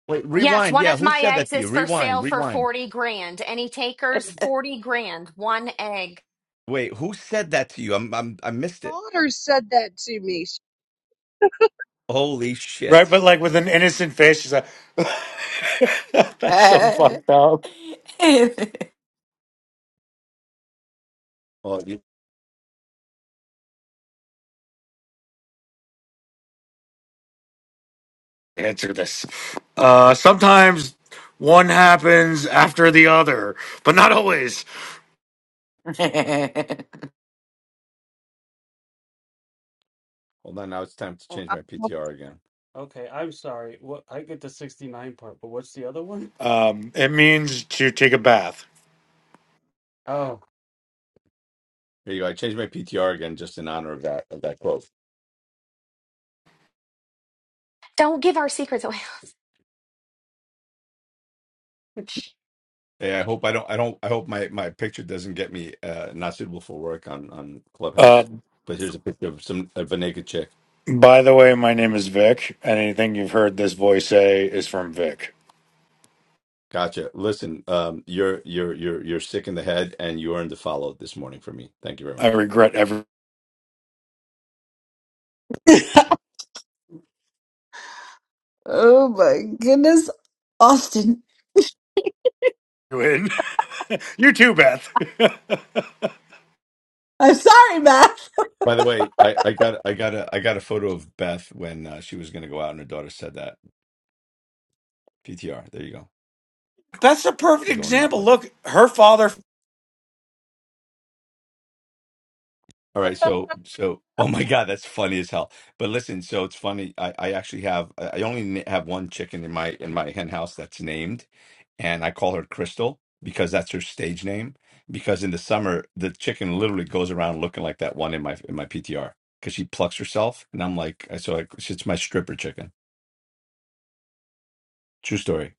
Speaker 3: Wait,
Speaker 1: that.
Speaker 2: Yes,
Speaker 3: rewind.
Speaker 2: one
Speaker 3: Yeah,
Speaker 2: of
Speaker 3: who
Speaker 2: my
Speaker 3: said that
Speaker 2: eggs
Speaker 3: to you?
Speaker 2: is for sale
Speaker 3: Rewind.
Speaker 2: for
Speaker 3: Rewind.
Speaker 2: 40 grand. Any takers? 40 grand, one egg.
Speaker 3: Wait, who said that to you? I'm, I'm I missed it.
Speaker 1: Daughter said that to me. She-
Speaker 3: Holy
Speaker 13: right, but
Speaker 3: shit.
Speaker 13: like with an innocent face, she's like, "That's so
Speaker 10: my God.
Speaker 13: fucked up."
Speaker 3: Well, you,
Speaker 13: Answer this. Uh, sometimes one happens after the other, but not always.
Speaker 3: hold on. Now it's time to change my PTR again.
Speaker 6: Okay, I'm sorry. What I get the 69 part, but what's the other one?
Speaker 13: Um, it means to take a bath.
Speaker 3: There you go. I changed my PTR again just in honor of that of that quote.
Speaker 2: Don't give our secrets away.
Speaker 3: Hey, I hope I don't I don't I hope my my picture doesn't get me uh not suitable for work on on
Speaker 13: Uh,
Speaker 3: Clubhouse. But here's a picture of some of a naked chick.
Speaker 13: by the way, my name is Vic, and anything you've heard this voice say is from Vic.
Speaker 3: Gotcha. Listen, um you're you're you're you're sick in the head and you earned the follow this morning for me. Thank you very
Speaker 13: I
Speaker 3: much.
Speaker 13: regret every.
Speaker 11: Oh my goodness, Austin.
Speaker 13: Win. you too, Beth.
Speaker 11: I'm sorry, Matt.
Speaker 3: By the way, I I got I got a I got a photo of Beth when uh, she was going to go out and her daughter said that. PTR. There you go.
Speaker 13: That's a perfect
Speaker 3: Going out
Speaker 13: example.
Speaker 3: like that.
Speaker 13: Look, her father.
Speaker 3: All right, so so oh my God, that's funny as hell. But listen, so it's funny. I I actually have I I only n- have one chicken in my in my hen house that's named, and I call her Crystal because that's her stage name. Because in the summer, the chicken literally goes around looking like that one in my in my PTR because she plucks herself, and I'm like, so I, it's my stripper chicken. True story.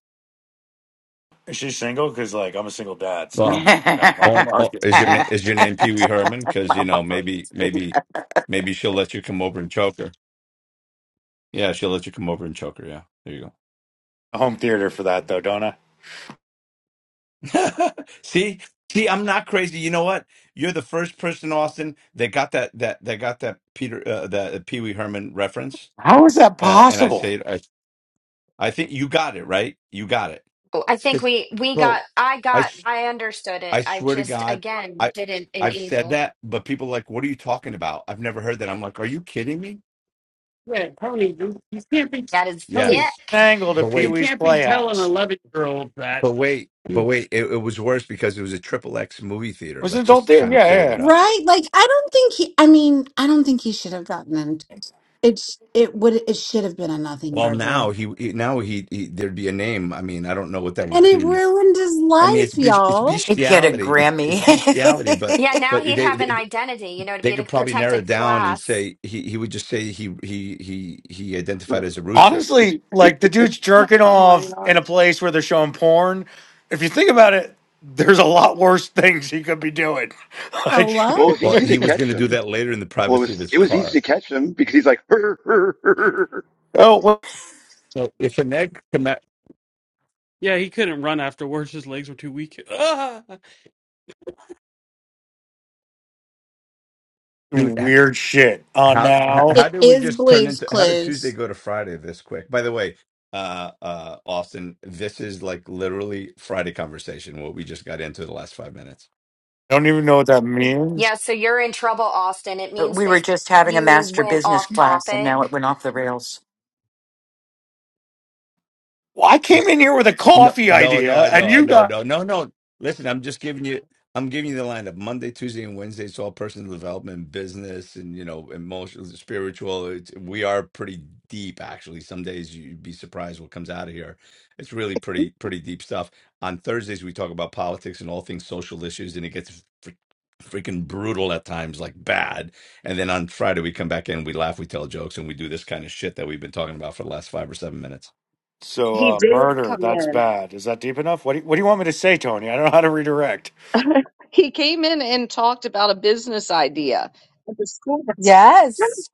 Speaker 13: She's single? Because like I'm a single dad, so
Speaker 3: Well,
Speaker 13: I'm I'm on the
Speaker 3: oh, oh,
Speaker 13: market.
Speaker 3: is your name is your name Pee Wee Herman? Because you know maybe maybe maybe she'll let you come over and choke her. Yeah, she'll let you come over and choke her. Yeah, there you go.
Speaker 13: Home theater for that though, don't I?
Speaker 3: see, see, I'm not crazy. You know what? You're the first person, Austin, that got that that that got that Peter uh, that Pee Wee Herman reference.
Speaker 13: How is that
Speaker 3: Uh, and I
Speaker 13: possible?
Speaker 3: say, I, I think you got it right. You got it,
Speaker 2: Oh, I think
Speaker 3: because,
Speaker 2: we we got
Speaker 3: bro,
Speaker 2: I
Speaker 3: I
Speaker 2: got
Speaker 3: s-
Speaker 2: I understood it.
Speaker 3: I
Speaker 2: I
Speaker 3: swear to
Speaker 2: just
Speaker 3: God,
Speaker 2: again
Speaker 3: I
Speaker 2: didn't
Speaker 3: I've said
Speaker 2: enable.
Speaker 3: that, but people are like, what are you talking about? I've never heard that. I'm like, are you kidding me?
Speaker 6: Yeah, Tony, you, you can't be
Speaker 2: That is
Speaker 6: Tony.
Speaker 3: Yes,
Speaker 2: dick.
Speaker 13: Angle to
Speaker 3: but
Speaker 13: Pee
Speaker 6: You
Speaker 3: wait,
Speaker 13: Wee's
Speaker 6: can't be telling an
Speaker 13: Playhouse
Speaker 6: eleven-year-old that.
Speaker 3: but wait, but wait. It, it was worse because it was a triple X movie
Speaker 13: It
Speaker 3: theater.
Speaker 13: was an
Speaker 3: Let's
Speaker 13: adult
Speaker 3: just
Speaker 13: theater.
Speaker 3: kind of
Speaker 13: Yeah,
Speaker 3: clear that
Speaker 13: yeah.
Speaker 3: up.
Speaker 11: Right? Like I don't think he I mean, I don't think he should have gotten it.
Speaker 13: yeah.
Speaker 11: It's it would it should have been a nothing
Speaker 3: Well,
Speaker 11: burger.
Speaker 3: now he he- now he, he there'd be a name. I mean, I don't know what that
Speaker 11: And
Speaker 3: would
Speaker 11: it
Speaker 3: be.
Speaker 11: ruined his
Speaker 3: I mean, it's
Speaker 11: life,
Speaker 3: bes- it's
Speaker 11: y'all.
Speaker 10: Get a
Speaker 3: bestiality. It's,
Speaker 10: Grammy.
Speaker 3: it's bestiality, but
Speaker 2: Yeah, now
Speaker 3: but
Speaker 2: he'd
Speaker 3: they,
Speaker 2: have an
Speaker 3: they
Speaker 2: identity, you know, to be
Speaker 3: they
Speaker 2: in a
Speaker 3: could probably narrow it
Speaker 2: protected
Speaker 3: down and
Speaker 2: class.
Speaker 3: say he he would just say he he he he
Speaker 12: it
Speaker 3: identified as a rooster.
Speaker 13: Honestly, like the dude's jerking
Speaker 11: Oh my
Speaker 13: off in a
Speaker 11: gosh.
Speaker 13: place where they're showing porn. If you think about it, there's a lot worse things he could be doing. Like,
Speaker 11: Hello?
Speaker 12: was
Speaker 3: Well,
Speaker 12: easy to
Speaker 3: he was
Speaker 12: catch
Speaker 3: going to do
Speaker 12: him.
Speaker 3: that later in the
Speaker 12: Well, it
Speaker 3: privacy of
Speaker 12: was
Speaker 3: his
Speaker 12: it was
Speaker 3: car.
Speaker 12: easy to catch him because he's like. "Hur, hur, hur,
Speaker 13: oh, what
Speaker 3: So if an egg come out,
Speaker 6: Yeah, he couldn't run afterwards. His legs were too weak. Ah!
Speaker 3: dude, h-
Speaker 13: weird shit on
Speaker 3: how h-
Speaker 13: now.
Speaker 11: It
Speaker 3: how do we
Speaker 11: is
Speaker 3: just turn
Speaker 11: Blue's
Speaker 3: into how did Tuesday
Speaker 11: Clues.
Speaker 3: go to Friday this quick? By the way, uh uh Austin, this is like literally Friday conversation. What we just got into the last five minutes.
Speaker 13: I don't even know what that means.
Speaker 2: Yeah, so you're in trouble, Austin. It means
Speaker 10: we
Speaker 2: that
Speaker 10: were just having a
Speaker 2: you
Speaker 10: master
Speaker 2: went
Speaker 10: business
Speaker 2: off
Speaker 10: class and now
Speaker 2: topic.
Speaker 10: it went off the rails.
Speaker 13: Well, I came
Speaker 3: It's-
Speaker 13: in here with a
Speaker 3: No,
Speaker 13: coffee
Speaker 3: no, no,
Speaker 13: idea,
Speaker 3: I
Speaker 13: and
Speaker 3: know, I
Speaker 13: you
Speaker 3: know,
Speaker 13: got
Speaker 3: no, no, no. Listen, I'm just giving you, I'm giving you the lineup. Monday, Tuesday, and Wednesday. It's all personal development, business, and you know, emotional, spiritual. It's, we are pretty deep, actually. Some days you'd be surprised what comes out of here. It's really pretty, pretty deep stuff. On Thursdays, we talk about politics and all things social issues, and it gets fr- freaking brutal at times, like bad. And then on Friday, we come back in, we laugh, we tell jokes, and we do this kind of shit that we've been talking about for the last five or seven minutes.
Speaker 13: so
Speaker 1: He
Speaker 13: uh,
Speaker 1: did
Speaker 13: murder.
Speaker 1: come
Speaker 13: That's
Speaker 1: in.
Speaker 13: bad. Is that deep enough? What do you, What do you want me to say, Tony? I don't know how to redirect.
Speaker 1: He came in and talked about a business idea at the school.
Speaker 11: Yes.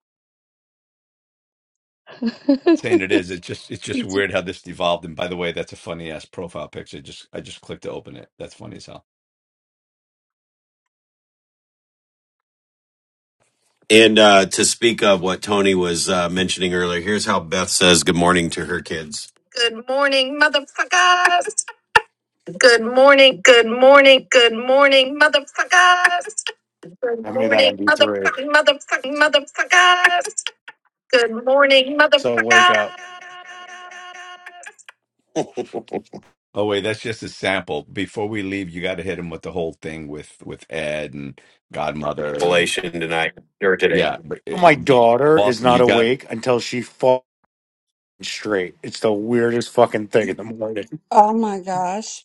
Speaker 3: saying it is. It's just it's just
Speaker 1: He
Speaker 3: weird how this evolved. And by the way, that's a funny ass profile picture. Just I just clicked to open it. That's funny as hell.
Speaker 8: And uh, to speak of what Tony was uh, mentioning earlier, here's how Beth says good morning to her kids. Good morning, motherfuckers. Good morning, good morning, good morning, motherfuckers. Good
Speaker 13: Send me that
Speaker 8: morning,
Speaker 13: MP3.
Speaker 8: motherfucking, motherfucking, motherfuckers. Good morning,
Speaker 13: So wake
Speaker 8: motherfuckers.
Speaker 13: up.
Speaker 3: Oh wait, that's just a sample. Before we leave, you got to hit him with the whole thing with with Ed and Godmother and
Speaker 8: Revelation tonight or today.
Speaker 3: yeah, but it,
Speaker 13: My daughter is
Speaker 3: Boston.
Speaker 13: not
Speaker 3: You got
Speaker 13: awake until she falls straight. It's the weirdest fucking thing in the morning.
Speaker 11: Oh my gosh.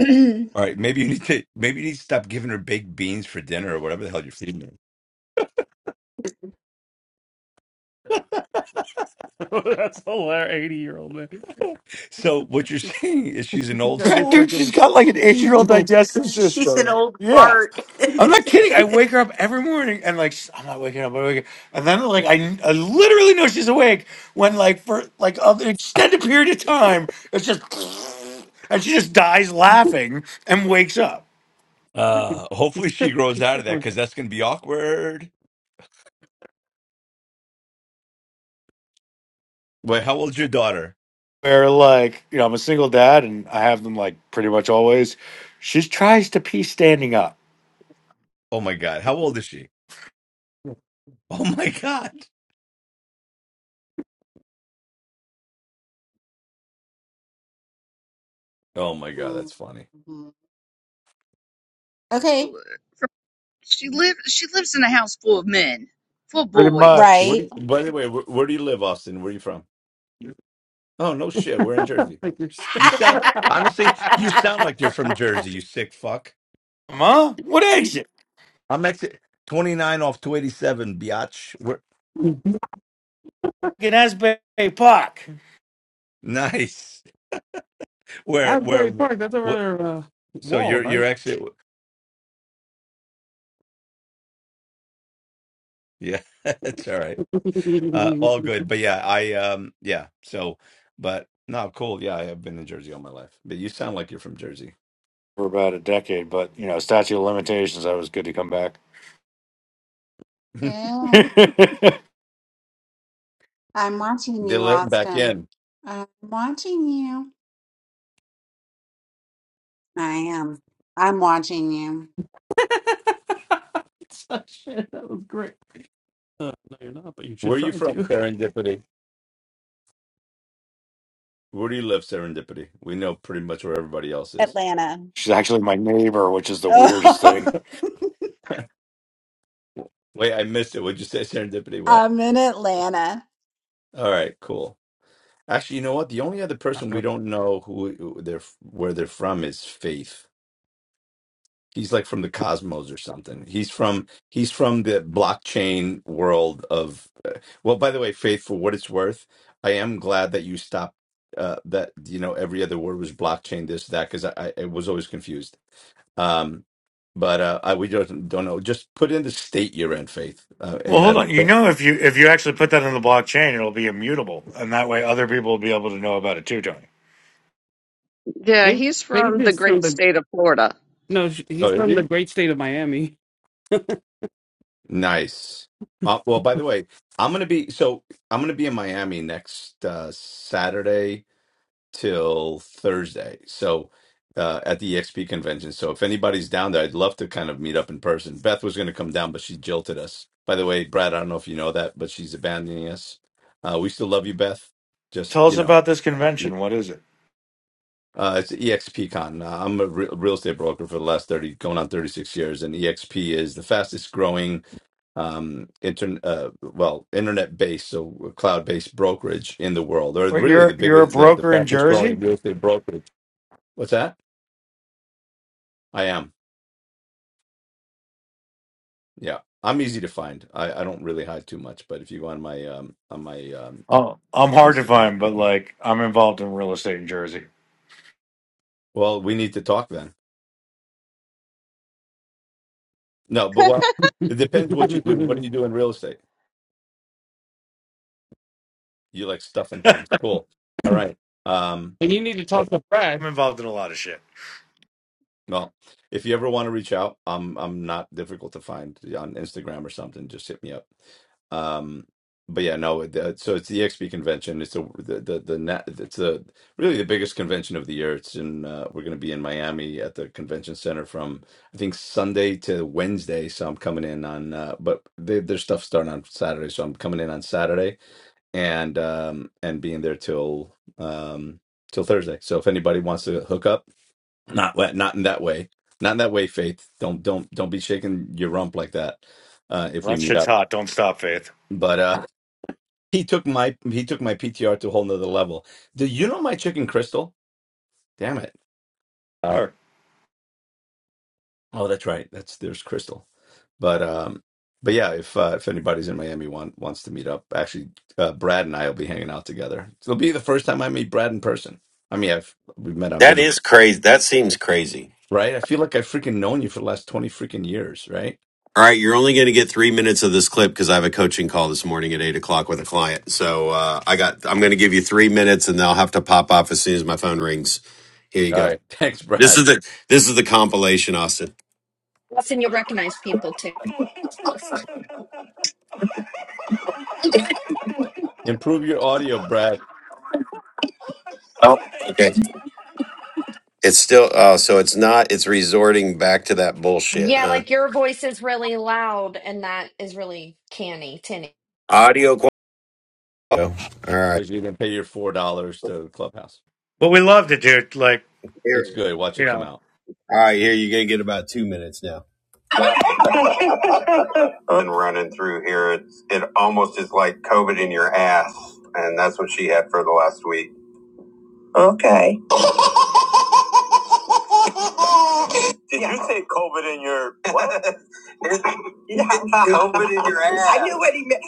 Speaker 3: all right. Maybe you need to maybe you need to stop giving her baked beans for dinner or whatever the hell you're feeding her.
Speaker 6: That's hilarious. Eighty-year-old man.
Speaker 3: So what you're saying is she's an old
Speaker 6: I guess
Speaker 3: soul.
Speaker 13: Dude, she's
Speaker 6: fucking.
Speaker 13: got like an eight year old
Speaker 6: No.
Speaker 13: digestive
Speaker 10: She's an
Speaker 13: system.
Speaker 10: old
Speaker 13: Yeah.
Speaker 10: fart.
Speaker 13: I'm not kidding. I wake her up every morning and like she's- I'm not waking up. I'm waking up. And then like I, I literally know she's awake when like for like of an extended period of time it's just and she just dies laughing and wakes up.
Speaker 6: He's
Speaker 3: Uh,
Speaker 6: he's
Speaker 3: hopefully she
Speaker 6: sick.
Speaker 3: grows
Speaker 6: He's
Speaker 3: out
Speaker 6: sick
Speaker 3: of that
Speaker 6: on
Speaker 3: because that's gonna be awkward. Wait, how old's your daughter?
Speaker 13: Where like you know I'm a single dad and I have them like pretty much always. She tries to pee standing up.
Speaker 3: Oh my God, how old is she? Oh my god. Oh my god, that's funny.
Speaker 11: Mhm. Okay.
Speaker 1: She lives she lives in a house full of men, full of
Speaker 13: Pretty
Speaker 1: boys.
Speaker 13: much.
Speaker 3: Where
Speaker 11: right.
Speaker 3: do you, by the way, where, where do you live, Austin? Where are you from? Oh no shit, we're in Jersey.
Speaker 6: figures.
Speaker 3: You sound honestly, you sound like you're from Jersey, you sick fuck.
Speaker 13: Mama, what exit?
Speaker 3: I'm actually 29 off 287, biatch. We're,
Speaker 13: Fucking Asbury Park.
Speaker 3: nice. Where
Speaker 6: Asbury
Speaker 3: where
Speaker 6: Park. That's over
Speaker 3: what
Speaker 6: there. Uh,
Speaker 3: so
Speaker 6: wall,
Speaker 3: you're
Speaker 6: right?
Speaker 3: you're actually yeah, it's all right. Uh all good. But yeah, I um yeah, so but no, cool. Yeah, I have been in Jersey all my life. But you sound like you're from Jersey.
Speaker 13: For about a decade, but you know statute of limitations. I was good to come back.
Speaker 3: they
Speaker 11: Yeah. I'm watching you,
Speaker 3: let him back
Speaker 11: Austin.
Speaker 3: in.
Speaker 11: I'm watching you. I am. I'm watching you.
Speaker 6: shit! That was great. Uh, no, you're not, but you should
Speaker 3: Where are you
Speaker 6: try
Speaker 3: from,
Speaker 6: to.
Speaker 3: Serendipity? Where do you live, Serendipity? We know pretty much where everybody else is.
Speaker 11: Atlanta.
Speaker 13: She's actually my neighbor, which is the weirdest thing.
Speaker 11: Oh,
Speaker 3: Wait, I missed it. Would you say serendipity? What?
Speaker 11: I'm in Atlanta.
Speaker 3: All right, cool. Actually, you know what? The only other person we don't know who who they're where they're from is Faith. He's like from the cosmos or something. He's from he's from the blockchain world of. Uh, well, by the way, Faith, for what it's worth, I am glad that you stopped. Uh, that you know, every other word was blockchain, this, that, because I, I I was always confused. Um, but uh, I we don't don't know. Just put in the state you're in, Faith, uh, and
Speaker 13: Well, hold
Speaker 3: that.
Speaker 13: on. You know, if you if you actually put that in the blockchain, it'll be immutable, and that way other people will be able to know about it too. Tony,
Speaker 1: Yeah,
Speaker 6: Faith,
Speaker 1: he's
Speaker 6: Faith
Speaker 1: from the
Speaker 6: is from
Speaker 1: great
Speaker 6: the
Speaker 1: state of Florida.
Speaker 6: no. sh-
Speaker 3: Oh,
Speaker 6: He's
Speaker 3: did
Speaker 6: from the
Speaker 3: you?
Speaker 6: great state of Miami.
Speaker 3: Nice. Uh, well, by the way, I'm gonna be so I'm gonna be in Miami next uh, Saturday till Thursday. So uh, at the EXP convention. So if anybody's down there, I'd love to kind of meet up in person. Beth was going to come down, but she jilted us. By the way, Brad, I don't know if you know that, but she's abandoning us. Uh, we still love you, Beth. Just
Speaker 13: tell us
Speaker 3: you know,
Speaker 13: about this
Speaker 3: uh, you-
Speaker 13: convention. What is it?
Speaker 3: uh, it's EXP Con. Uh, I'm a re- real estate broker for the last thirty, going on thirty six years, and EXP is the fastest growing um, internet, uh, well, internet based, so cloud based brokerage in the world, or
Speaker 13: Wait,
Speaker 3: really the
Speaker 13: you're you're a
Speaker 3: biggest, the, the
Speaker 13: broker in
Speaker 3: fastest growing
Speaker 13: Jersey.
Speaker 3: real estate brokerage What's that? I am. Yeah. I'm easy to find. I, I don't really hide too much, but if you go on my um on my um
Speaker 13: Oh, I'm hard to
Speaker 3: Instagram,
Speaker 13: find, but
Speaker 3: um,
Speaker 13: like I'm involved in real estate in Jersey.
Speaker 3: well, we need to talk then. No, but well, it depends what you do. What do
Speaker 6: and
Speaker 3: you do in real estate? You like stuffing things. Cool. All right. Um
Speaker 6: you need to talk to
Speaker 13: I'm
Speaker 6: Brad.
Speaker 13: involved in a lot of shit.
Speaker 3: Well, if you ever want to reach out, I'm I'm not difficult to find yeah, on Instagram or something. Just hit me up. Um, but yeah, no. The, so it's the EXP convention. It's a the the, the net. It's a really the biggest convention of the year. It's in uh, we're going to be in Miami at the convention center from I think Sunday to Wednesday. So I'm coming in on, uh, but they, their stuff starting on Saturday. So I'm coming in on Saturday and um and being there till um till Thursday. So if anybody wants to hook up not wa- not in that way. Not in that way, Faith. Don't don't don't be shaking your rump like that. Uh, if we
Speaker 13: That
Speaker 3: meet
Speaker 13: shit's
Speaker 3: up,
Speaker 13: hot. Don't stop, Faith.
Speaker 3: but uh, he took my he took my PTR to a whole nother level. Do you know my chicken Crystal? Damn it! Uh,
Speaker 13: Or,
Speaker 3: oh, that's right. That's there's Crystal. But um, but yeah, if uh, if anybody's in Miami want wants to meet up, actually, uh, Brad and I will be hanging out together. It'll be the first time I meet Brad in person. I mean, I've we've met on
Speaker 8: That
Speaker 3: video,
Speaker 8: is crazy. That seems crazy.
Speaker 3: right? I feel like I've freaking known you for the last twenty freaking years, right?
Speaker 8: All right, you're only going to get three minutes of this clip because I have a coaching call this morning at eight o'clock with a client. So uh, I got, I'm going to give you three minutes, and I'll have to pop off as soon as my phone rings. Here you
Speaker 3: All
Speaker 8: go.
Speaker 3: right, thanks, Brad.
Speaker 8: This is the this is the compilation, Austin.
Speaker 2: Austin, you'll recognize people too.
Speaker 3: Improve your audio, Brad,
Speaker 8: Oh, Okay, it's still, oh, so it's not, it's resorting back to that bullshit,
Speaker 2: Yeah,
Speaker 8: huh?
Speaker 2: like your voice is really loud, and that is really canny, tinny.
Speaker 8: Audio. Qu- oh, all right,
Speaker 3: because you can pay your four dollars to Clubhouse.
Speaker 13: well, we loved it, dude. Like
Speaker 3: It's
Speaker 8: here,
Speaker 3: good. Watch
Speaker 13: you
Speaker 3: it come
Speaker 13: know,
Speaker 3: out.
Speaker 8: all right, here you're going to get about two minutes now. and running through here, it's it almost is like COVID in your ass, and that's what she had for the last week. Okay. Did yeah. you say yeah. opening your ass? I knew what he meant.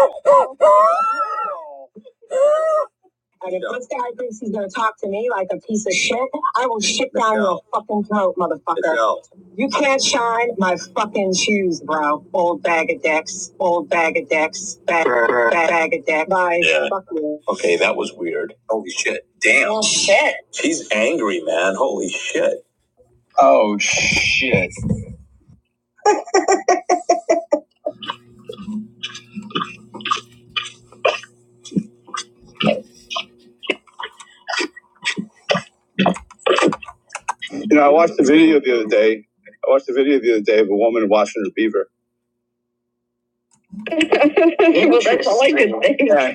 Speaker 8: And if this guy thinks he's gonna talk to me like a piece of shit, I will shit down your fucking throat, motherfucker. You can't shine my fucking shoes, bro. Old bag of dicks. Old bag of dicks. Bag, bag, bag of dicks. Bye. Yeah. Fuck you. Okay, that was weird. Holy shit. Damn. Oh shit. She's angry, man. Holy shit. Oh shit. You know, I watched the video the other day. I watched the video the other day of a woman washing her beaver. Yeah.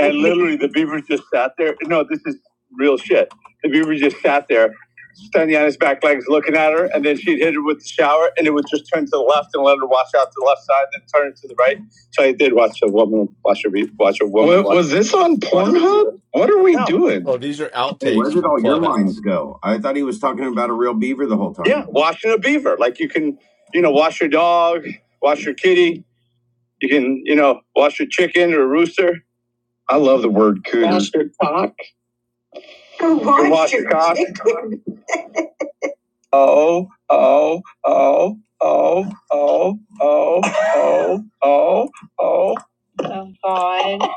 Speaker 8: And literally the beaver just sat there. No, this is real shit. The beaver just sat there, standing on his back legs looking at her, and then she'd hit her with the shower and it would just turn to the left and let her wash out to the left side, then turn it to the right. So I did watch a woman wash her beaver watch a woman. What wash was it?
Speaker 3: Oh, these are outtakes from Clubhouse.
Speaker 8: He was talking about a real beaver the whole time. Yeah, washing a beaver. Like you can, you know, wash your dog, wash your kitty, you can, you know, wash your chicken or rooster I love the word coons. watch a Oh, God.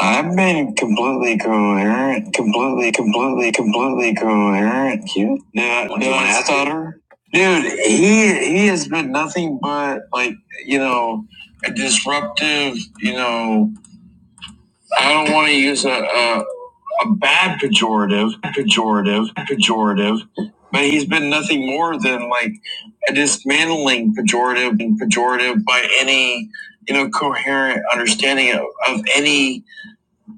Speaker 8: I've been completely coherent, completely, completely, completely coherent. You? No, no, I stutter. Dude, he he has been nothing but like you know a disruptive. You know, I don't want to use a, a a bad pejorative, pejorative, pejorative, but he's been nothing more than like a dismantling pejorative and pejorative by any you know coherent understanding of, of any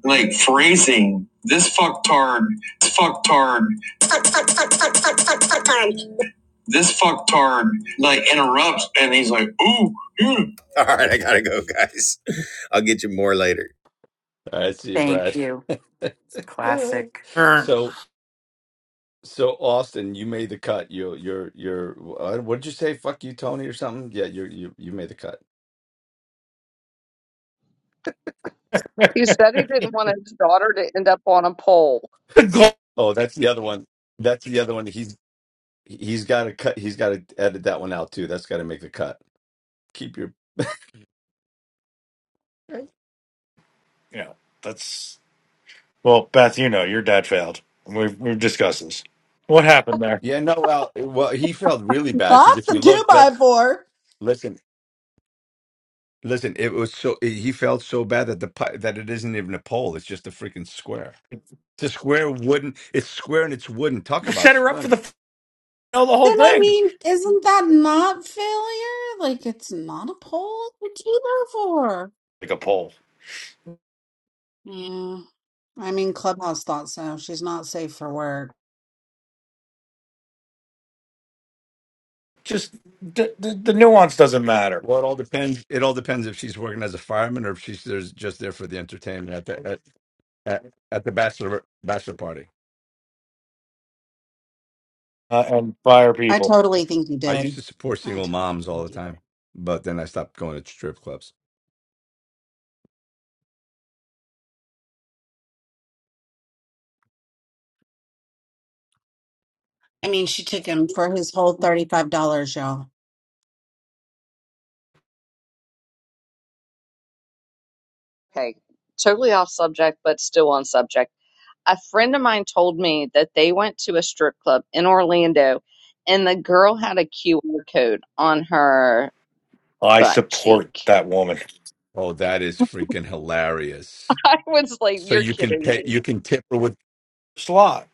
Speaker 8: like phrasing. This fucktard, this fucktard, fuck, fuck, fuck, fuck, fuck, fuck, fucktard. This fucktard like interrupts, and he's like, "Ooh, yeah." all right, I gotta go, guys. I'll get you more later.
Speaker 3: All right, see you,
Speaker 10: Thank
Speaker 3: Brad.
Speaker 10: you. Classic.
Speaker 13: er,
Speaker 3: so, so Austin, you made the cut. You, you're, you're. uh, What did you say? Fuck you, Tony, or something? Yeah, you, you, you made the cut.
Speaker 13: the
Speaker 1: He said he didn't want his daughter to end up on a pole.
Speaker 13: goal.
Speaker 3: Oh, that's the other one. That's the other one. He's, he's got to cut. He's got to edit that one out too. That's got to make the cut. Keep your.
Speaker 13: You know, that's well, Beth. You know, your dad failed. We've we've discussed this. What happened there?
Speaker 3: Yeah, no. Well, well, he felt really bad because
Speaker 11: Not
Speaker 3: if
Speaker 11: the
Speaker 3: you
Speaker 11: two
Speaker 3: look, that
Speaker 11: by four.
Speaker 3: listen, Listen, it was so he felt so bad that the pi- that it isn't even a pole; it's just a freaking square. It's a square wooden. It's square and it's wooden. Talk about
Speaker 13: set her up for the
Speaker 3: splinters.
Speaker 13: final, the whole
Speaker 11: Then I
Speaker 13: thing.
Speaker 11: mean, isn't that not failure? Like it's not a poll. It's a two by four.
Speaker 13: Like a poll.
Speaker 11: Yeah. I mean, Clubhouse thought so. She's not safe for work.
Speaker 13: Just the, the, the nuance doesn't matter.
Speaker 3: Well, it all depends. It all depends if she's working as a fireman or if she's there's just there for the entertainment at the at, at, at the bachelor bachelor party.
Speaker 13: Uh, and fire
Speaker 11: I
Speaker 13: people.
Speaker 11: totally think you
Speaker 3: I used
Speaker 11: did.
Speaker 3: to support
Speaker 11: I
Speaker 3: single
Speaker 11: totally
Speaker 3: moms
Speaker 11: think
Speaker 3: all the
Speaker 11: you did.
Speaker 3: time, but then I stopped going to strip clubs.
Speaker 11: I mean, she took him for his whole thirty-five dollars, y'all.
Speaker 1: Okay, totally off subject, but still on subject. A friend of mine told me that they went to a strip club in Orlando and the girl had a QR code on her
Speaker 13: I
Speaker 1: butt
Speaker 13: support
Speaker 1: cheek.
Speaker 13: that woman.
Speaker 3: Oh, that is freaking hilarious!
Speaker 1: I was like,
Speaker 3: So
Speaker 1: you're
Speaker 3: you can
Speaker 1: kidding
Speaker 3: pay.
Speaker 1: me.
Speaker 3: You can tip her with
Speaker 13: Slot.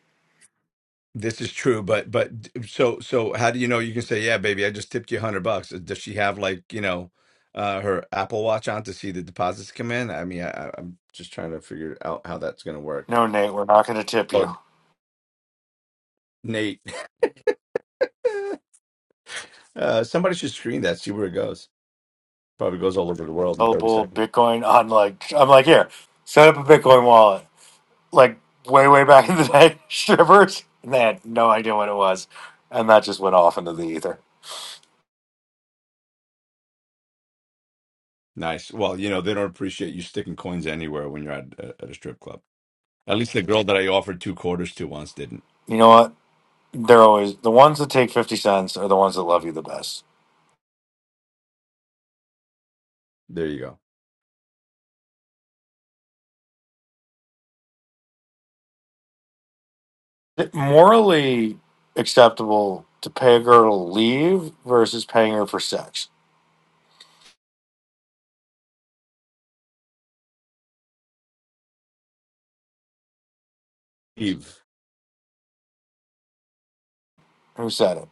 Speaker 3: This is true, but but so so how do you know you can say, yeah, baby, I just tipped you a hundred bucks? Does she have like, you know, uh her Apple Watch on to see the deposits come in? I mean, I, I- I'm just trying to figure out how that's gonna work.
Speaker 13: No, Nate, we're not going to tip you.
Speaker 3: Oh, Nate, uh somebody should screen that, see where it goes. Probably goes all over the world in 30
Speaker 13: Mobile
Speaker 3: seconds.
Speaker 13: Bitcoin on like I'm like here. Set up a Bitcoin wallet. Like way way back in the day, strippers. And they had no idea what it was, and that just went off into the ether.
Speaker 3: Nice. Well, you know, they don't appreciate you sticking coins anywhere when you're at a, at a strip club. At least the girl that I offered two quarters to once didn't.
Speaker 13: You know what? They're always the ones that take fifty cents are the ones that love you the best
Speaker 3: There you go.
Speaker 13: Is it morally acceptable to pay a girl to leave versus paying her for sex?
Speaker 3: Eve.
Speaker 13: Who said it?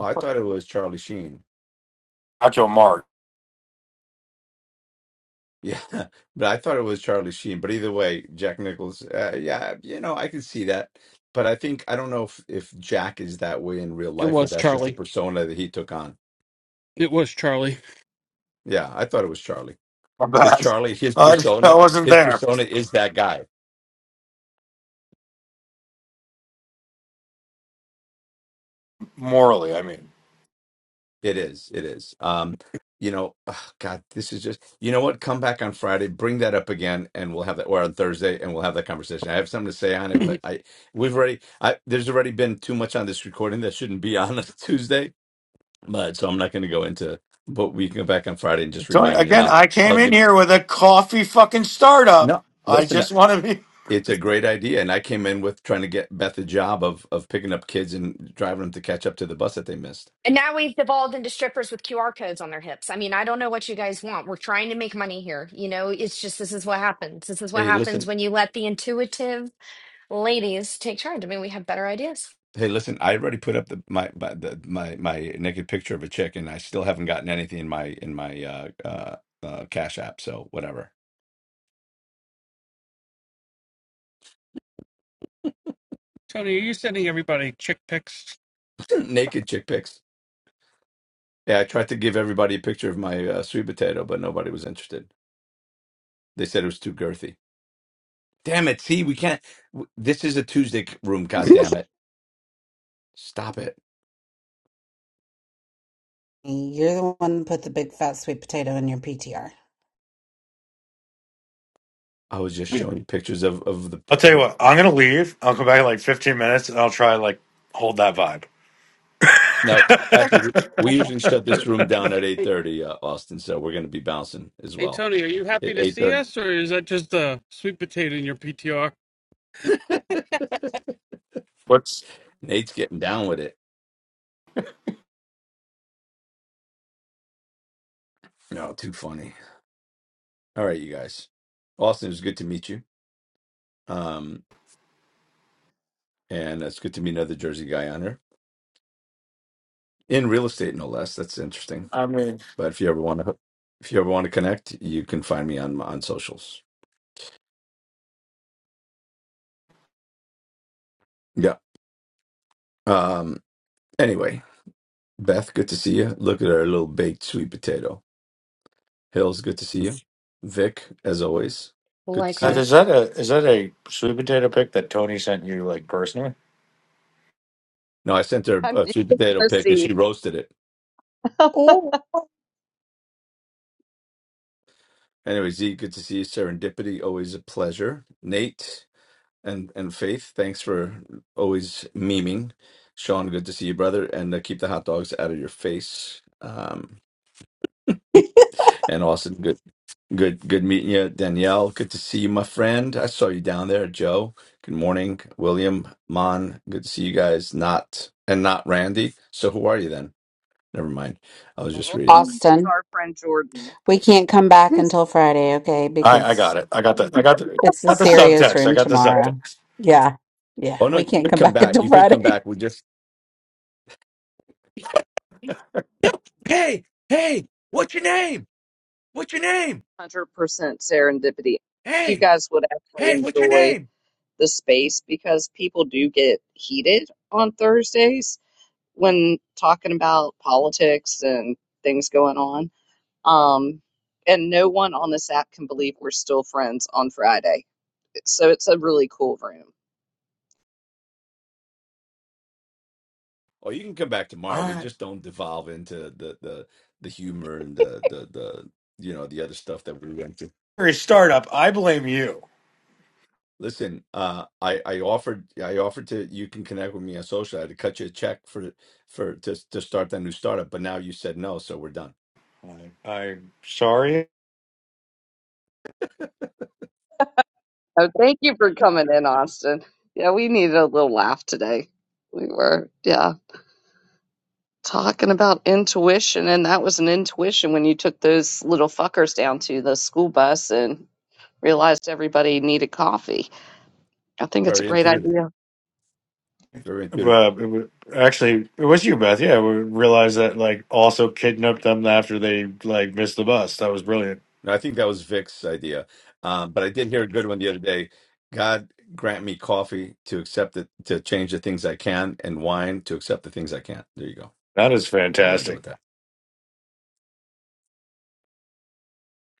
Speaker 3: I thought it was Charlie Sheen.
Speaker 13: Nacho Mark.
Speaker 3: Yeah, but I thought it was Charlie Sheen. But either way, Jack Nichols. Uh, yeah, you know, I can see that. But I think I don't know if if Jack is that way in real
Speaker 6: It
Speaker 3: life or
Speaker 6: was
Speaker 3: that's just a
Speaker 6: Charlie.
Speaker 3: persona that he took on.
Speaker 6: It was Charlie.
Speaker 3: Yeah, I thought it was Charlie
Speaker 13: My
Speaker 3: because
Speaker 13: bad.
Speaker 3: Charlie, his
Speaker 13: I, I
Speaker 3: persona,
Speaker 13: wasn't
Speaker 3: his
Speaker 13: there.
Speaker 3: persona is that guy.
Speaker 13: Morally, I mean.
Speaker 3: It is. It is. Um, you know, ugh, God, this is just. You know what? Come back on Friday, bring that up again, and we'll have that, or on Thursday, and we'll have that conversation. I have something to say on it, but I we've already. I there's already been too much on this recording that shouldn't be on a Tuesday But so I'm not going to go into. But we can go back on Friday and just
Speaker 13: Tony,
Speaker 3: remind me, and
Speaker 13: again,
Speaker 3: I'll
Speaker 13: I
Speaker 3: I'll
Speaker 13: came in
Speaker 3: give.
Speaker 13: here with a coffee fucking startup.
Speaker 3: No,
Speaker 13: I
Speaker 3: listen,
Speaker 13: just want to be.
Speaker 3: it's a great idea, and I came in with trying to get Beth a job of of picking up kids and driving them to catch up to the bus that they missed.
Speaker 2: And now we've devolved into strippers with QR codes on their hips. I mean, I don't know what you guys want. We're trying to make money here. You know, it's just this is what happens. This is what
Speaker 3: Hey,
Speaker 2: happens
Speaker 3: listen.
Speaker 2: when you let the intuitive ladies take charge. I mean, we have better ideas.
Speaker 3: Hey, listen. I already put up the my my the, my, my naked picture of a chick, and I still haven't gotten anything in my in my uh, uh, uh, Cash App. So whatever.
Speaker 6: Tony, are you sending everybody chick pics?
Speaker 3: naked chick pics. Yeah, I tried to give everybody a picture of my uh, sweet potato, but nobody was interested. They said it was too girthy. Damn it. See, we can't. w- This is a Tuesday c- room. God damn it. Stop it.
Speaker 11: You're the one that put the big fat sweet potato in your PTR.
Speaker 3: I was just
Speaker 6: Yeah.
Speaker 3: showing you pictures of, of the,
Speaker 13: I'll
Speaker 3: pr-
Speaker 13: tell you
Speaker 3: the.
Speaker 13: what. I'm gonna leave. I'll come back in like 15 minutes, and I'll try like hold that vibe.
Speaker 3: No, actually, we, we usually shut this room down at 8.30, uh, Austin. So we're going to be bouncing as
Speaker 6: Hey
Speaker 3: well.
Speaker 6: Tony, are you happy
Speaker 3: At
Speaker 6: to see
Speaker 3: 8.30.
Speaker 6: us, or is that just a sweet potato in your PTR?
Speaker 13: What's
Speaker 3: Nate's getting down with it. No, too funny. All right, you guys. Austin, it was good to meet you. Um, and it's good to meet another Jersey guy on here in real estate, no less. That's interesting.
Speaker 13: I mean?
Speaker 3: But if you ever want to, if you ever want to connect, you can find me on on socials. Yeah. Um. Anyway, Beth, good to see you. Look at our little baked sweet potato. Hills, good to see you. Vic, as always, good to see
Speaker 13: Beth,
Speaker 3: you.
Speaker 2: Likewise.
Speaker 13: Is that a is that a sweet potato pick that Tony sent you like personally?
Speaker 3: No, I sent her
Speaker 1: I'm
Speaker 3: a
Speaker 1: just
Speaker 3: sweet
Speaker 1: going
Speaker 3: potato
Speaker 1: to
Speaker 3: pic and
Speaker 1: see.
Speaker 3: she roasted it.
Speaker 11: Oh.
Speaker 3: Anyway, Z, good to see you. Serendipity, always a pleasure. Nate and and Faith, thanks for always memeing. Sean, good to see you, brother. And uh, keep the hot dogs out of your face. Um, and Austin, good. Good, good meeting you, Danielle. Good to see you, my friend. I saw you down there, Joe. Good morning, William, Mon. Good to see you guys. Not and not Randy. So who are you then? Never mind. I was just
Speaker 1: Well,
Speaker 3: reading.
Speaker 1: is
Speaker 11: Austin,
Speaker 1: our friend Jordan.
Speaker 11: we can't come back until Friday, okay?
Speaker 13: I, I
Speaker 11: Because
Speaker 13: got it. I got the I got the
Speaker 11: it's the
Speaker 13: got the
Speaker 11: serious
Speaker 13: subtext. I
Speaker 11: room
Speaker 13: got the
Speaker 11: tomorrow.
Speaker 13: subtext.
Speaker 11: Yeah. Yeah.
Speaker 3: Oh no,
Speaker 11: We
Speaker 3: you
Speaker 11: can't
Speaker 3: could
Speaker 11: come
Speaker 3: come
Speaker 11: back
Speaker 3: back.
Speaker 11: until
Speaker 3: You could come
Speaker 11: Friday.
Speaker 3: back. We just hey.
Speaker 1: 100% serendipity. You guys would actually enjoy the space because people do get heated on Thursdays when talking about politics and things going on. Um, and no one on this app can believe we're still friends on Friday. So it's a really cool room.
Speaker 3: Oh, you can come back
Speaker 13: All
Speaker 3: tomorrow. We
Speaker 13: right.
Speaker 3: just don't devolve into the the the humor and the the the you know the other stuff that we went
Speaker 13: You're a startup. I blame you.
Speaker 3: Listen, uh, I I offered I offered to you can connect with me on social. I had to cut you a check for for to to start that new startup, but now you said no, so we're done.
Speaker 13: I, I'm sorry,
Speaker 1: Oh, thank you for coming in, Austin. Yeah, we needed a little laugh today. We were, yeah. Talking about intuition, and that was an intuition when you took those little fuckers down to the school bus and realized everybody needed coffee. I think it's a
Speaker 3: Very
Speaker 1: great
Speaker 3: intuitive,
Speaker 1: idea.
Speaker 3: very intuitive.
Speaker 13: but it was, actually, it was you, Beth. Yeah, we realized that like also kidnapped them after they like missed the bus. That was brilliant.
Speaker 3: And I think that was Vic's idea, um, but I did hear a good one the other day. God grant me coffee to accept it, to change the things I can, and wine to accept the things I can't. There you go.
Speaker 13: That is
Speaker 3: I'll end it
Speaker 13: fantastic.
Speaker 3: with that.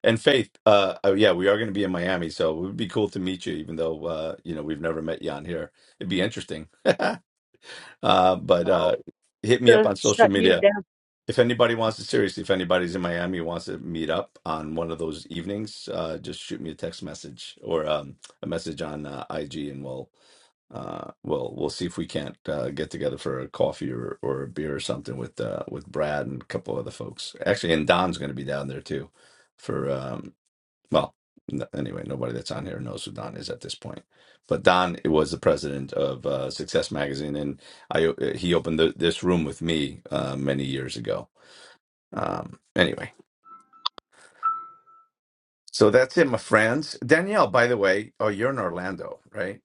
Speaker 3: And Faith, uh, oh yeah, we are going to be in Miami, so it would be cool to meet you, even though uh, you know we've never met you on here. It'd be interesting Uh, but
Speaker 1: Oh,
Speaker 3: uh, hit me up
Speaker 1: to
Speaker 3: on social
Speaker 1: shut you
Speaker 3: media.
Speaker 1: down.
Speaker 3: If anybody wants to, seriously, if anybody's in Miami wants to meet up on one of those evenings, uh, just shoot me a text message or um, a message on uh, IG, and we'll uh, we'll we'll see if we can't uh, get together for a coffee or, or a beer or something with uh, with Brad and a couple other folks. Actually, and Don's going to be down there too for um, well, n- anyway, nobody that's on here knows who Don is at this point. But Don was the president of uh, Success Magazine, and I uh, he opened the, this room with me uh, many years ago. Um, anyway, so that's it, my friends. Danielle, by the way, oh, you're in Orlando, right?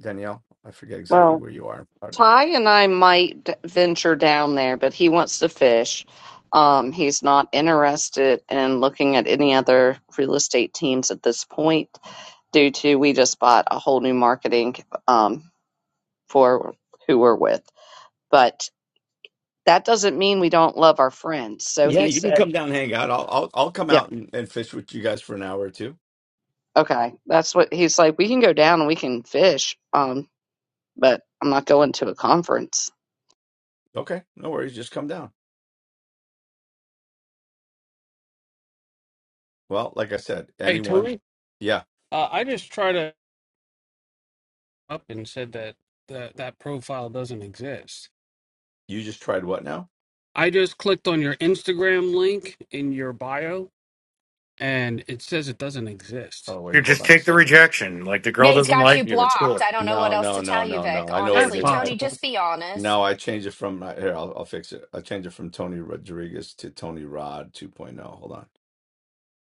Speaker 3: Danielle, I forget exactly
Speaker 1: Well,
Speaker 3: where you are. in Florida.
Speaker 1: Ty and I might d- venture down there, but he wants to fish. Um, he's not interested in looking at any other real estate teams at this point, due to we just bought a whole new marketing um, for who we're with. But that doesn't mean we don't love our friends. So
Speaker 3: Yeah,
Speaker 1: he
Speaker 3: you can
Speaker 1: said,
Speaker 3: come down and hang out. I'll I'll I'll come
Speaker 1: yeah,
Speaker 3: out and, and fish with you guys for an hour or two.
Speaker 1: okay. That's what he's like. We can go down and we can fish, um, but I'm not going to a conference.
Speaker 3: Okay, no worries. Just come down. Well, like I said,
Speaker 6: Hey
Speaker 3: anyone.
Speaker 6: Tony,
Speaker 3: Yeah,
Speaker 6: uh, I just tried to up and said that that that profile doesn't exist.
Speaker 3: you just tried what now?
Speaker 6: I just clicked on your Instagram link in your bio, and it says it doesn't exist.
Speaker 3: Oh
Speaker 13: You
Speaker 3: wait, hold
Speaker 13: just
Speaker 3: on a
Speaker 13: take the
Speaker 3: second.
Speaker 13: rejection. Like the girl
Speaker 2: Yeah, he's
Speaker 3: Hold-
Speaker 13: doesn't
Speaker 2: got you
Speaker 13: like you. It's
Speaker 2: blocked.
Speaker 13: cool.
Speaker 2: I don't know what
Speaker 3: No,
Speaker 2: else
Speaker 3: no,
Speaker 2: to
Speaker 3: no,
Speaker 2: tell you,
Speaker 3: no,
Speaker 2: Vic.
Speaker 3: no. I know what
Speaker 6: That's
Speaker 3: it
Speaker 2: Honestly,
Speaker 3: is. I
Speaker 2: Tony,
Speaker 6: possible.
Speaker 2: just be honest.
Speaker 3: no, I changed it from uh, here. I'll I'll fix it. I changed it from Tony Rodriguez to Tony Rod 2.0. Hold on.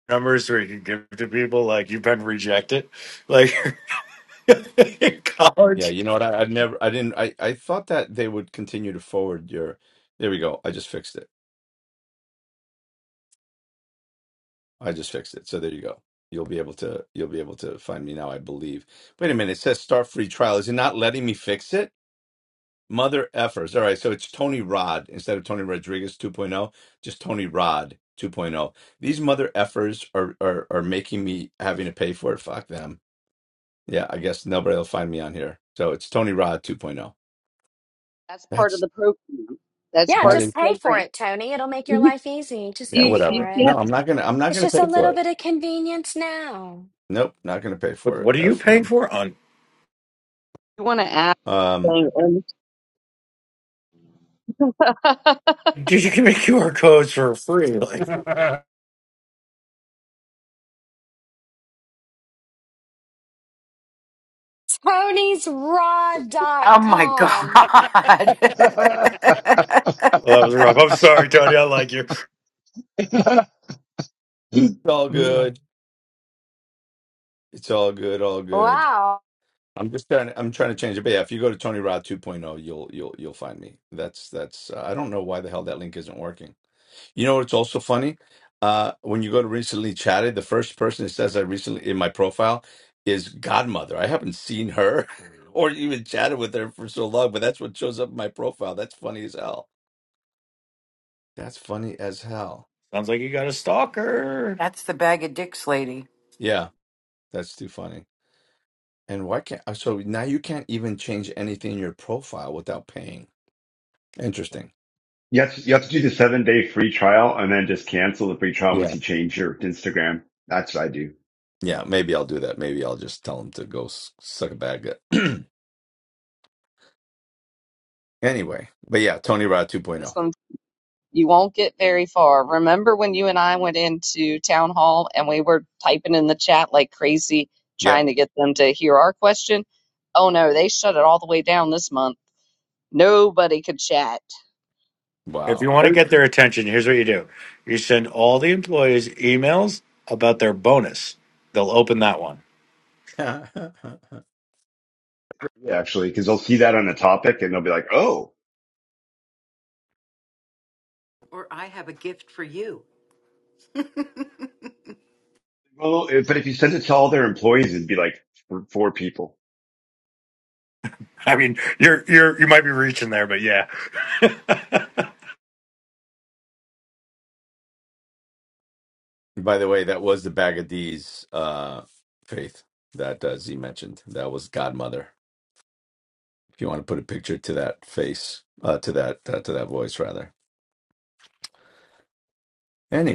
Speaker 13: Numbers where you can give to people like you've been rejected, like in
Speaker 3: Yeah,
Speaker 13: college.
Speaker 3: you know what? I, I never. I didn't. I I thought that they would continue to forward your. There we go. I just fixed it. I just fixed it. So there you go. You'll be able to you'll be able to find me now, I believe. Wait a minute. It says start free trial. Is it not letting me fix it? Mother effers. All right. So it's Tony Rod instead of Tony Rodriguez 2.0, just Tony Rod 2.0. These mother effers are are are making me having to pay for it. Fuck them. Yeah, I guess nobody will find me on here. So it's Tony Rod 2.0.
Speaker 1: That's part of
Speaker 3: That's
Speaker 1: the program. That's
Speaker 2: Yeah,
Speaker 1: part
Speaker 3: that
Speaker 1: of
Speaker 2: just
Speaker 3: is
Speaker 1: the
Speaker 2: pay for
Speaker 1: program.
Speaker 2: it, Tony. It'll make your life easy. Just
Speaker 3: yeah,
Speaker 2: pay
Speaker 1: You you
Speaker 2: for
Speaker 3: whatever.
Speaker 2: it.
Speaker 1: can't.
Speaker 3: No, I'm not gonna I'm not
Speaker 2: It's
Speaker 3: gonna
Speaker 2: just
Speaker 3: pay
Speaker 2: a little
Speaker 3: for it.
Speaker 2: bit of convenience now.
Speaker 3: Nope, not gonna pay
Speaker 13: But
Speaker 3: for it.
Speaker 13: what are you
Speaker 3: F
Speaker 13: paying
Speaker 3: them.
Speaker 13: for? On
Speaker 1: You want to ask.
Speaker 3: Um,
Speaker 1: them,
Speaker 13: dude, you can make QR codes for free. Like.
Speaker 6: ciao,
Speaker 2: Tony's raw dot
Speaker 10: Oh my
Speaker 2: com.
Speaker 10: God.
Speaker 12: hur."
Speaker 13: Well, that was rough. I'm sorry, Tony. I like you.
Speaker 12: yeah.
Speaker 3: it's all good. It's all good, all good.
Speaker 2: Wow.
Speaker 3: I'm just trying. I'm trying to change it. But yeah, if you go to Tony Rod 2.0, you'll you'll you'll find me. That's that's. Uh, I don't know why the hell that link isn't working. You know, it's also funny. Uh, when you go to recently chatted, the first person that says I recently in my profile is Godmother. I haven't seen her or even chatted with her for so long, but that's what shows up in my profile. That's funny as hell. That's funny as hell.
Speaker 13: Sounds like you got a stalker.
Speaker 10: That's the bag of dicks lady.
Speaker 3: Yeah, that's too funny. And why can't? So now you can't even change anything in your profile without paying. Interesting.
Speaker 12: You have to, you have to do the seven day free trial and then just cancel the free trial once
Speaker 3: Yeah.
Speaker 12: you change your Instagram. That's what I do
Speaker 3: Yeah, maybe I'll do that. Maybe I'll just tell him to go s- suck a bag. of- anyway, but yeah, Tony Rod
Speaker 1: this
Speaker 3: 2.0.
Speaker 1: one, you won't get very far. Remember when you and I went into town hall and we were typing in the chat like crazy, trying
Speaker 3: Yep.
Speaker 1: to get them to hear our question? Oh no, they shut it all the way down this month Nobody could chat.
Speaker 13: If you
Speaker 3: Wow.
Speaker 13: want to
Speaker 1: Every-
Speaker 13: get their attention, here's what you do you send all the employees emails about their bonus. They'll open that one.
Speaker 3: By
Speaker 12: actually, because they'll see that on the topic and they'll be like, oh,
Speaker 10: Or I have a gift for you.
Speaker 12: well, if- but if you send it to all their employees, it'd be like for four people.
Speaker 13: I mean, you're you're you might be reaching there, but yeah.
Speaker 3: the way, that was the bag of D's uh, faith that uh, Z mentioned. That was Godmother. If you want to put a picture to that face, uh, to that uh, to that voice rather.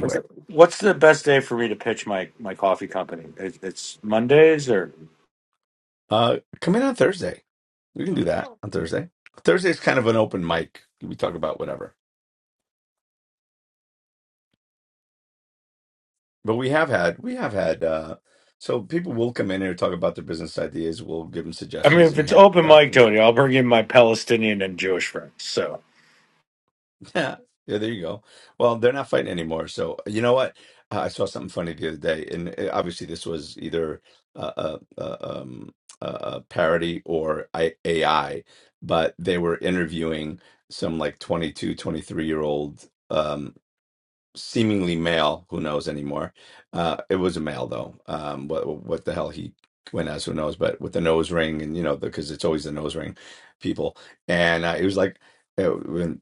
Speaker 13: What's the what's the best day for me to pitch my my coffee company? It- It's Mondays, or
Speaker 3: uh, come in on Thursday. We can do that
Speaker 6: ciao.
Speaker 3: on Thursday. Thursday's kind of an open mic. We talk about whatever But we have had, we have had, uh, so people will come in here talk about their business ideas. We'll give them
Speaker 13: I mean,
Speaker 3: suggestions
Speaker 13: if
Speaker 3: and
Speaker 13: it's
Speaker 3: half
Speaker 13: open
Speaker 3: stuff
Speaker 13: mic,
Speaker 3: and
Speaker 13: Tony,
Speaker 3: stuff.
Speaker 13: I'll bring in my Palestinian and Jewish friends. So,
Speaker 3: Yeah, yeah, there you go. Well, they're not fighting anymore. So you know what? Uh, I saw something funny the other day, and uh, obviously this was either a, a, a, um, a a parody or I, AI, but they were interviewing some like 22, 23 year old. seemingly male. Who knows anymore? Uh, it was a male though. Um, what what the hell he went as? Who knows? But with the nose ring and you know because it's always the nose ring people. And uh, it was like, uh, when,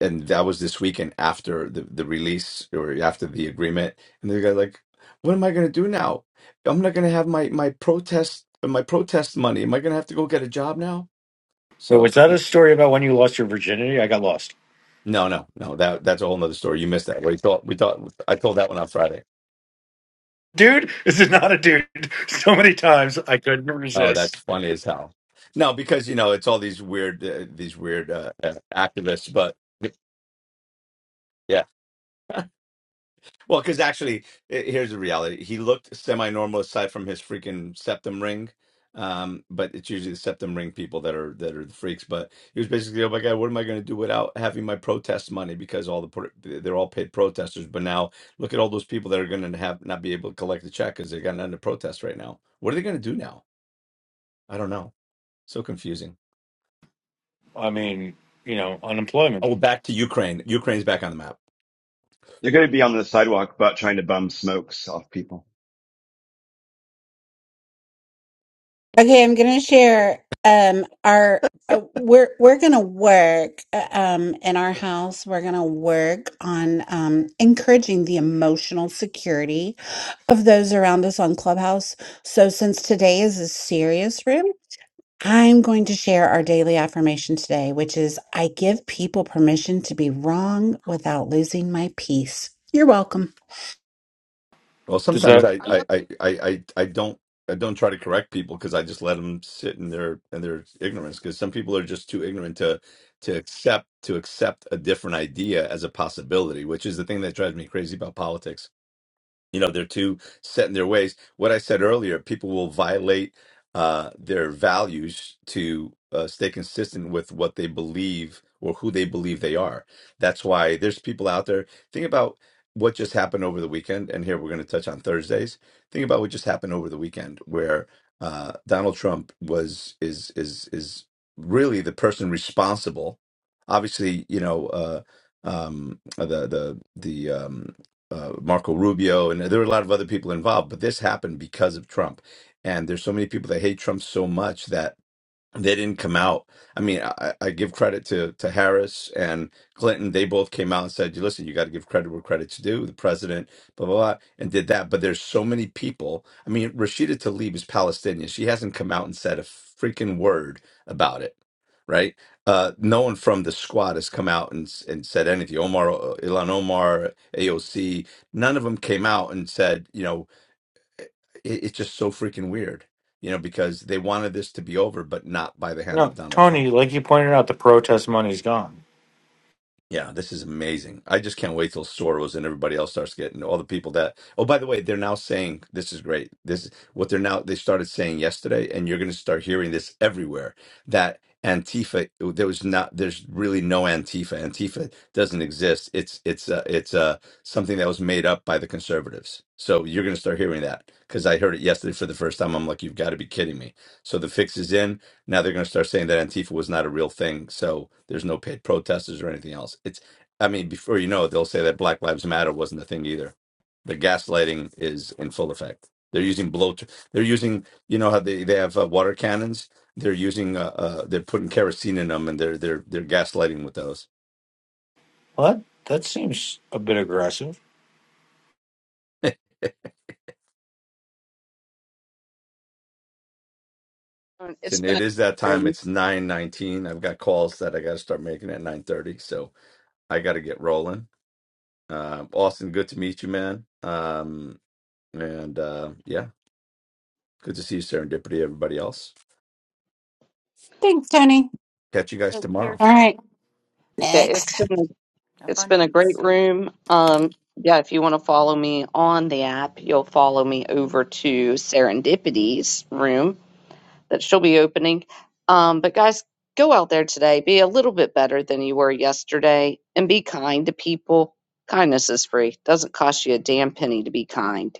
Speaker 3: and that was this weekend after the the release or after the agreement. And the guy like, what am I gonna do now? I'm not gonna have my my protest my protest money. Am I gonna have to go get a job now?
Speaker 13: wait,
Speaker 3: So
Speaker 13: was that a
Speaker 3: yeah.
Speaker 13: story about when you lost your virginity? I got lost.
Speaker 3: No, no, no. That that's a whole nother story. You missed that. We thought we thought I told that one on Friday.
Speaker 13: dude this is not a dude so many times i couldn't
Speaker 3: Oh,
Speaker 13: resist
Speaker 3: that's funny as hell. No, because you know it's all these weird, uh, these weird uh, uh, activists. But yeah, well, because actually, i- here's the reality: he looked semi-normal aside from his freaking septum ring. Um, but it's usually the septum ring people that are that are the freaks. But he was basically, oh my god, what am I going to do without having my protest money? Because all the pro- they're all paid protesters. But now look at all those people that are going to have not be able to collect the check because they got nothing to protest right now. What are they going to do now? I don't know. So confusing.
Speaker 13: i mean you know unemployment
Speaker 3: Oh, back to Ukraine. Ukraine's back on the map.
Speaker 12: They're going to be on the sidewalk, but trying to bum smokes off people.
Speaker 11: Okay, I'm going to share um our uh, we're we're going to work uh, um in our house we're going to work on um encouraging the emotional security of those around us on Clubhouse. So since today is a serious room, I'm going to share our daily affirmation today, which is I give people permission to be wrong without losing my peace. You're welcome.
Speaker 3: Well,
Speaker 13: does
Speaker 3: sometimes
Speaker 13: that
Speaker 3: I
Speaker 1: All
Speaker 3: I I I I I don't I don't try to correct people because I just let them sit in their in their ignorance. Because some people are just too ignorant to to accept to accept a different idea as a possibility, which is the thing that drives me crazy about politics you know they're too set in their ways what i said earlier people will violate uh, their values to uh, stay consistent with what they believe or who they believe they are that's why there's people out there think about what just happened over the weekend and here we're going to touch on thursdays think about what just happened over the weekend where uh, donald trump was is is is really the person responsible obviously you know uh, um, the the the um, uh, Marco Rubio, and there were a lot of other people involved. But this happened because of Trump, and there's so many people that hate Trump so much that they didn't come out. I mean, I, I give credit to to Harris and Clinton. They both came out and said, "Listen, you got to give credit where credit's due." The president, blah blah blah, and did that. But there's so many people. I mean, Rashida Tlaib is Palestinian. She hasn't come out and said a freaking word about it, right? Uh, no one from the squad has come out and s- and said anything. Omar, uh, Ilan Omar, AOC, none of them came out and said, you know it, it's just so freaking weird, you know, because they wanted this to be over, but not by the hand
Speaker 13: no
Speaker 3: of Donald Trump.
Speaker 13: tony like you pointed out the protest money's gone
Speaker 3: Yeah, this is amazing. I just can't wait till Soros and everybody else starts getting all the people that. Oh, by the way, they're now saying this is great. This what they're now they started saying yesterday, and you're going to start hearing this everywhere. That Antifa, oh, there was not. There's really no Antifa. Antifa doesn't exist. It's it's uh, it's uh, something that was made up by the conservatives. So you're going to start hearing that because I heard it yesterday for the first time. I'm like, you've got to be kidding me. So the fix is in now they're going to start saying that Antifa was not a real thing, so there's no paid protesters or anything else. It's, I mean, before you know it, they'll say that Black Lives Matter wasn't a thing either. The gaslighting is in full effect. They're using blow. They're using, you know how they they have uh, water cannons. They're using, uh, uh, they're putting kerosene in them, and they're they're they're gaslighting with those.
Speaker 13: what that seems a bit aggressive
Speaker 1: It's
Speaker 3: And
Speaker 1: been a
Speaker 3: it is that time. It's nine nineteen. I've got calls that I got to start making at nine thirty, so I got to get rolling. Uh, Austin, good to meet you, man. Um, and uh, yeah. Good to see you, Serendipity, everybody else.
Speaker 11: Thanks, Tony.
Speaker 3: Catch you guys
Speaker 10: Take care,
Speaker 3: tomorrow.
Speaker 11: All
Speaker 10: Tony.
Speaker 11: right.
Speaker 1: that it's
Speaker 11: Next.
Speaker 1: been a, it's been a great
Speaker 10: Abundance.
Speaker 1: room. Um, yeah, if you want to follow me on the app, you'll follow me over to Serendipity's room that she'll be opening. Um, but guys, go out there today, be a little bit better than you were yesterday, and be kind to people. Kindness is free; doesn't cost you a damn penny to be kind.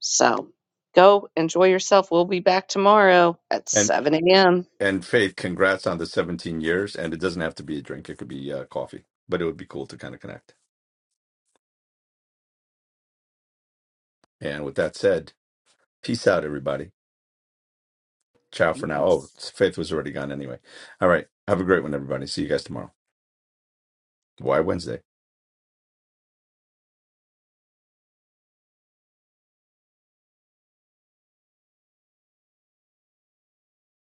Speaker 1: So go enjoy yourself. We'll be back tomorrow at
Speaker 3: And
Speaker 1: seven a.m.
Speaker 3: and Faith, congrats on the 17 years. And it doesn't have to be a drink; it could be uh, coffee, but it would be cool to kind of connect. And with that said, peace out, everybody. Ciao for now. Oh,
Speaker 10: Peace.
Speaker 3: Faith was already gone anyway. All right, have a great one, everybody. See you guys tomorrow. Why Wednesday?